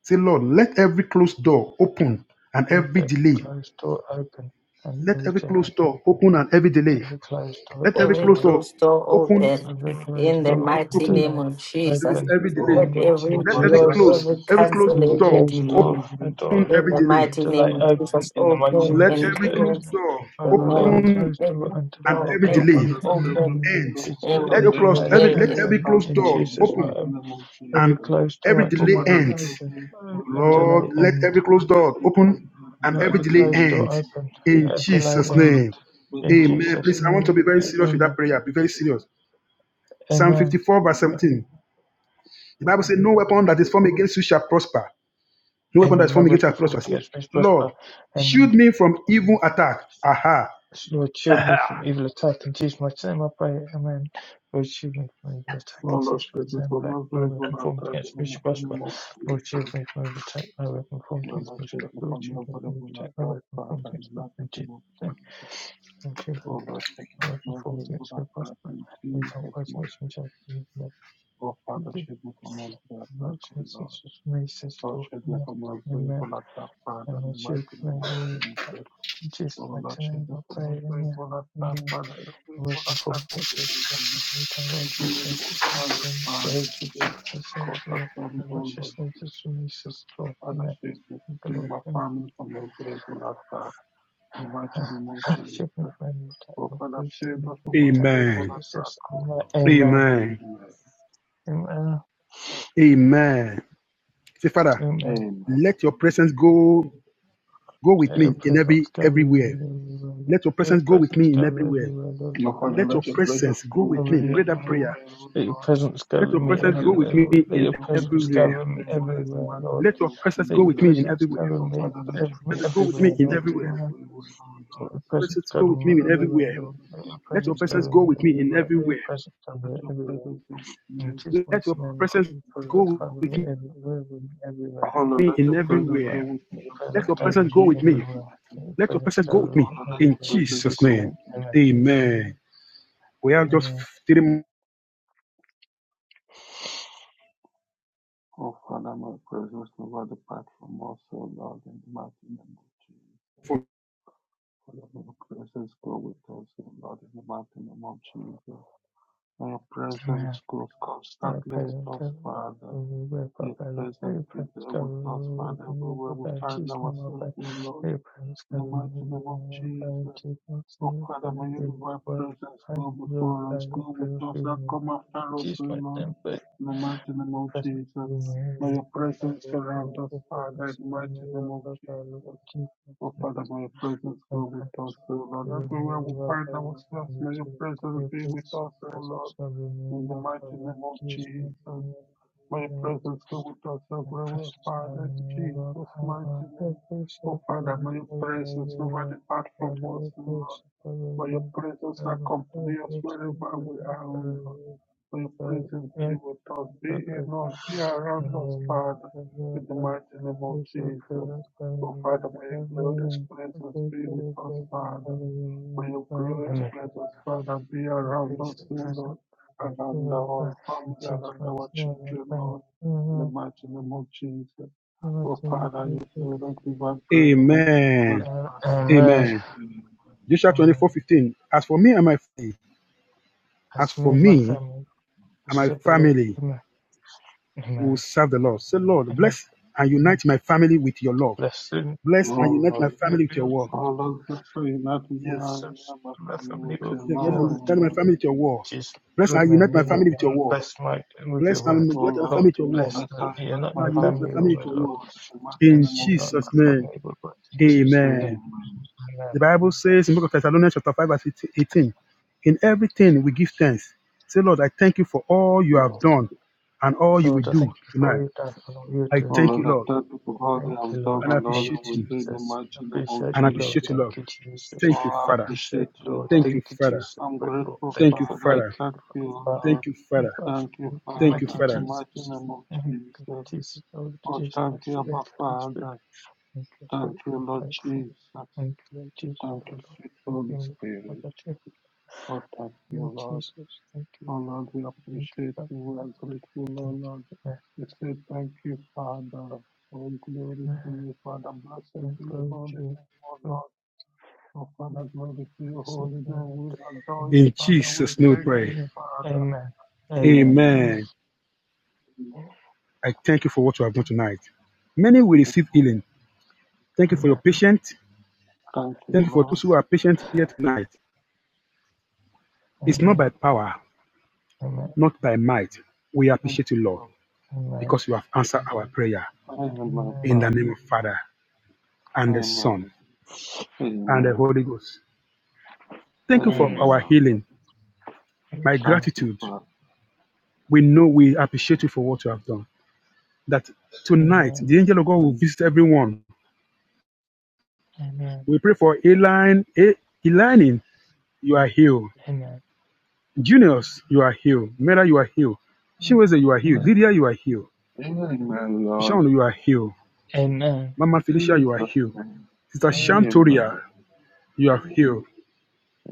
F: Say, Lord, let every closed door open and
E: With
F: every
E: every
F: delay.
E: closed door open and
F: Let
E: every
F: every
E: delay,
F: closed door open and every delay.
E: every closed door
F: Let
E: and
F: every
A: Every
F: closed
E: delay,
F: door
A: closed door
F: open,
A: open.
E: every closed
A: In the
E: door and
A: mighty
F: open
A: name
E: delay
A: of
F: every,
A: Jesus.
E: open.
F: every
E: In the
F: delay.
G: So,
A: Let
E: mighty
A: every
E: name
G: oh,
E: of
F: Let
G: Father,
F: every
G: let
E: Jesus,
A: blow,
G: there
F: close,
G: be
A: every
F: every closed
A: cancel,
G: freedom
E: and
G: of
E: every
A: every
F: door
G: movement,
E: closed door,
A: delay.
E: a
G: movement to
E: door
F: open
G: that
A: In
F: every
A: the
F: delay.
G: in
E: and
A: mighty
G: this
A: name
E: delay
A: of
G: Father.
E: open.
A: Jesus,
E: In the mighty
A: open
E: name
F: Let
E: of
A: and
F: every
E: Jesus.
F: closed
A: cleanse
F: door
A: the
G: Oh, Father,
E: Alvarado
A: man.
F: open
E: closed
A: Every
E: until
F: and
E: they
A: door,
F: every
A: let
G: oh,
A: it
F: delay
A: be
E: open
G: Father, let
E: in
G: there be
A: open.
E: in in
F: end.
E: Jesus
F: Let
A: Every
F: every
E: until
F: closed,
G: every
E: they
F: every,
A: delay
F: let
G: delay
A: in
G: be
F: every
E: open
F: closed
E: in
G: cancelled
F: door
G: in the
E: Jesus
F: open
G: mighty
E: name.
G: name of
F: and
E: Every
G: Jesus.
E: closed
F: every
E: door
G: Oh,
E: until
F: delay
G: Father,
E: they
G: let
F: end.
G: there be
E: open
G: freedom
E: uh,
G: of
E: until
F: Lord,
G: movement,
E: they
F: let
G: oh,
E: end.
F: every
G: Father,
F: closed
G: let
F: door
G: there be freedom of
F: open
G: movement in
F: and
G: the
E: Not
F: every
E: every
G: mighty
F: delay
G: name
E: closed
G: of
E: door
F: end
E: open
G: Jesus.
F: in
E: until
G: Oh,
E: they
F: Jesus'
G: Father, let
E: end.
F: name.
G: there be
E: In
G: freedom of movement, oh,
F: Amen.
G: Father,
E: Jesus'
F: Please, I want to
G: let
E: name,
F: be
G: there be freedom of
F: very
G: movement.
F: serious with that
E: Amen.
F: prayer. Be very serious. Psalm
E: Amen.
F: 54, verse 17. The Bible says, No weapon that is formed against you shall prosper. No weapon that is
E: Amen. No
F: formed against you
E: weapon
F: shall prosper. I
E: formed
F: said,
E: against me is
F: Lord,
E: prosper. Amen.
F: shield me from evil attack. Aha.
E: Lord, shield me from evil attack and Jesus my time. I pray. Amen. Lord, shield me from evil attack and
G: Oh, Lord,
E: Jesus my
G: save me
E: time.
G: from
E: Back. No
G: every evil
E: weapon formed
G: attack in
E: against
G: the
E: me shall
G: mighty
E: prosper.
G: name of
E: Lord, shield
G: Jesus.
E: me from evil attack. No weapon formed
G: Oh,
E: against
G: Lord,
E: me shall
G: save
E: prosper.
G: me
E: Lord,
G: from
E: shield me
G: every
E: from evil
G: evil
E: attack. No
G: attack,
E: weapon formed
G: Father, in
E: against
G: the
E: me shall prosper.
G: mighty
E: In
G: name of
E: Jesus' name.
G: Jesus.
E: Lord, shield me from evil
G: Oh Lord,
E: attack.
G: shed
E: No weapon
G: more
E: formed
G: blood
E: against me shall
G: attack
E: prosper.
G: in
E: Every time
G: Jesus'
E: I
G: might.
E: against me shall be
G: Oh Father,
E: condemned.
G: shed more blood for that attack,
E: Lord,
G: oh
E: Jesus,
G: Lord.
E: me, says the
G: Lord, shed more
E: Lord.
G: blood
E: Amen
G: for that attack, Father,
E: and
G: in
E: the
G: the mighty
E: shield
G: name
E: may
G: of
E: be attacked.
G: Jesus.
E: In Jesus'
G: Oh Lord,
E: mighty
G: shed
E: name,
G: more
E: I pray,
G: blood
E: amen.
G: for that attack,
E: Amen.
G: Father, every
E: The
G: evil
E: weapon
G: attack
E: formed
G: of the
E: against us shall
G: enemy,
E: prosper and the tongue word
G: every
E: against us
G: evil
E: to
G: arrow,
E: damage the
G: Father,
E: heritage
G: today,
E: of the
G: cause
E: saints
G: us
E: law.
G: some,
E: And the
G: oh Lord.
E: righteousness is from Jesus'
G: O
E: law.
G: Father,
E: Amen.
G: shed no-
E: Thank The
G: shed
E: Lord,
G: my
E: amen.
G: family from every evil attack, in the mighty name of
E: Shield me
G: Jesus.
E: from any attack,
G: Oh
E: Lord.
G: Father,
E: Please
G: shed
E: shield me
G: us
E: from
G: from
E: attack
G: every
E: of
G: evil
F: Amen.
G: attack,
E: Jesus.
G: oh
E: Amen.
G: Lord.
E: Amen.
F: Amen.
G: Amen.
E: Amen.
F: Amen. Say, Father,
E: Amen.
G: Amen.
F: let your presence go go with
E: Let
F: me
E: your
F: in
E: presence
F: every
E: go
F: everywhere.
E: everywhere. Lord.
F: Let your
E: Let your
F: presence go with
E: presence
F: me in
E: go
F: everywhere.
E: everywhere, Lord.
G: Lord
E: Let your
G: Father,
F: Let your
G: let your
E: presence.
G: presence
F: presence go
G: go
E: go
G: with
F: with
E: with
F: me.
G: me
F: Pray
E: me
F: that
E: everywhere.
F: prayer.
G: everywhere, O
E: Let your
G: Lord.
E: presence go
F: Let
E: with
F: your
G: Lord
E: me
F: presence
G: Father,
F: go
G: let
F: with
E: everywhere,
G: your
F: me
E: Lord. Let
G: presence
F: in
E: your
G: go with
E: presence
G: me
E: go
F: everywhere.
E: with me
G: everywhere in the
E: everywhere,
G: mighty
E: Lord.
F: Let
G: name
F: your
G: of
F: presence
E: Let
F: go
E: your
F: with
G: Jesus.
F: me in
E: presence
F: everywhere.
E: go with
G: Lord
E: me
G: Father, let your
F: Let
E: every,
F: it go
G: presence
F: with
G: go
E: everywhere,
F: me in
G: with
E: Lord.
G: me
F: everywhere.
E: Amen.
G: everywhere, O
E: Let
G: Lord.
E: your
F: Your
E: presence
F: presence
E: go
F: go
E: with
G: Lord
F: with me
E: me
G: Father,
F: in
G: let your
E: everywhere,
F: everywhere.
E: Lord.
G: presence
E: Let
G: go
E: your
G: with
F: Let your
G: me
E: presence go
F: presence go
E: with
F: with
E: me
G: everywhere.
F: me in
E: everywhere. Let your
F: everywhere.
E: presence go
G: Let
E: with me
G: your
E: everywhere.
G: presence go with me
E: In Jesus' mighty
F: Let your
G: everywhere, O
E: name, I
G: Lord,
F: presence
E: pray,
G: in the
E: pray
G: mighty
E: that
F: go
G: name
E: God
G: of
E: with
F: with
E: me
G: Jesus.
E: everywhere, with me everywhere,
G: Oh Lord,
F: me
G: let
F: in
G: your presence
F: everywhere.
G: go
E: everywhere.
G: with
E: Let
G: me
E: your
F: Let
E: presence
F: your
G: everywhere
E: go
G: in
F: presence
E: with
F: go
E: me
F: with me.
G: Jesus'
E: everywhere.
G: mighty
E: Let your
G: name.
F: Let your
E: presence
F: presence
E: go
F: go with
G: Oh
E: with
F: me.
E: me
G: Lord, let
F: In
G: your
E: everywhere. In
G: presence
F: Jesus'
E: Jesus'
G: go
F: name.
G: with
E: name,
G: me.
E: amen.
F: Amen. We have just
E: Amen.
F: three minutes
G: O Father, my presence over the platform also, Lord, in the mighty name of Jesus.
F: for
G: Father, my presence go with us, O Lord, in the mighty name of Jesus. Your
E: Amen.
G: presence goes
E: At
G: constantly with
E: present,
G: us,
E: government
G: Father.
E: web
G: Your
E: buffalo,
G: presence
E: the
G: be
E: present
G: there with us,
E: government
G: Father,
E: web
G: everywhere we
E: Papalo,
G: find
E: cheese number by
G: ourselves, O Lord,
E: the present
G: in the mighty
E: government
G: name of Jesus.
E: web cheese and
G: Oh,
E: the
G: Father,
E: present
G: may you divine
E: web
G: presence
E: and
G: go
E: your
G: before us,
E: the
G: go
E: present
G: with us, and
E: government
G: come after us,
E: cheese
G: O
E: my
G: Lord,
E: temple.
G: in the mighty name
E: The
G: of
E: present
G: Jesus. May your
E: government buffalo,
G: presence surround us,
E: the
G: Father,
E: present
G: in the mighty name of
E: government buffalo
G: Jesus.
E: cheese and
G: Oh, Father, may your presence go
E: present
G: with
E: government
G: us, O Lord. Everywhere we
E: buffalo
G: find
E: and
G: ourselves,
E: the
G: may your
E: present government
G: presence be with us, O Lord, in the mighty
E: buffalo
G: name of
E: cheese.
G: Jesus. My
E: and
G: presence go with us
E: The
G: everywhere,
E: precious
G: Father, in
E: stone of
G: Jesus' mighty
E: Abba, the
G: name.
E: priest of
G: Oh,
E: the
G: Father, may your presence never
E: Savior,
G: depart from us,
E: the
G: O Lord.
E: priest of the
G: May your
E: Lord,
G: presence
E: the
G: accompany us
E: priest of
G: wherever
E: the Lord,
G: we are, O Lord. Their
E: the
G: presence with us, be and
E: emperor
G: not be around
E: and the
G: us,
E: Lord,
G: Father,
E: the
G: in the mighty name of
E: priest of the
G: Jesus.
E: Lord, the
G: So, Father, may your glorious
E: Lord, the
G: presence
E: priest
G: be
E: of the
G: with
E: Lord,
G: us,
E: the
G: Father. May your
E: Lord,
G: glorious
E: the
G: presence, Father, be around
E: priest of
G: us,
E: the
G: O Lord,
E: Lord, the
G: around
E: Lord,
G: our
E: the
G: family,
E: Jesus,
G: around
E: my
G: our
E: Savior,
G: children,
E: the
G: Lord, in the
E: Lord,
G: mighty name of Jesus.
E: the Lord,
G: Oh,
E: the Lord,
G: Father, your glorious divine presence will never
E: the
F: Amen.
E: Lord,
G: depart from
E: Amen.
G: us.
F: Amen.
G: Amen.
F: Joshua
E: Amen.
F: 24 15. As for me and my family, as
E: As
F: for
E: me and my
F: me
E: family, we
F: and my
E: serve the Lord.
F: family
E: Amen.
F: will
E: Amen.
F: serve the Lord. Say, Lord,
E: Amen.
F: bless and unite my family with your love.
E: Blessed and
F: Bless and unite
G: Oh,
F: my
E: we
F: family with your
E: build
F: word.
G: All those that say nothing, I
F: Yes.
E: ourselves,
G: am a
E: my
G: family with
E: family, with
G: your
F: Yeah, bless
E: your
G: love,
F: and
G: O
E: word.
F: unite my
G: Lord.
F: family with your word.
E: Jesus.
F: Bless and unite
E: Amen.
G: Nothing
F: my
E: You're not
G: about
F: family with
G: you,
F: your
E: um,
F: word.
E: bless my with your
F: Bless
E: word.
F: and
G: O
F: unite my
G: Lord.
F: family
E: Lord,
F: with your word.
E: bless
G: Bless
E: uh,
G: I,
E: you're
G: bless
E: not
F: Bless
G: my
E: my
F: and unite my
G: family
E: family, your
G: with
F: family with
E: word,
G: your
F: your
E: Lord.
F: word.
G: word. The mighty
F: In
E: Bless
G: name of
E: you're not
F: Jesus'
E: my
G: Jesus.
E: family,
F: name,
E: your word. In Jesus' name.
G: Amen.
F: amen.
E: Amen.
F: The Bible says in the book of Thessalonians chapter 5 verse 18, in everything we give thanks. Say, Lord, I thank you for all you have
G: Lord.
F: done and all you will
E: Lord, I
F: do
E: thank you for all
F: tonight.
E: you've done and all you're
F: I
E: doing.
G: O
F: thank you,
G: Lord,
F: Lord,
G: I thank you for all they
E: Thank you,
G: have
E: Lord.
G: done
F: and I
G: and all
E: Thank
G: they
F: appreciate
G: will
F: you.
E: you,
G: do in the
E: Jesus. Appreciate
F: and I
E: you, Lord.
F: appreciate you,
E: Thank
F: Lord.
E: you, Jesus.
G: Oh,
F: Thank you,
G: I
F: Father.
G: appreciate
E: Appreciate you,
G: you,
E: Lord.
F: Thank
G: Lord.
F: you,
E: Thank you,
F: Father.
E: Jesus.
G: I'm
E: Grateful,
G: grateful,
F: Thank you,
E: thankful.
G: Father. I
E: Thank
F: Father.
E: you,
G: thank you,
E: Father.
G: Lord.
F: Thank you,
E: Thank
F: Father.
E: you,
G: Thank you,
E: Thank you,
F: Thank you,
G: Father,
E: mighty
G: in the
F: Father.
G: mighty
E: Jesus.
G: name of
E: Thank you,
G: Jesus.
E: mighty Jesus. Lord
G: Oh,
E: Jesus. Thank
G: thank you,
E: you,
G: Abba
E: Holy Spirit.
G: Father.
E: Thank you,
G: Thank you,
E: grateful,
G: Lord
E: thankful.
G: Jesus.
E: Thank you, Lord Jesus,
G: Oh, the
E: Lord. Lord.
G: sweet
E: Thank you,
G: Holy Spirit.
E: Father. Thank you,
G: Oh, thank you,
E: Lord
G: Lord.
E: Jesus. Thank you.
G: Oh, Lord, we
E: Thank you,
G: appreciate
E: Father.
G: you. We are grateful, oh,
E: Thank
G: Lord.
E: you.
G: We say thank you, Father. All glory to
E: Amen.
G: you, Father. Blessed
E: Amen.
G: be your
E: Glory
G: holy
E: to you.
G: name, oh,
E: Glory
G: Lord. Oh,
E: to you.
G: Father, glory to
E: Amen.
G: your holy
E: Amen. Amen.
G: name. We adore you,
F: In
G: Father. We
F: Jesus' name we
G: thank
F: pray.
G: you,
E: Amen. Amen.
G: Father. Amen.
F: Amen. I thank you for what you have done tonight. Many will receive healing. Thank you for your patience.
G: Thank you,
F: Thank you for those
G: Lord.
F: who are patient here tonight. It's not by
E: Amen.
F: power, not by might. We
G: Thank
F: appreciate you,
G: you,
F: Lord,
G: Lord.
E: Amen.
F: because you have answered our prayer
G: Amen,
F: in
E: Amen.
F: the name
G: Father.
F: of Father and the Son
G: Amen.
F: and the
G: Amen.
F: Holy Ghost. Thank you for
E: Amen.
F: our
G: Amen.
F: healing.
E: Thank
F: My
E: you,
G: Thank
E: Lord.
G: you,
F: gratitude.
G: Father.
F: We know we appreciate you for what you have done. that tonight the
E: Amen.
F: angel of God will visit everyone.
E: Amen.
F: We pray for Elaine, E- Elaine, you are healed.
E: Amen.
F: Juniors, you are healed. Mera, you are healed.
E: Amen.
F: Shinweze, you are healed. Lydia, you are healed.
G: Amen, Lord.
F: Sean, you are healed.
E: Amen. Amen.
F: Mama Felicia,
G: Jesus'
F: you are healed.
G: name.
F: Sister
E: Amen.
F: Shantoria,
G: Amen.
F: you are healed.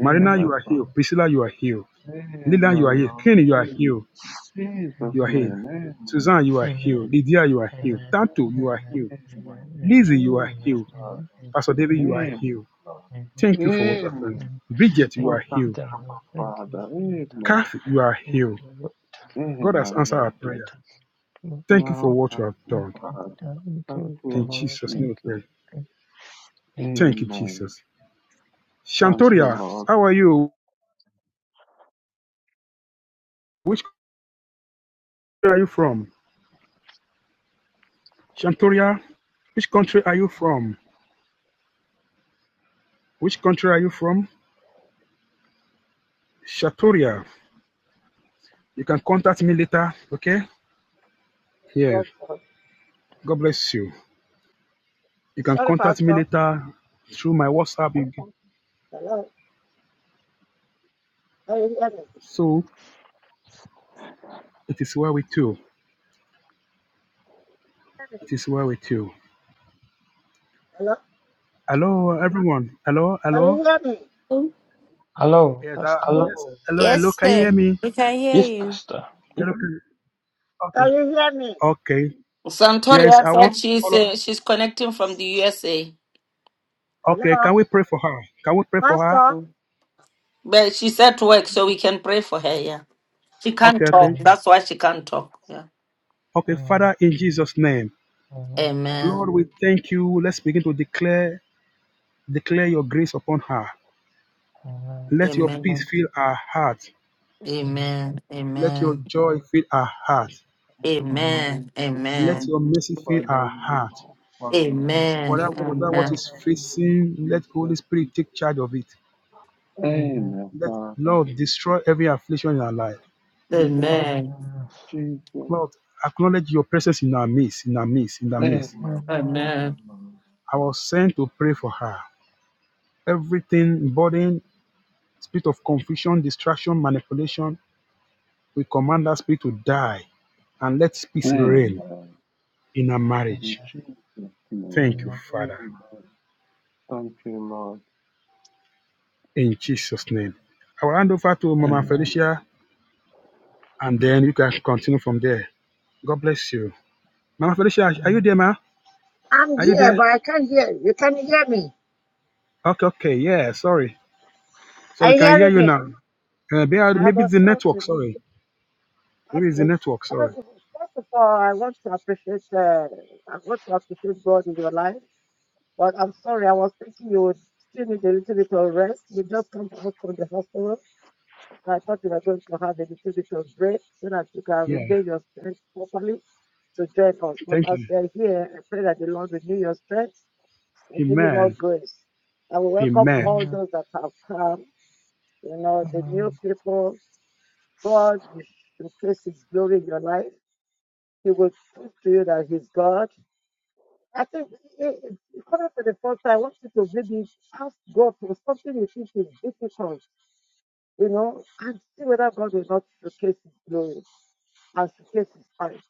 F: Marina,
E: Amen.
F: you
G: Amen,
F: are healed.
G: Father.
F: Priscilla, you are healed. Lila, you
G: Amen,
F: are healed.
G: Lord.
F: Kenny, you are healed.
E: Amen. Amen.
F: You
G: Jesus'
F: are healed.
G: name. Amen.
F: Suzanne, you are
E: Amen. Amen. Amen. Amen.
F: healed. Lydia, you are
G: Amen.
F: healed. Tato, you are healed. Lizzie, you
G: Amen,
F: are
E: Amen.
F: healed.
G: Father.
E: Amen.
F: Pastor David, you are
G: Amen,
F: healed.
G: Lord.
E: Amen. Amen.
F: Thank you for what happened.
G: Amen.
E: amen,
F: Bridget, you
E: Thank
G: Oh,
F: are
E: you,
F: healed.
G: thank you,
E: Lord. Thank you, Lord.
G: Father.
E: Thank you, Lord.
G: Amen.
F: Kathy, you are
E: Thank
F: healed.
E: you, Lord.
F: God
E: Thank
F: has
G: Amen,
E: you,
F: answered our
G: Lord.
F: prayer.
E: Lord. Lord, we
F: Thank you for
G: Oh,
E: thank you,
F: what you
G: thank
F: have
G: you,
E: Lord.
F: done.
G: Father.
E: Thank you,
G: Thank you,
F: In
G: Lord
E: Lord.
F: Jesus' name
E: Thank
F: we
E: you,
G: Jesus.
F: pray.
E: Lord. Amen
F: Thank you,
G: Amen.
F: Jesus.
E: to
G: Thank you,
F: Shantoria,
G: Lord.
E: Jesus.
F: how are you? Which country are you from? Shantoria, which country are you from? Which country are you from? Shantoria, you can contact me later, okay? Yeah,
L: Pastor.
F: God bless you. You can
L: Sorry,
F: contact me
L: Pastor.
F: later through my WhatsApp. You can-
L: Hello. Can you hear me?
F: So it is well with you. It is well with you.
L: Hello.
F: Hello, everyone. Hello,
L: Can
F: hello.
L: you hear me?
I: Oh,
E: Hello,
F: Yes, I,
E: Pastor.
F: Hello. yes. Hello, hello.
I: Yes,
F: Can you hear
I: sir.
F: me?
I: We can hear
E: Yes,
I: you.
E: Pastor.
F: Hello, can-
L: Can
F: Okay.
L: you hear me?
F: Okay. Yes,
A: Santoria
F: I want
A: said
F: to
A: she's
F: follow.
A: uh, she's connecting from the USA,
F: Okay,
L: Hello.
F: can we pray for her? Can we pray for her?
L: Pastor,
A: but she's at work, so we can pray for her. Yeah, she can't
F: Okay,
A: talk.
F: okay.
E: Amen.
A: That's why she can't talk. Yeah.
F: Okay,
E: Amen.
F: Father, in Jesus' name,
E: Amen.
A: Amen.
F: Lord, we thank you. Let's begin to declare declare your grace upon her. Let your
A: Amen.
F: peace fill our heart.
E: Amen.
A: Amen.
F: Let your
A: Amen.
F: joy fill our heart.
G: Father,
E: Amen.
A: Amen. Amen.
G: with your
F: Let
A: Amen.
F: your
G: peace,
F: mercy fill
G: Father,
F: our
G: you
F: heart.
G: know, Father, you
A: Amen.
F: Whatever,
E: Amen.
G: just
F: whatever
G: in
F: what
G: the
F: is
G: name of
F: facing, let Holy
G: Jesus.
F: Spirit take charge of it.
E: Amen.
G: Amen,
F: Let
G: Father.
F: Lord destroy every affliction in our life.
G: In the
A: Amen.
G: mighty
E: Amen. Amen.
G: name of Jesus.
F: Lord, acknowledge your presence in our midst, in our midst, in our midst.
E: Amen.
G: Amen, Father.
E: Amen.
A: Amen.
G: Lord.
F: I was sent to pray for her. Everything, burden, spirit of confusion, distraction, manipulation, we command that spirit to die and let peace reign
G: Amen.
F: in our
G: In
F: marriage.
G: Jesus'
F: Thank you,
E: Amen.
G: name.
F: Father,
G: Amen. Thank you, Lord.
F: in Jesus' name. I will hand over to Mama
G: Amen.
F: Felicia and then you can continue from there. God bless you. Mama Felicia, are you there, ma?
L: I'm
F: Are you
L: here,
F: there?
L: but I can't hear you. You can hear me.
F: Okay, okay, yeah, sorry. So
L: Are
F: we
L: you
F: can hear
L: hearing
F: you
L: me?
F: now. Uh, may-
L: I have
F: maybe
L: a
F: it's the
L: shout to
F: network,
L: okay.
F: sorry. It
L: First
F: is the network, sorry.
L: of first of all, I want to appreciate uh, I want to appreciate God in your life. But I'm sorry, I was thinking you would still need a little bit of rest. You just come out from the hospital. I thought you were going to have a little bit of break so that you can
F: Yeah,
L: regain your strength properly to join us. But
F: thank
L: as
F: you.
L: you are here, I pray that the Lord renew your strength and give you more
F: Amen.
L: grace. I will welcome
F: Amen.
L: all those that have come, you know, the new people. God will showcase His glory in your life. He will prove to you that He's God. I think it, it, coming for the first time, I want you to really ask God for something you think is difficult, you know, and see whether God will not showcase His glory. as the case is fine.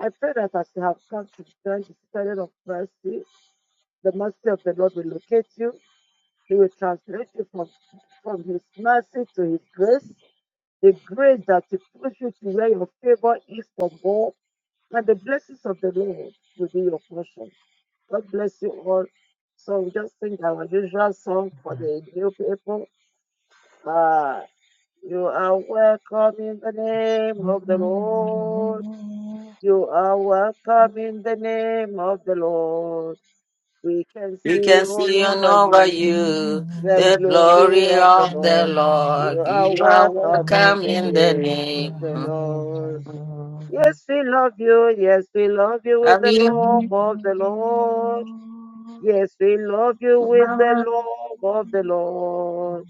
L: I pray that as you have come to join the standard of mercy, the mercy of the Lord will locate you. He will translate you from, from His mercy to His grace, the grace that will push you to where your favor is from God, and the blessings of the Lord will be your portion. God bless you all. So we just sing our usual song for
E: Amen.
L: the new people. Uh, you are welcome in the name of the
E: Amen.
L: Lord.
E: Amen.
L: You are welcome in the name of the Lord. We can
A: We
L: see
A: can
L: all
A: see on
L: over
A: over
E: Amen.
L: you
A: you
L: the
A: the
E: Amen.
L: glory
A: glory
L: of the
A: of the
L: Lord. You
A: Lord.
L: are
A: You are
L: welcome in
A: welcome
L: the
A: in the
L: name of
A: name
L: the Lord.
A: of.
L: Yes, we love you. Yes, we love you with the
A: Amen.
L: love of the Lord. Yes, we love you
A: Love
L: with the love of the Lord.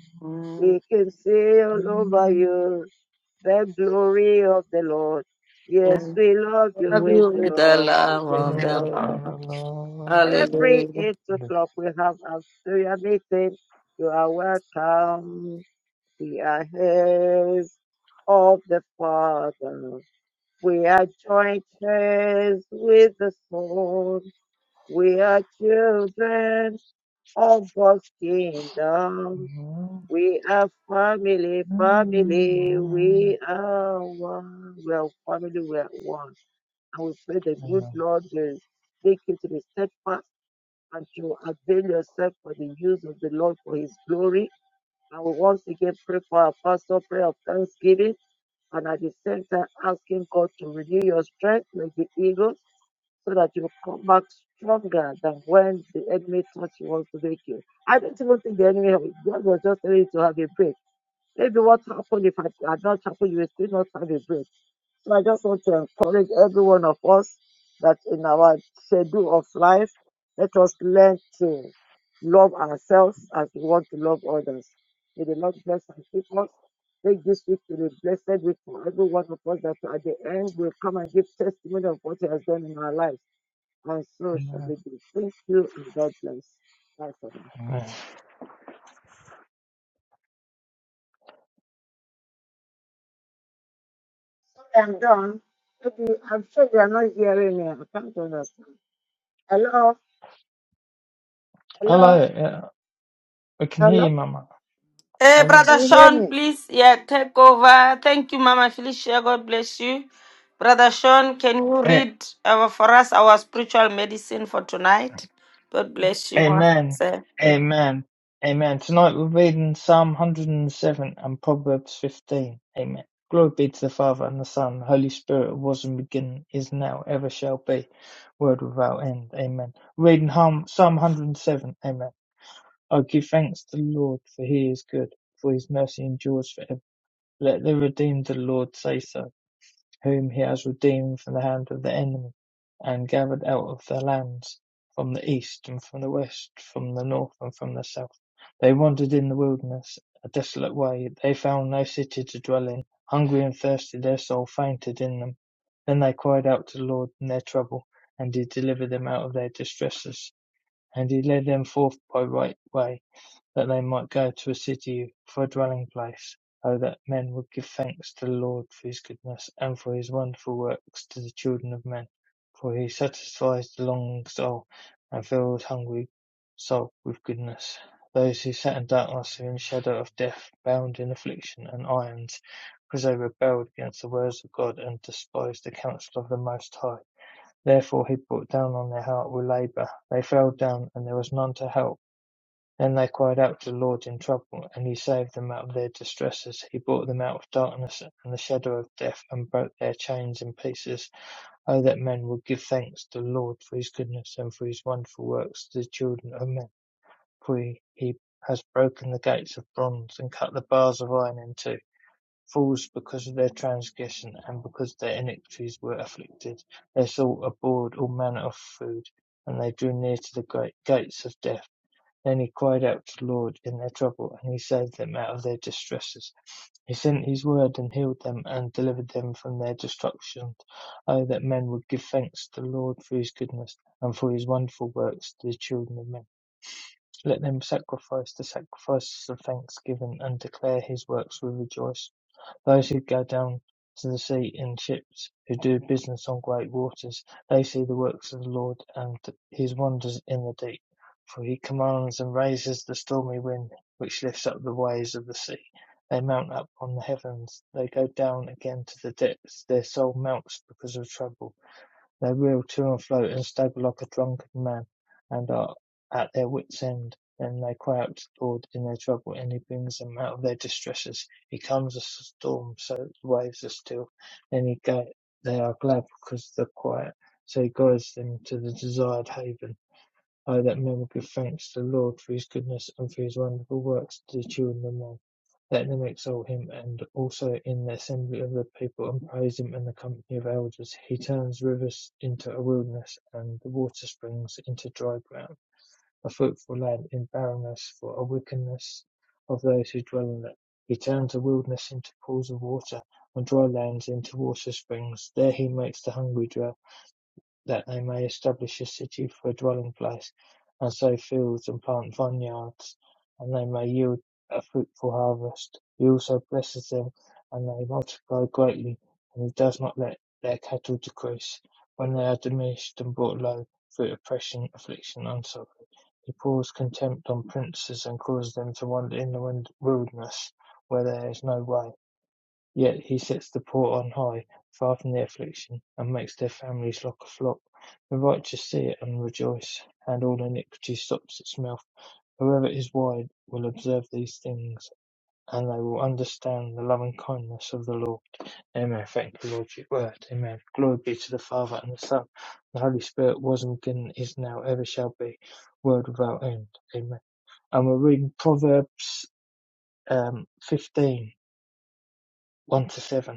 L: We can say all over you the glory of the Lord. Yes, we love you with
A: you
L: the
A: with the
L: love of
A: love
L: the
A: of the
L: Lord.
A: Lord. Hallelujah.
L: Every eight o'clock we have our prayer meeting. You are welcome. We are heirs of the Father. We are joint heirs with the Son. We are children of God's kingdom. We are family, family. We are one. We are family. We are one. And we pray the good Lord will take you to be steadfast and to avail yourself for the use of the Lord for His glory. And we once again pray for our pastor prayer of thanksgiving and at the same time asking God to renew your strength like the eagles so that you come back stronger than when the enemy thought he wants to make you. I don't even think the enemy, God was just telling you to have a break. Maybe what's happened if I, I don't chapel, you will still not have a break. So I just want to encourage every one of us that in our schedule of life, let us learn to love ourselves as we want to love others. May the Lord bless and keep us. Make this week to be blessed week for every one of us that at the end will come and give testimony of what He has done in our lives. And so shall it be. Thank you and God bless. Bye for now. I'm done. Maybe I'm sure you are not hearing me. I can't understand. Hello,
E: Hello,
L: hello,
E: yeah, I can hear you,
L: hello.
E: Mama. Hello.
L: Can you hear me?
A: Brother Medicine for tonight. What do you want to
E: Amen.
A: say?
E: Amen. Amen. Tonight we're reading Psalm 107 and seven and Proverbs 15. Amen. Glory be to the Father and the Son, and the Holy Spirit, who was in the beginning, is now, ever shall be, world without end. Amen. Reading Psalm 107. Amen. I give thanks to the Lord, for he is good, for his mercy endures forever. Let the redeemed of the Lord say so whom he has redeemed from the hand of the enemy, and gathered out of their lands, from the east and from the west, from the north and from the south. They wandered in the wilderness, a desolate way. They found no city to dwell in. Hungry and thirsty, their soul fainted in them. Then they cried out to the Lord in their trouble, and he delivered them out of their distresses. And he led them forth by right way that they might go to a city for a dwelling place. Oh, that men would give thanks to the Lord for his goodness and for his wonderful works to the children of men. For he satisfies the longing soul and fills hungry soul with goodness. Those who sat in darkness and in the shadow of death, bound in affliction and irons, because they rebelled against the words of God and despised the counsel of the Most High. Therefore he brought down on their heart with labour. They fell down, and there was none to help then they cried out to the Lord in trouble, and he saved them out of their distresses. He brought them out of darkness and the shadow of death, and broke their chains in pieces. Oh, that men would give thanks to the Lord for his goodness and for his wonderful works to the children of men. For he, he has broken the gates of bronze and cut the bars of iron in two. Fools, because of their transgression and because their iniquities were afflicted, their soul abhorred all manner of food, and they drew near to the great gates of death. Then he cried out to the Lord in their trouble, and he saved them out of their distresses. He sent his word and healed them and delivered them from their destruction. Oh, that men would give thanks to the Lord for his goodness and for his wonderful works to the children of men. Let them sacrifice the sacrifices of thanksgiving and declare his works with rejoicing. Those who go down to the sea in ships, who do business on great waters, they see the works of the Lord and his wonders in the deep. For he commands and raises the stormy wind, which lifts up the waves of the sea. They mount up on the heavens, they go down again to the depths, their soul melts because of trouble. They reel to and fro, unstable like a drunken man, and are at their wits' end. Then they cry out to the Lord in their trouble, and He brings them out of their distresses. He calms the storm, so that the waves are still. Then he go, they are glad because of the quiet, so He guides them to the desired haven. Oh, that men would give thanks to the Lord for his goodness and for his wonderful works to the children of men. Let them exalt him and also in the assembly of the people and praise him in the company of elders. He turns rivers into a wilderness and the water springs into dry ground, a fruitful land in barrenness for a wickedness of those who dwell in it. He turns a wilderness into pools of water and dry lands into water springs. There he makes the hungry dwell that they may establish a city for a dwelling place, and sow fields and plant vineyards, and they may yield a fruitful harvest. He also blesses them, and they multiply greatly, and he does not let their cattle decrease. When they are diminished and brought low through oppression, affliction, and suffering, he pours contempt on princes and causes them to wander in the wilderness where there is no way. Yet he sets the poor on high, far from the affliction, and makes their families like a flock. The righteous see it and rejoice, and all iniquity stops its mouth. Whoever is wise will observe these things, and they will understand the loving kindness of the Lord. Amen. Thank you, Lord, for your word. Amen. Glory be to the Father and the Son, the Holy Spirit, was and beginning, is now, ever shall be, world without end. Amen. And we're reading Proverbs um, 15, one to 7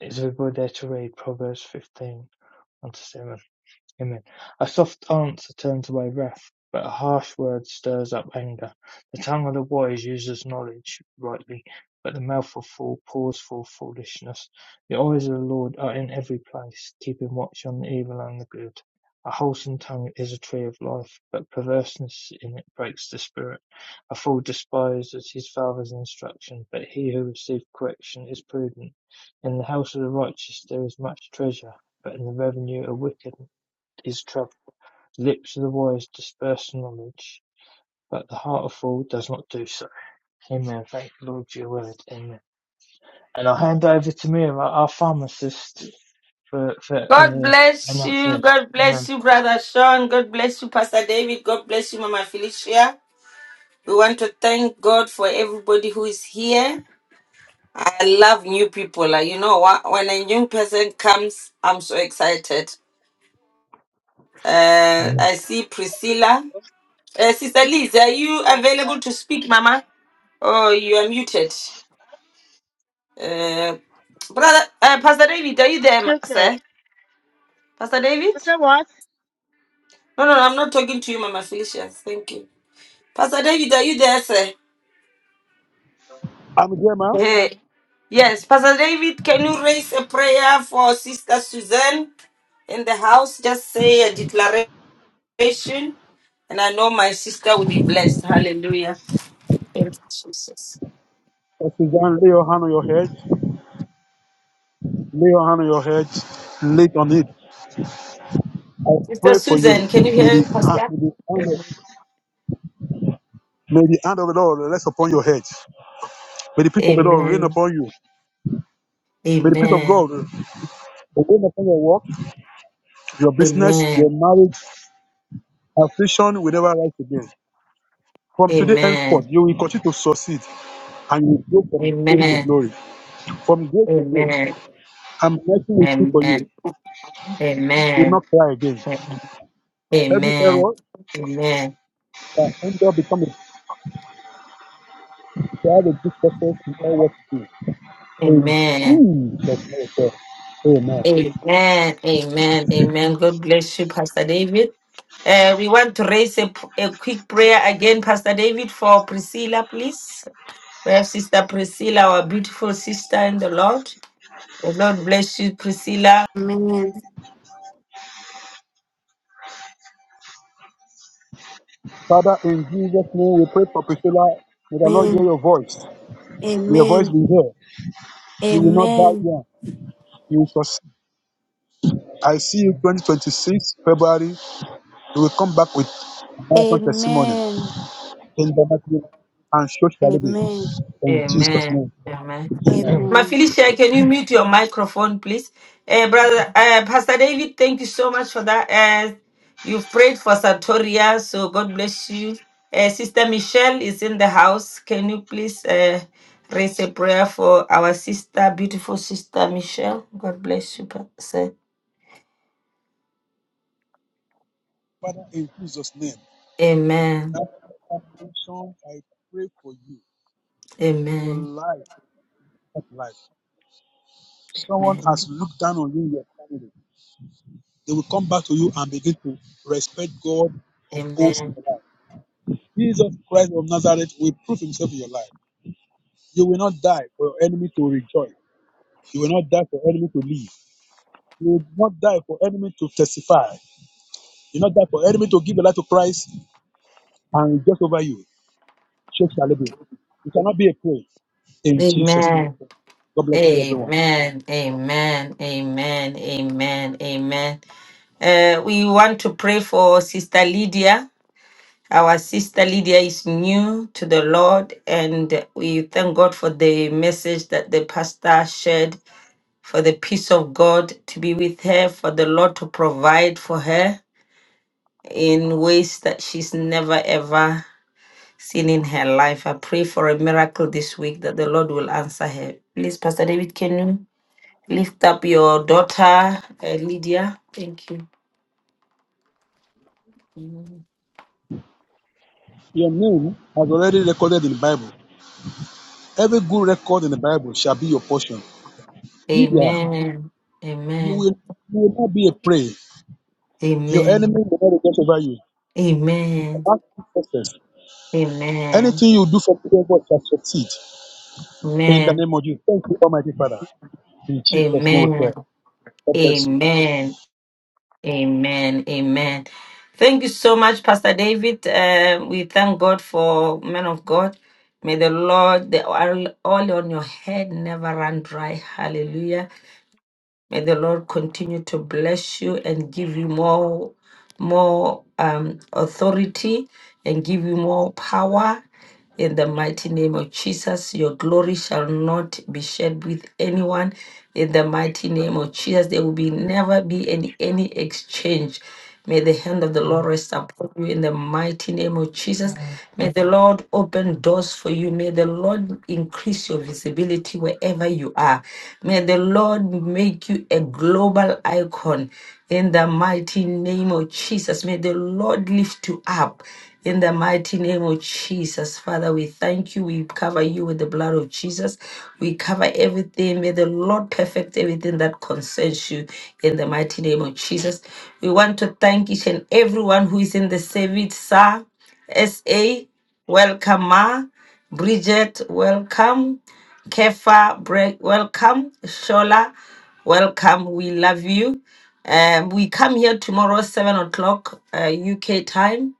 E: It's a good age to read Proverbs fifteen unto seven. Amen. A soft answer turns away wrath, but a harsh word stirs up anger. The tongue of the wise uses knowledge rightly, but the mouth of fool pours forth foolishness. The eyes of the Lord are in every place, keeping watch on the evil and the good. A wholesome tongue is a tree of life, but perverseness in it breaks the spirit. A fool despises his father's instruction, but he who receives correction is prudent. In the house of the righteous there is much treasure, but in the revenue of wicked is traveled, lips of the wise disperse knowledge, but the heart of fool does not do so. Amen. Thank you, Lord, for your word. Amen. And I'll hand over to Mira, our pharmacist, for, for
A: God
E: uh,
A: bless you,
E: announcement. Amen.
A: Pastor David. God bless you, Mama Felicia. We want to thank God for everybody who is here. I love new people. Like, you know what? When a new person comes, I'm so excited. Uh,
E: Amen.
A: I see Priscilla. Uh, Sister Liz, are you available to speak, Mama? Oh, you are muted. Uh, brother, uh, Pastor David, are you there, ma-
L: You said,
A: sir? Pastor David?
L: you said what?
A: No, no, no, I'm not talking to you, Mama Felicians. Thank you. Pastor David, are you there, sir?
F: I'm Abdema,
A: Hey, yes, Pastor David, can you raise a prayer for Sister Suzanne in the house? Just say a declaration, and I know my sister will be prayer. Thank you, Jesus.
F: Suzanne, lay your hand on your head, lay on
A: Sister Susan, can you hear Pastor? Amen. Amen.
F: you
A: Amen. Amen. Amen.
F: for the
A: Amen.
F: glory. From grace to grace,
A: Amen.
F: I'm making it free for you.
A: Amen. Amen.
F: You will
A: Amen.
F: not cry again.
A: Amen.
F: Every error
A: Amen.
F: that end up becoming a child of good success in all what you do. In Jesus' name, we pray. Amen.
A: Amen. Amen. Amen. God bless you, Pastor David. Uh, we want to raise a, p- a quick prayer again, Pastor David, for Priscilla, please. We have Sister Priscilla, our beautiful sister in the Lord. The Lord bless you, Priscilla.
I: Amen.
F: Father, in Jesus' name, we pray for Priscilla. May the Lord hear
I: Amen.
F: your voice. May your voice
I: Amen.
F: be heard. You will not die
I: Amen.
F: young. You will succeed. I see you 2026, February. We will come back with marathon testimony
I: Amen.
F: in the mighty name, and so shall it be
I: Amen.
F: in Jesus'
A: Amen.
F: name.
A: Amen.
F: Amen.
E: Amen.
A: My
I: Amen.
A: Felicia, can you mute your microphone, please? Eh, brother, uh, Pastor David, thank you so much for that. Uh, you've prayed for Satoria, so God bless you. Uh, Sister Michelle is in the house. Can you please uh, raise a prayer for our sister, beautiful sister Michelle? God bless you, Pastor.
F: Father, in Jesus' name,
A: Amen.
F: that affliction, I pray for you, your
A: Amen.
F: life, that life. Someone
A: Amen.
F: has looked down on you, in your family. They will come back to you and begin to respect God of hosts in
A: Amen.
F: your life. Jesus Christ of Nazareth will prove himself in your life. You will not die for your enemy to rejoice. You will not die for enemy to live. You will not die for enemy to testify. You not that for enemy to give a life to Christ and just over you. Shake shall be. You cannot be a prey in Jesus' name.
A: Amen.
F: God bless you, everyone.
A: Amen. Amen. Amen. Amen. Amen. Uh, we want to pray for Sister Lydia. Our sister Lydia is new to the Lord, and we thank God for the message that the pastor shared for the peace of God to be with her, for the Lord to provide for her in ways that she's never ever seen in her life. I pray for a miracle this week that the Lord will answer her. Please, Pastor David, can you lift up your daughter, uh, Lydia? Thank you.
F: Your name has already recorded in the Bible. Every good record in the Bible shall be your portion. Lydia,
A: Amen.
F: you
A: Amen.
F: will you will not be a prey. Your enemy
A: Amen.
F: will not rejoice over you. You will
A: Amen.
F: be success.
A: Amen.
F: Anything you do for people God shall succeed. In the
A: Amen.
F: name of Jesus. Thank you, Almighty Father. In Jesus' name we pray.
A: Amen.
F: God bless you.
A: Amen. Amen. Amen. Thank you so much, Pastor David. Uh, we thank God for men of God. May the Lord, the oil oil on your head never run dry. Hallelujah. May the Lord continue to bless you and give you more, more um, authority and give you more power. In the mighty name of Jesus, your glory shall not be shared with anyone. In the mighty name of Jesus, there will be never be any any exchange. May the hand of the Lord rest upon you in the mighty name of Jesus.
E: Amen.
A: May the Lord open doors for you. May the Lord increase your visibility wherever you are. May the Lord make you a global icon in the mighty name of Jesus. May the Lord lift you up. In the mighty name of Jesus, Father, we thank you. We cover you with the blood of Jesus. We cover everything. May the Lord perfect everything that concerns you in the mighty name of Jesus. We want to thank each and everyone who is in the service, sir. SA, welcome, Ma. Bridget, welcome. Kefa, Bre- welcome. Shola, welcome. We love you. Um, we come here tomorrow, 7 o'clock uh, UK time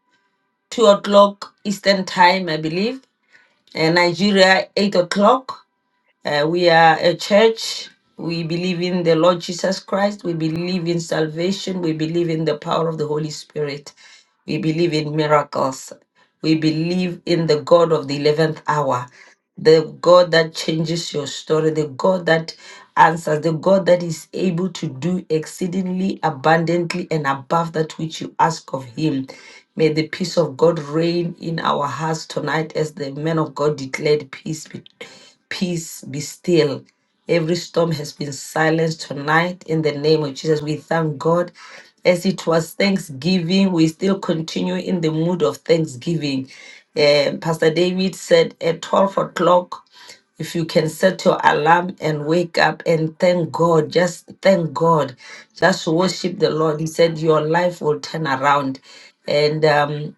A: two o'clock Eastern Time, I believe. Uh, Nigeria, eight o'clock. Uh, we are a church. We believe in the Lord Jesus Christ. We believe in salvation. We believe in the power of the Holy Spirit. We believe in miracles. We believe in the God of the 11th hour, the God that changes your story, the God that answers, the God that is able to do exceedingly abundantly and above that which you ask of Him. May the peace of God reign in our hearts tonight as the man of God declared peace be, peace be still. Every storm has been silenced tonight in the name of Jesus. We thank God. As it was Thanksgiving, we still continue in the mood of Thanksgiving. Eh, Pastor David said at 12 o'clock, if you can set your alarm and wake up and thank God, just thank God, just worship the Lord. He said your life will turn around. And um,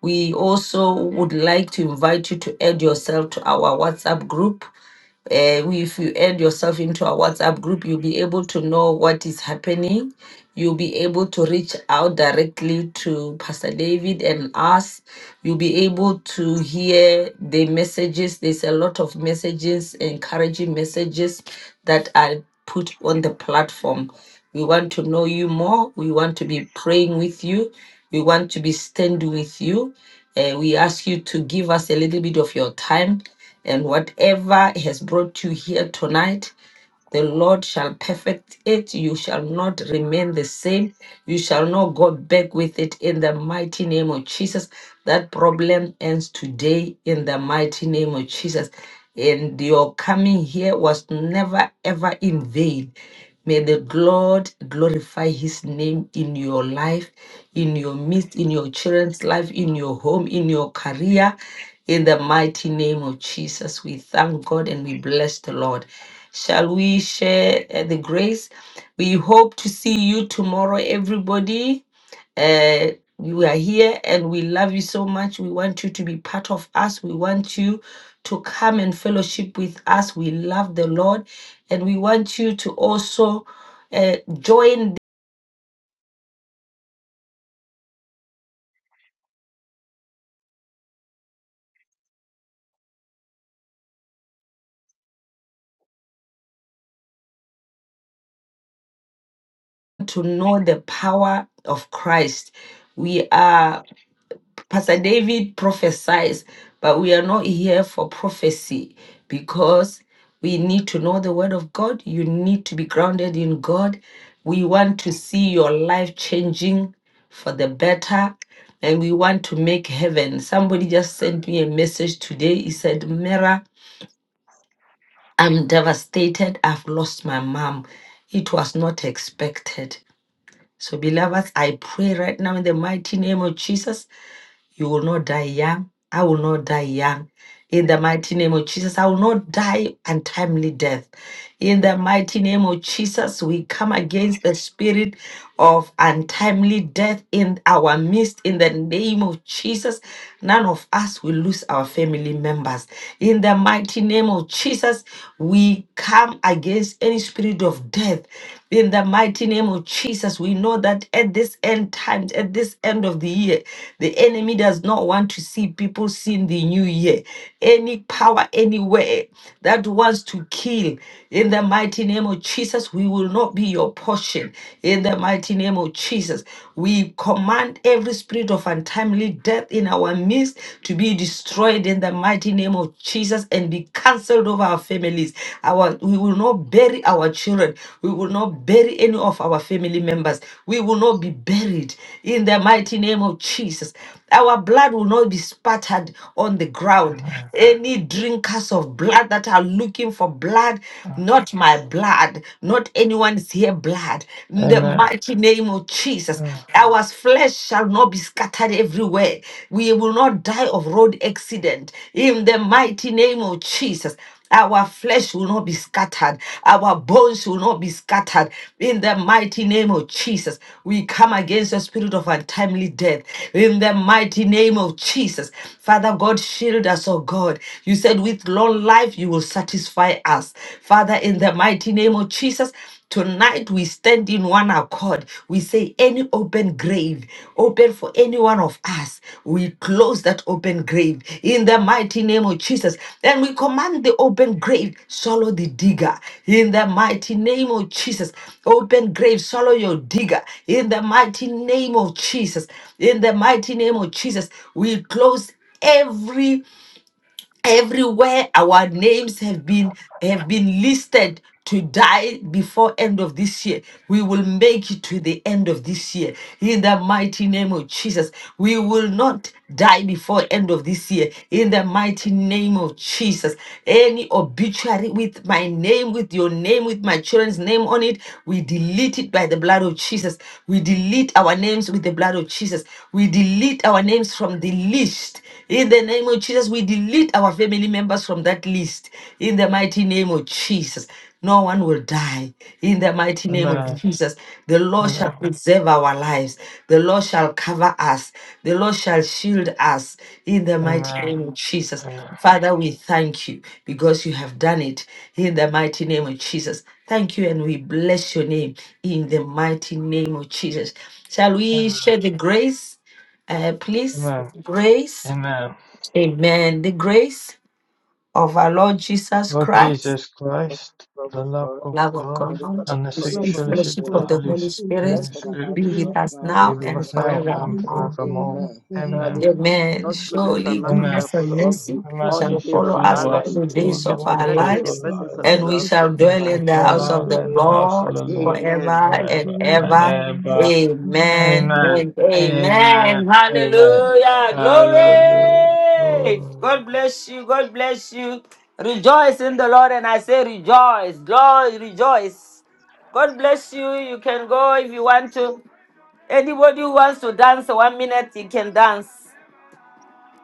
A: we also would like to invite you to add yourself to our WhatsApp group. Uh, if you add yourself into our WhatsApp group, you'll be able to know what is happening. You'll be able to reach out directly to Pastor David and us. You'll be able to hear the messages. There's a lot of messages, encouraging messages that are put on the platform. We want to know you more. We want to be praying with you. We want to be standing with you. Uh, we ask you to give us a little bit of your time and whatever has brought you here tonight, the Lord shall perfect it. You shall not remain the same. You shall not go back with it in the mighty name of Jesus. That problem ends today in the mighty name of Jesus. And your coming here was never ever in vain. May the Lord glorify his name in your life, in your midst, in your children's life, in your home, in your career. In the mighty name of Jesus, we thank God and we bless the Lord. Shall we share uh, the grace? We hope to see you tomorrow, everybody. Uh, you are here and we love you so much. We want you to be part of us. We want you to come and fellowship with us. We love the Lord and we want you to also uh, join them to know the power of Christ. We are. Pastor David prophesies, but we are not here for prophecy because we need to know the word of God. You need to be grounded in God. We want to see your life changing for the better and we want to make heaven. Somebody just sent me a message today. He said, Mera, I'm devastated. I've lost my mom. It was not expected. So, beloveds, I pray right now in the mighty name of Jesus you will not die young. I will not die young. In the mighty name of Jesus, I will not die untimely death. In the mighty name of Jesus, we come against the spirit of untimely death in our midst. In the name of Jesus, none of us will lose our family members. In the mighty name of Jesus, we come against any spirit of death. In the mighty name of Jesus, we know that at this end times, at this end of the year, the enemy does not want to see people seeing the new year. Any power anywhere that wants to kill, in the mighty name of Jesus, we will not be your portion. In the mighty name of Jesus, we command every spirit of untimely death in our midst to be destroyed in the mighty name of Jesus curse and be cancelled over our families. Our we will not bury our children. We will not bury any of our family members. We will not be buried in the mighty name of Jesus. Our blood will not be spattered on the ground. Any drinkers of blood that are looking for blood, not my blood, not anyone's here blood. In the mighty name of Jesus, our flesh shall shall not be scattered everywhere. We will not die of road accident. In the mighty name of Jesus. Our flesh will not be scattered. Our bones will not be scattered. In the mighty name of Jesus, we come against the spirit of untimely death. In the mighty name of Jesus, Father God, shield us, oh God. You said, with long life, you will satisfy us. Father, in the mighty name of Jesus, Tonight we stand in one accord. We say, any open grave, open for any one of us, we close that open grave in the mighty name of Jesus. And we command the open grave, swallow the digger in the mighty name of Jesus. Open grave, swallow your digger in the mighty name of Jesus. In the mighty name of Jesus, we close every everywhere our names have been have been listed to die before end of this year we will make it to the end of this year in the mighty name of jesus we will not die before end of this year in the mighty name of jesus any obituary with my name with your name with my children's name on it we delete it by the blood of jesus we delete our names with the blood of jesus we delete our names from the list in the name of Jesus, we delete our family members from that list. In the mighty name of Jesus, no one will die. In the mighty name of Jesus, the Lord shall preserve our lives. The Lord shall cover us. The Lord shall shield us. In the
E: Amen.
A: mighty
E: Amen.
A: name of Jesus.
E: Amen.
A: Father, we thank you because you have done it. In the mighty name of Jesus. Thank you and we bless your name. In the mighty name of Jesus. Shall we share the grace? Uh, please,
E: Amen.
A: grace.
E: Amen.
A: Amen. The grace of our Lord Jesus
E: Lord
A: Christ,
E: Jesus Christ,
L: Love of
E: the love
L: God
A: the
E: of
A: love of
E: God,
L: and the
A: God,
E: and the
L: fellowship
A: the
L: of
E: sweet
L: the
M: Lord
A: sweet
L: Holy
E: fellowship
A: fellowship
E: of the
A: of
L: Spirit
M: God,
A: the
E: Holy
A: Holy
M: Holy
A: Spirit
L: rest and
M: Spirit,
E: Spirit
M: the
L: abide
A: be
L: with
M: Holy
A: with
L: us
A: us
L: now
M: Spirit,
E: be
A: now
L: and
E: with
A: and
E: us now
L: forevermore.
M: give
E: and
A: forevermore.
M: us now
E: forevermore.
M: and
L: Amen.
M: forever.
E: Amen.
L: Surely
A: Amen.
L: God's
M: Amen.
L: goodness
A: Surely
L: and mercy
E: Amen.
L: shall
A: goodness and
L: follow us
M: Praise
A: mercy
M: the
E: The
L: all the
E: mercy
M: goodness
A: shall
E: shall
L: days
M: of
A: follow
L: of
M: the
A: us
L: our
E: follow
A: all
L: life.
E: us
A: the
E: all,
A: days
M: Jesus,
L: Shall
A: of
E: all the
A: our
L: continually be
E: days
L: in
E: of
L: the
A: lives,
E: our
M: and
L: presence
M: the
E: life.
L: of the
A: and
M: grace
A: we
L: Lord
M: of
A: shall
M: our
E: We
M: Lord
A: dwell
M: and
L: forever
E: shall
A: in the
L: and
A: house
M: Savior,
L: ever.
A: of
E: dwell
A: the
M: God, we
E: in
M: give
E: the house of
A: Lord
E: the Lord
L: Amen.
A: forever and
E: forever
M: us
E: and
A: ever.
M: our
E: ever.
M: and now and forever.
A: Amen
M: Amen.
E: Amen.
A: and
E: Amen.
A: amen.
E: Amen.
A: Hallelujah.
E: Hallelujah.
A: Glory.
E: Lord.
A: God bless you. God bless you. Rejoice in the Lord. And I say rejoice. Glory, rejoice. God bless you. You can go if you want to. Anybody who wants to dance one minute, you can dance.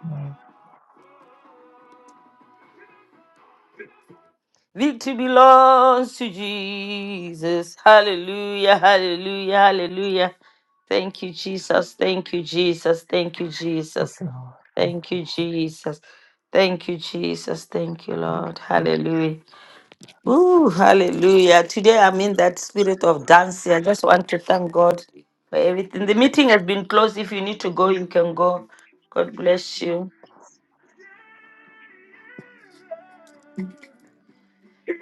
E: Thank
A: Victory belongs to Jesus. Hallelujah, hallelujah, hallelujah. Thank you, Jesus. Thank you, Jesus. Thank you, Jesus.
E: you, Lord. Thank you.
A: Thank you, Jesus. Thank you, Jesus. Thank you, Lord. Hallelujah. Ooh, hallelujah. Today I'm in that spirit of dancing. I just want to thank God for everything. The meeting has been closed. If you need to go, you can go. God bless you.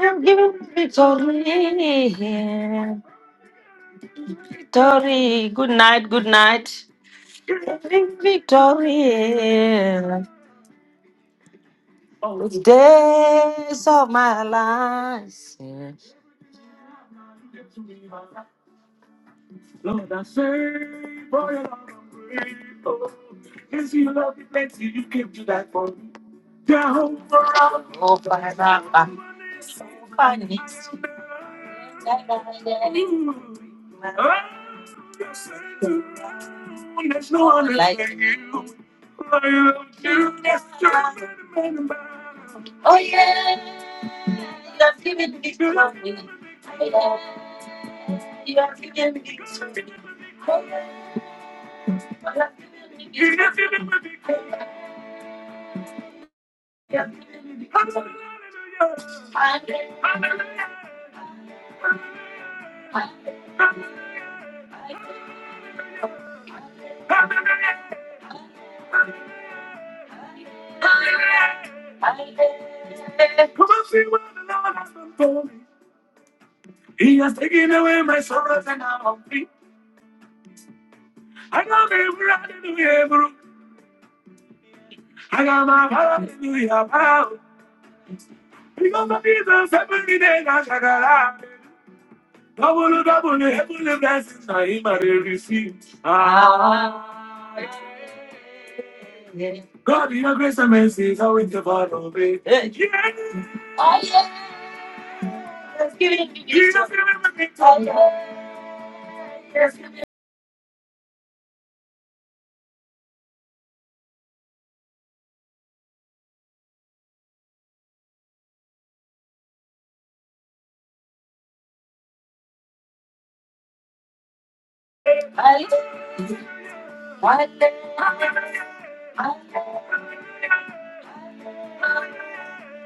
A: I'm giving victory. Victory, good night, good night. Victory, days of my life. Lord, I say, boy, I'm grateful. Yes, you love me, thanks you, you came to die for me. Down for our money's there's no one like you. I love you, Mr. Oh yeah, you have given me glory. Oh yeah, you have given me glory. Oh yeah, you have given me glory. I live, I live, I live. Come and see what the Lord has done for me. He has taken away my sorrows and now I'm free. I got my hallelujah, bro. I got my hallelujah, bro. Because of Jesus, every day I shall have. Double, double, heavenly blessings I him I receive. Ah. God, in your grace and mercy is always the part of me. Yeah. Oh, yeah. Let's give it to you. Just give it to me. Oh, yeah. Yes, give it. I- I- I-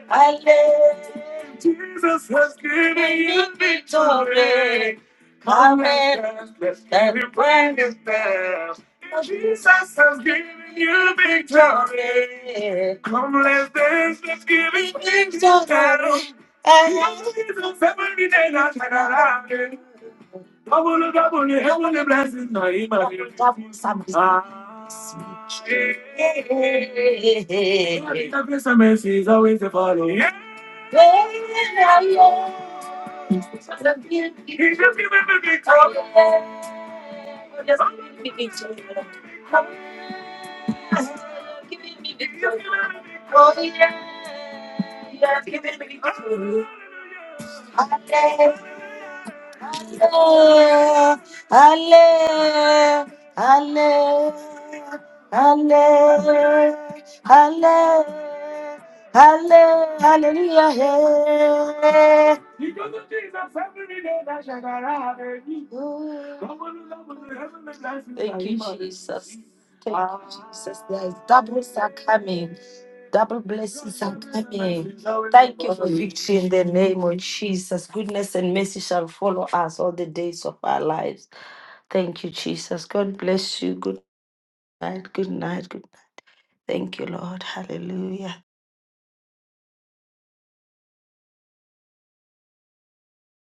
A: I Hallelujah. Jesus has given you victory. Come and let's get it brand new fast. Jesus has given you victory. Come, let's dance, let's give it victory. Jesus, every day, na na na na. Double, double, heavenly blessings. now in my life. Double, double, Ah, eh, eh, eh, eh. I think the grace and mercy is always a follow. Yeah. Yeah, yeah, yeah. He just give me the victory. Yeah. Just give me the victory. Yeah, give me the victory. Oh, yeah. Yeah, give me the victory. Hallelujah. Hallelujah. Halle- Hallelujah. Because of Jesus, every day that shall arrive, eh? Come on, love, with the heavenly blessings Thank you, you Jesus. Thank you, Jesus. There is Ah, doubles are coming, double blessings are coming. Thank you for follow. victory in the name of Jesus. Goodness and mercy shall follow us all the days of our lives. Thank you, Jesus. God bless you. Good night. Good night. Good night. Thank you, Lord. Hallelujah.